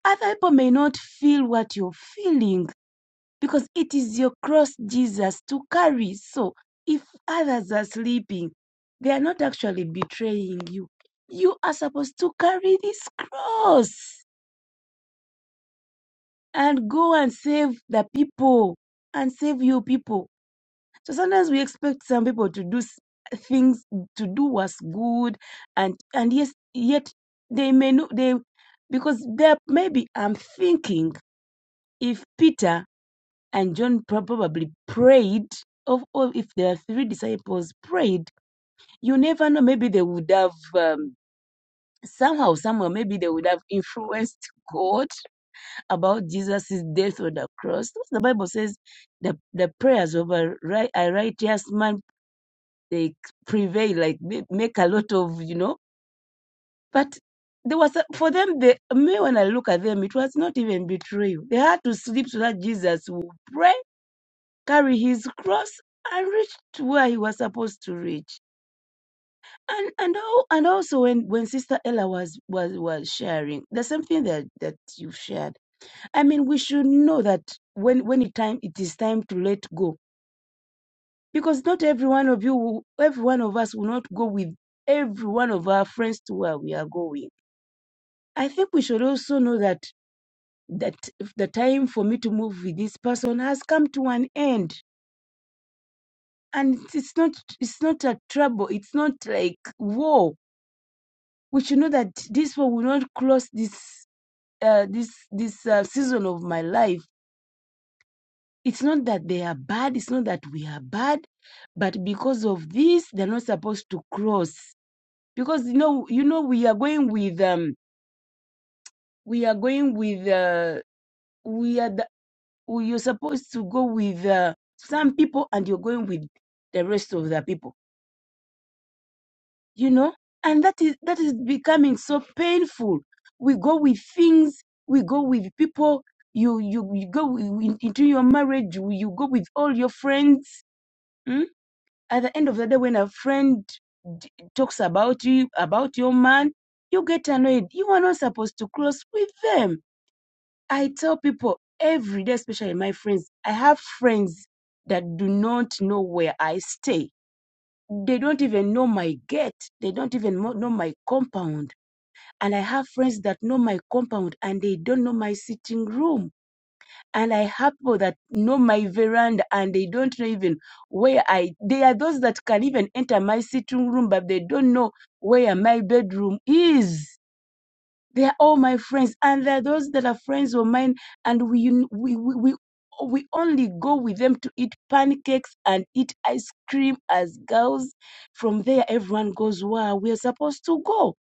Other people may not feel what you're feeling because it is your cross Jesus to carry. So if others are sleeping, they are not actually betraying you. You are supposed to carry this cross and go and save the people and save your people. So sometimes we expect some people to do s- things to do what's good and and yes yet they may know they because there maybe I'm thinking if Peter and John probably prayed. Of or if there are three disciples prayed, you never know. Maybe they would have um, somehow, somewhere, maybe they would have influenced God about Jesus' death on the cross. The Bible says the the prayers of a, ri- a righteous man they prevail, like ma- make a lot of you know. But there was a, for them. They, me when I look at them, it was not even betrayal. They had to sleep so that Jesus would pray carry his cross and reach to where he was supposed to reach. And and al- and also when when Sister Ella was was was sharing, the same thing that that you shared. I mean, we should know that when when it time it is time to let go, because not every one of you, will- every one of us will not go with every one of our friends to where we are going. I think we should also know that that if the time for me to move with this person has come to an end and it's it's not it's not a trouble it's not like war we should know that this war will not cross this uh, this this uh, season of my life it's not that they are bad it's not that we are bad but because of this they're not supposed to cross because you know you know we are going with um we are going with uh we are the, you're supposed to go with uh, some people and you're going with the rest of the people you know and that is that is becoming so painful we go with things we go with people you you, you go wi- in- into your marriage you you go with all your friends mm? at the end of the day when a friend d- talks about you about your man you get annoyed you are not supposed to close with them i tell people every day especially my friends i have friends that do not know where i stay they don't even know my gate. They don't even mo- know my compound. And I have friends that know my compound and they don't know my sitting room. And I have people that know my veranda and they don't know even where I. They are those that can even enter my sitting room, but they don't know where my bedroom is. They are all my friends, and there are those that are friends of mine, and we we we. we we only go with them to eat pancakes and eat ice cream as girls. From there, everyone goes where we are supposed to go.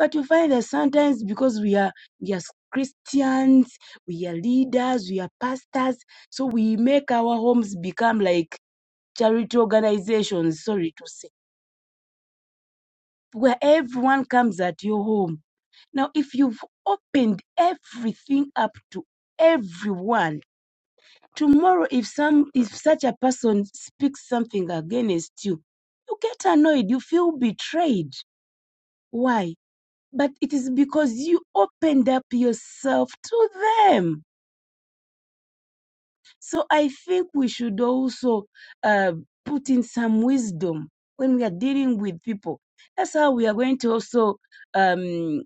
But you find that sometimes because we are we are Christians, we are leaders, we are pastors, so we make our homes become like charity organizations. Sorry to say, where everyone comes at your home now, if you've opened everything up to everyone, tomorrow if some if such a person speaks something against you, you get annoyed, you feel betrayed. Why? But it is because you opened up yourself to them. So I think we should also uh, put in some wisdom when we are dealing with people. That's how we are going to also um,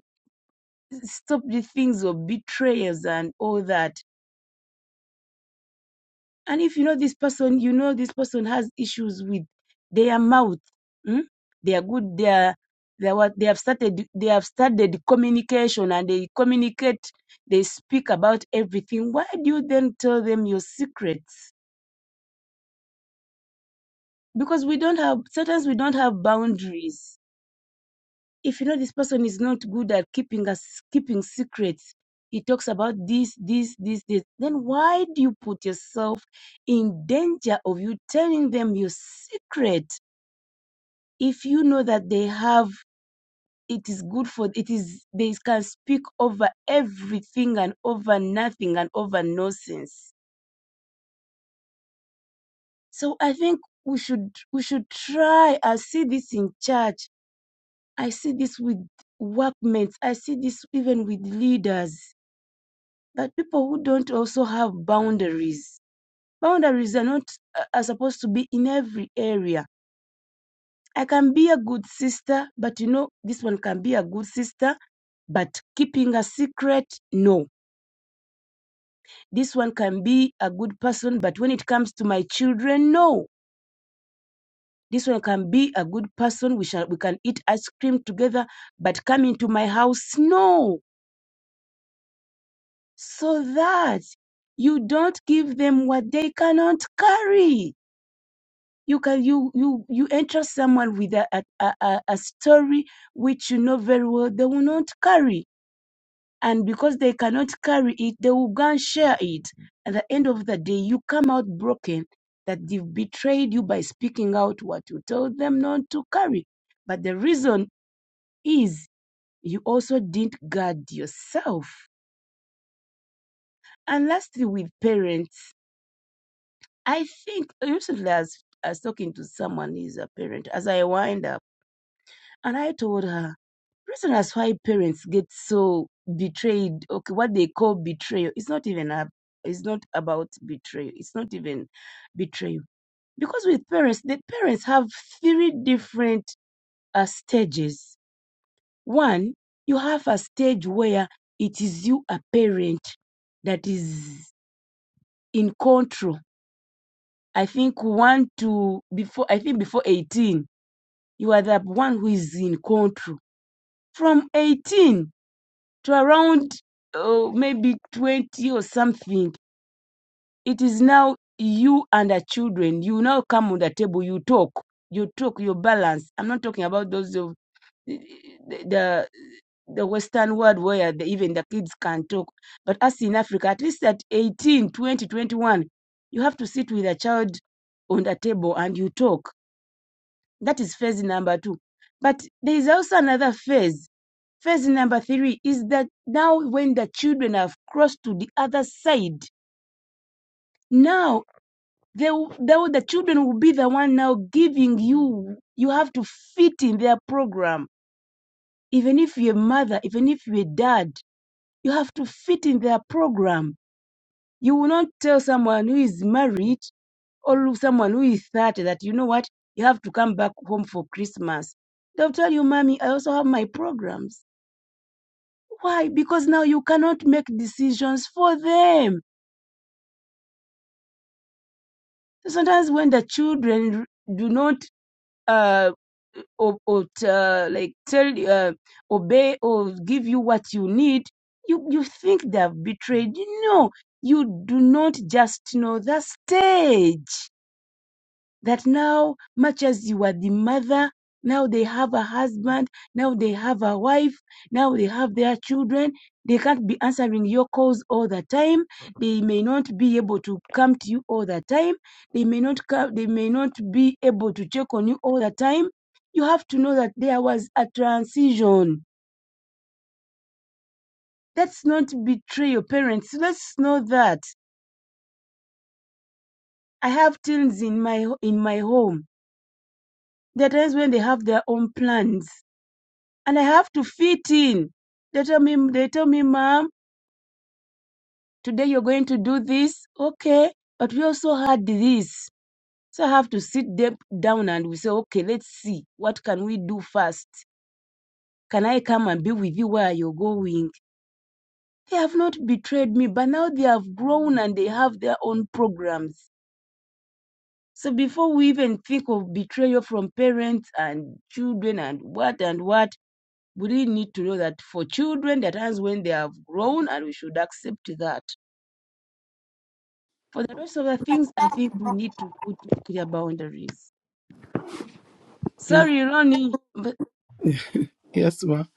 stop the things of betrayals and all that And if you know this person, you know this person has issues with their mouth. mm? They are good. They are they are what they have started. They have started communication and they communicate. They speak about everything. Why do you then tell them your secrets? Because we don't have sometimes we don't have boundaries. if you know this person is not good at keeping us keeping secrets he talks about this this this this then why do you put yourself in danger of you telling them your secret if you know that they have it is good for it is they can speak over everything and over nothing and over nonsense so i think we should we should try i see this in church i see this with workmates i see this even with leaders But people who don't also have boundaries, boundaries are not uh, are supposed to be in every area. I can be a good sister, but you know, this one can be a good sister, but keeping a secret, no. This one can be a good person, but when it comes to my children, no. This one can be a good person. We shall we can eat ice cream together, but come into my house, no. So that you don't give them what they cannot carry you can you you you enter someone with a, a, a, a story which you know very well they will not carry and because they cannot carry it they will go and share it at the end of the day you come out broken that they've betrayed you by speaking out what you told them not to carry but the reason is you also didn't guard yourself and lastly with parents i think recently i was, I was talking to someone who is a parent as i wind up and i told her reason as why parents get so betrayed okay what they call betrayal it's not even a, it's not about betrayal it's not even betrayal because with parents the parents have three different uh, stages one you have a stage where it is you a parent that is in control i think one to before i think before 18 you are the one who is in control from 18 to around oh, maybe 20 or something. It is now you and the children. You now come on the table, you talk, you talk, you balance. I'm not talking about those of eh, the the western world where the, even the kids can talk but us in africa at least at 18, 20, 21, you have to sit with a child on the table and you talk that is phase number two but there is also another phase Phase number three is that now when the children have crossed to the other side, now they, they, the children will be the one now giving you, you have to fit in their program. Even if you're a mother, even if you're a dad, you have to fit in their program. You will not tell someone who is married or someone who is 30 that, you know what, you have to come back home for Christmas. They'll tell you, mommy, I also have my programs. Why? Because now you cannot make decisions for them. Sometimes when the children do not uh, or, or uh, like tell uh, obey or give you what you need, you you think they have betrayed. No, you do not just know the stage. that now, much as you were the mother, now they have a husband, now they have a wife, now they have their children. They can't be answering your calls all the time. They may not be able to come to you all the time. They may not come, they may not be able to check on you all the time. You have to know that there was a transition. Let's not betray your parents. Let's know that. I have teens in my in my home. There are times when they have their own plans and I have to fit in. They tell me, they tell me, mom, today you're going to do this. Okay. But we also had this. So I have to sit them down and we say, okay, let's see. What can we do first? Can I come and be with you where you're going? They have not betrayed me, but now they have grown and they have their own programs. So before we even think of betrayal from parents and children and what and what, we really need to know that for children, that times when they have grown, and we should accept that. For the rest of the things, I think we need to put clear boundaries. Sorry, Ronnie, but. Yes, ma'am.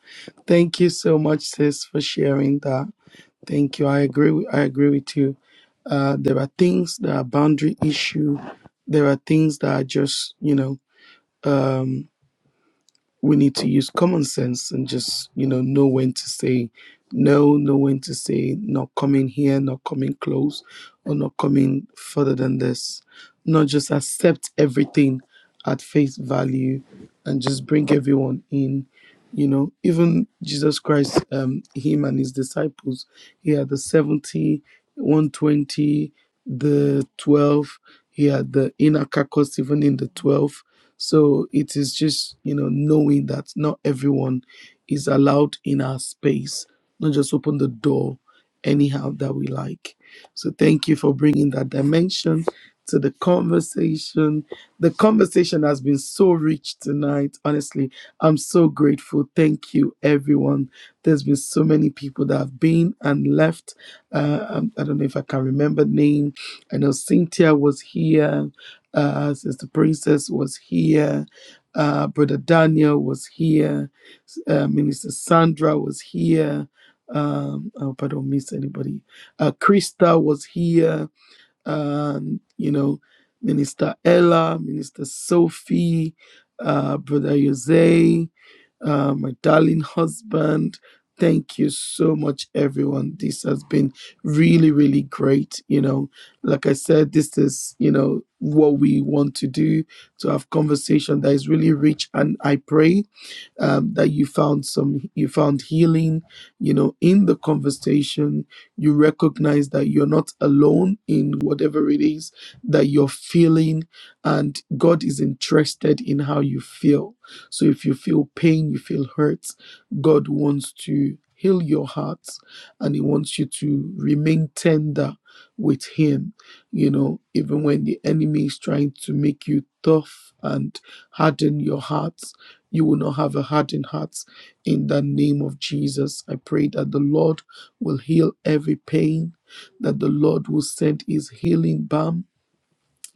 Thank you so much, sis, for sharing that. Thank you. I agree. With, I agree with you. Uh, there are things that are boundary issue. There are things that are just you know. um, we need to use common sense and just you know know when to say no know when to say not coming here not coming close or not coming further than this not just accept everything at face value and just bring everyone in you know even jesus christ um him and his disciples he had the seventy, one twenty, the 12 he had the inner carcass even in the 12 so it is just, you know, knowing that not everyone is allowed in our space, not just open the door anyhow that we like. So thank you for bringing that dimension to the conversation. The conversation has been so rich tonight. Honestly, I'm so grateful. Thank you, everyone. There's been so many people that have been and left. Uh, um, I don't know if I can remember name. I know Cynthia was here. Uh, Sister Princess was here. Uh, Brother Daniel was here. S- Uh, Minister Sandra was here. Um, I hope I don't miss anybody. Uh, Krista was here and you know minister ella minister sophie uh, brother jose uh, my darling husband thank you so much everyone this has been really really great you know like i said this is you know what we want to do to have conversation that is really rich and i pray um, that you found some you found healing you know in the conversation you recognize that you're not alone in whatever it is that you're feeling and god is interested in how you feel so if you feel pain you feel hurt god wants to heal your heart and he wants you to remain tender with him you know even when the enemy is trying to make you tough and harden your heart you will not have a hardened heart. In the name of Jesus, I pray that the Lord will heal every pain, that the Lord will send his healing balm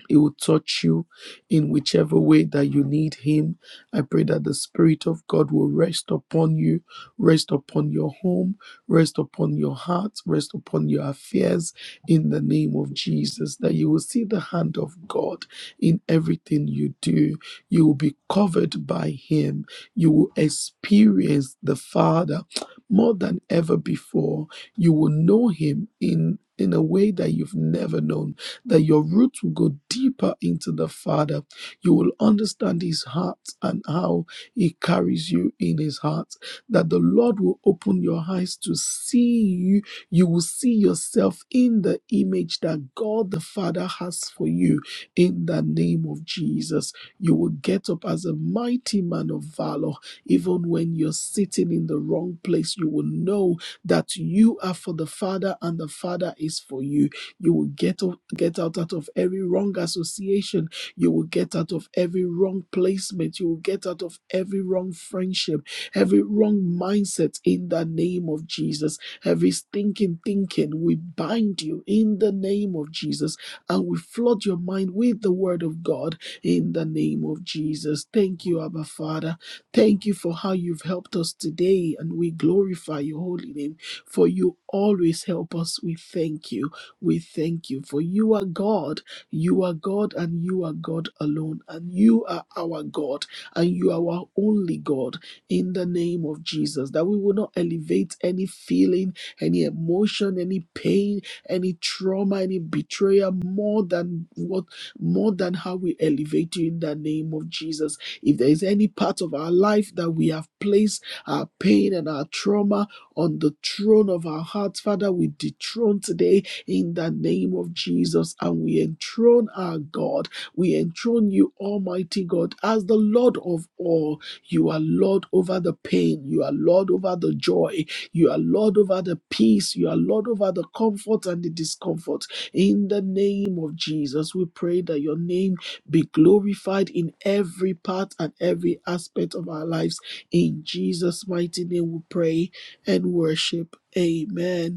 he will touch you in whichever way that you need Him. I pray that the Spirit of God will rest upon you, rest upon your home, rest upon your heart, rest upon your affairs in the name of Jesus. That you will see the hand of God in everything you do. You will be covered by Him. You will experience the Father more than ever before. You will know Him in in a way that you've never known that your roots will go deeper into the Father. You will understand His heart and how He carries you in His heart. That the Lord will open your eyes to see you. You will see yourself in the image that God the Father has for you in the name of Jesus. You will get up as a mighty man of valor. Even when you're sitting in the wrong place, you will know that you are for the Father and the Father is for you you will get, o- get out, out of every wrong association. You will get out of every wrong placement. You will get out of every wrong friendship, every wrong mindset in the name of Jesus. Every stinking thinking, we bind you in the name of Jesus and we flood your mind with the word of God in the name of Jesus. Thank you, Abba Father. Thank you for how you've helped us today and we glorify your holy name for you always help us. We thank you. We thank you for you are God. You are God and you are God alone. And you are our God and you are our only God in the name of Jesus. That we will not elevate any feeling, any emotion, any pain, any trauma, any betrayal more than what more than how we elevate you in the name of Jesus. If there is any part of our life that we have placed our pain and our trauma on the throne of our hearts, Father, we dethrone today in the name of Jesus. And we enthrone our God. We enthrone you, Almighty God, as the Lord of all. You are Lord over the pain. You are Lord over the joy. You are Lord over the peace. You are Lord over the comfort and the discomfort. In the name of Jesus, we pray that your name be glorified in every part and every aspect of our lives. In Jesus' mighty name, we pray and worship. Amen.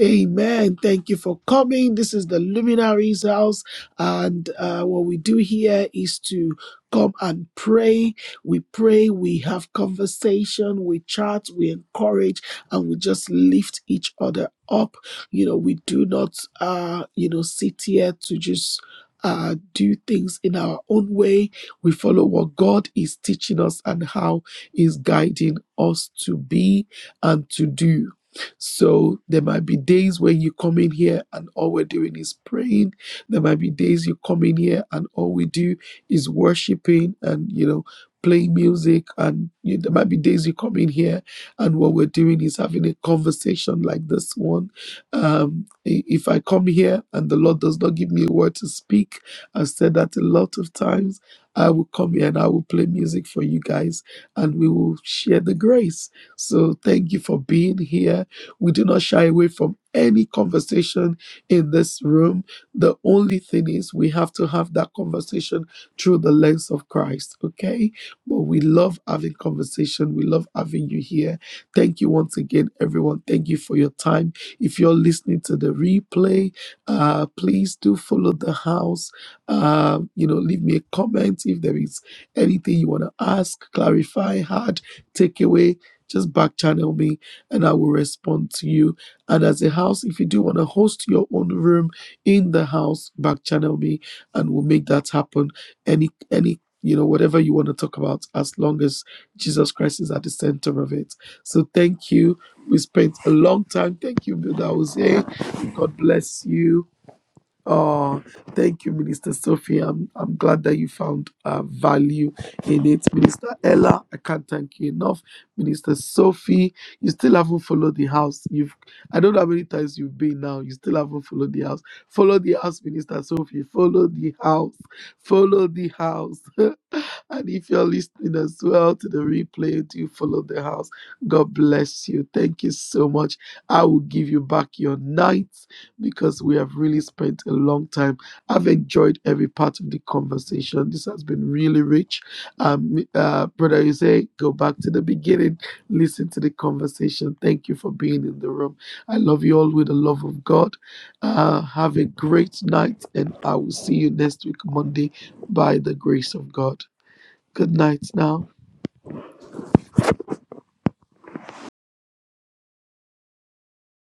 Amen. Thank you for coming. This is the Luminaries House, and uh, what we do here is to come and pray. We pray, we have conversation, we chat, we encourage, and we just lift each other up. You know, we do not, uh, you know, sit here to just. Uh, do things in our own way. We follow what God is teaching us and how He's guiding us to be and to do. So there might be days when you come in here and all we're doing is praying. There might be days you come in here and all we do is worshiping and, you know, playing music. And you, there might be days you come in here and what we're doing is having a conversation like this one. Um, i- if I come here and the Lord does not give me a word to speak, I've said that a lot of times. I will come here and I will play music for you guys and we will share the grace. So thank you for being here we do not shy away from any conversation in this room. The only thing is we have to have that conversation through the lens of Christ, okay? But we love having conversation. We love having you here. Thank you once again, everyone. Thank you for your time. If you're listening to the replay, uh, please do follow the house. Uh, you know, leave me a comment if there is anything you want to ask, clarify, add, take away. Just back channel me and I will respond to you. And as a house, if you do want to host your own room in the house, back channel me and we'll make that happen. Any, any, you know, whatever you want to talk about, as long as Jesus Christ is at the center of it. So thank you. We spent a long time. Thank you, Buddha Jose. God bless you. Oh, thank you, Minister Sophie. I'm, I'm glad that you found uh, value in it. Minister Ella, I can't thank you enough. Minister Sophie, you still haven't followed the house. You've I don't know how many times you've been now. You still haven't followed the house. Follow the house, Minister Sophie. Follow the house. Follow the house. And if you're listening as well to the replay, do follow the house. God bless you. Thank you so much. I will give you back your nights because we have really spent a long time. I've enjoyed every part of the conversation. This has been really rich. Um, uh, brother, you say go back to the beginning, listen to the conversation. Thank you for being in the room. I love you all with the love of God. Uh, have a great night, and I will see you next week, Monday, by the grace of God. Good night now.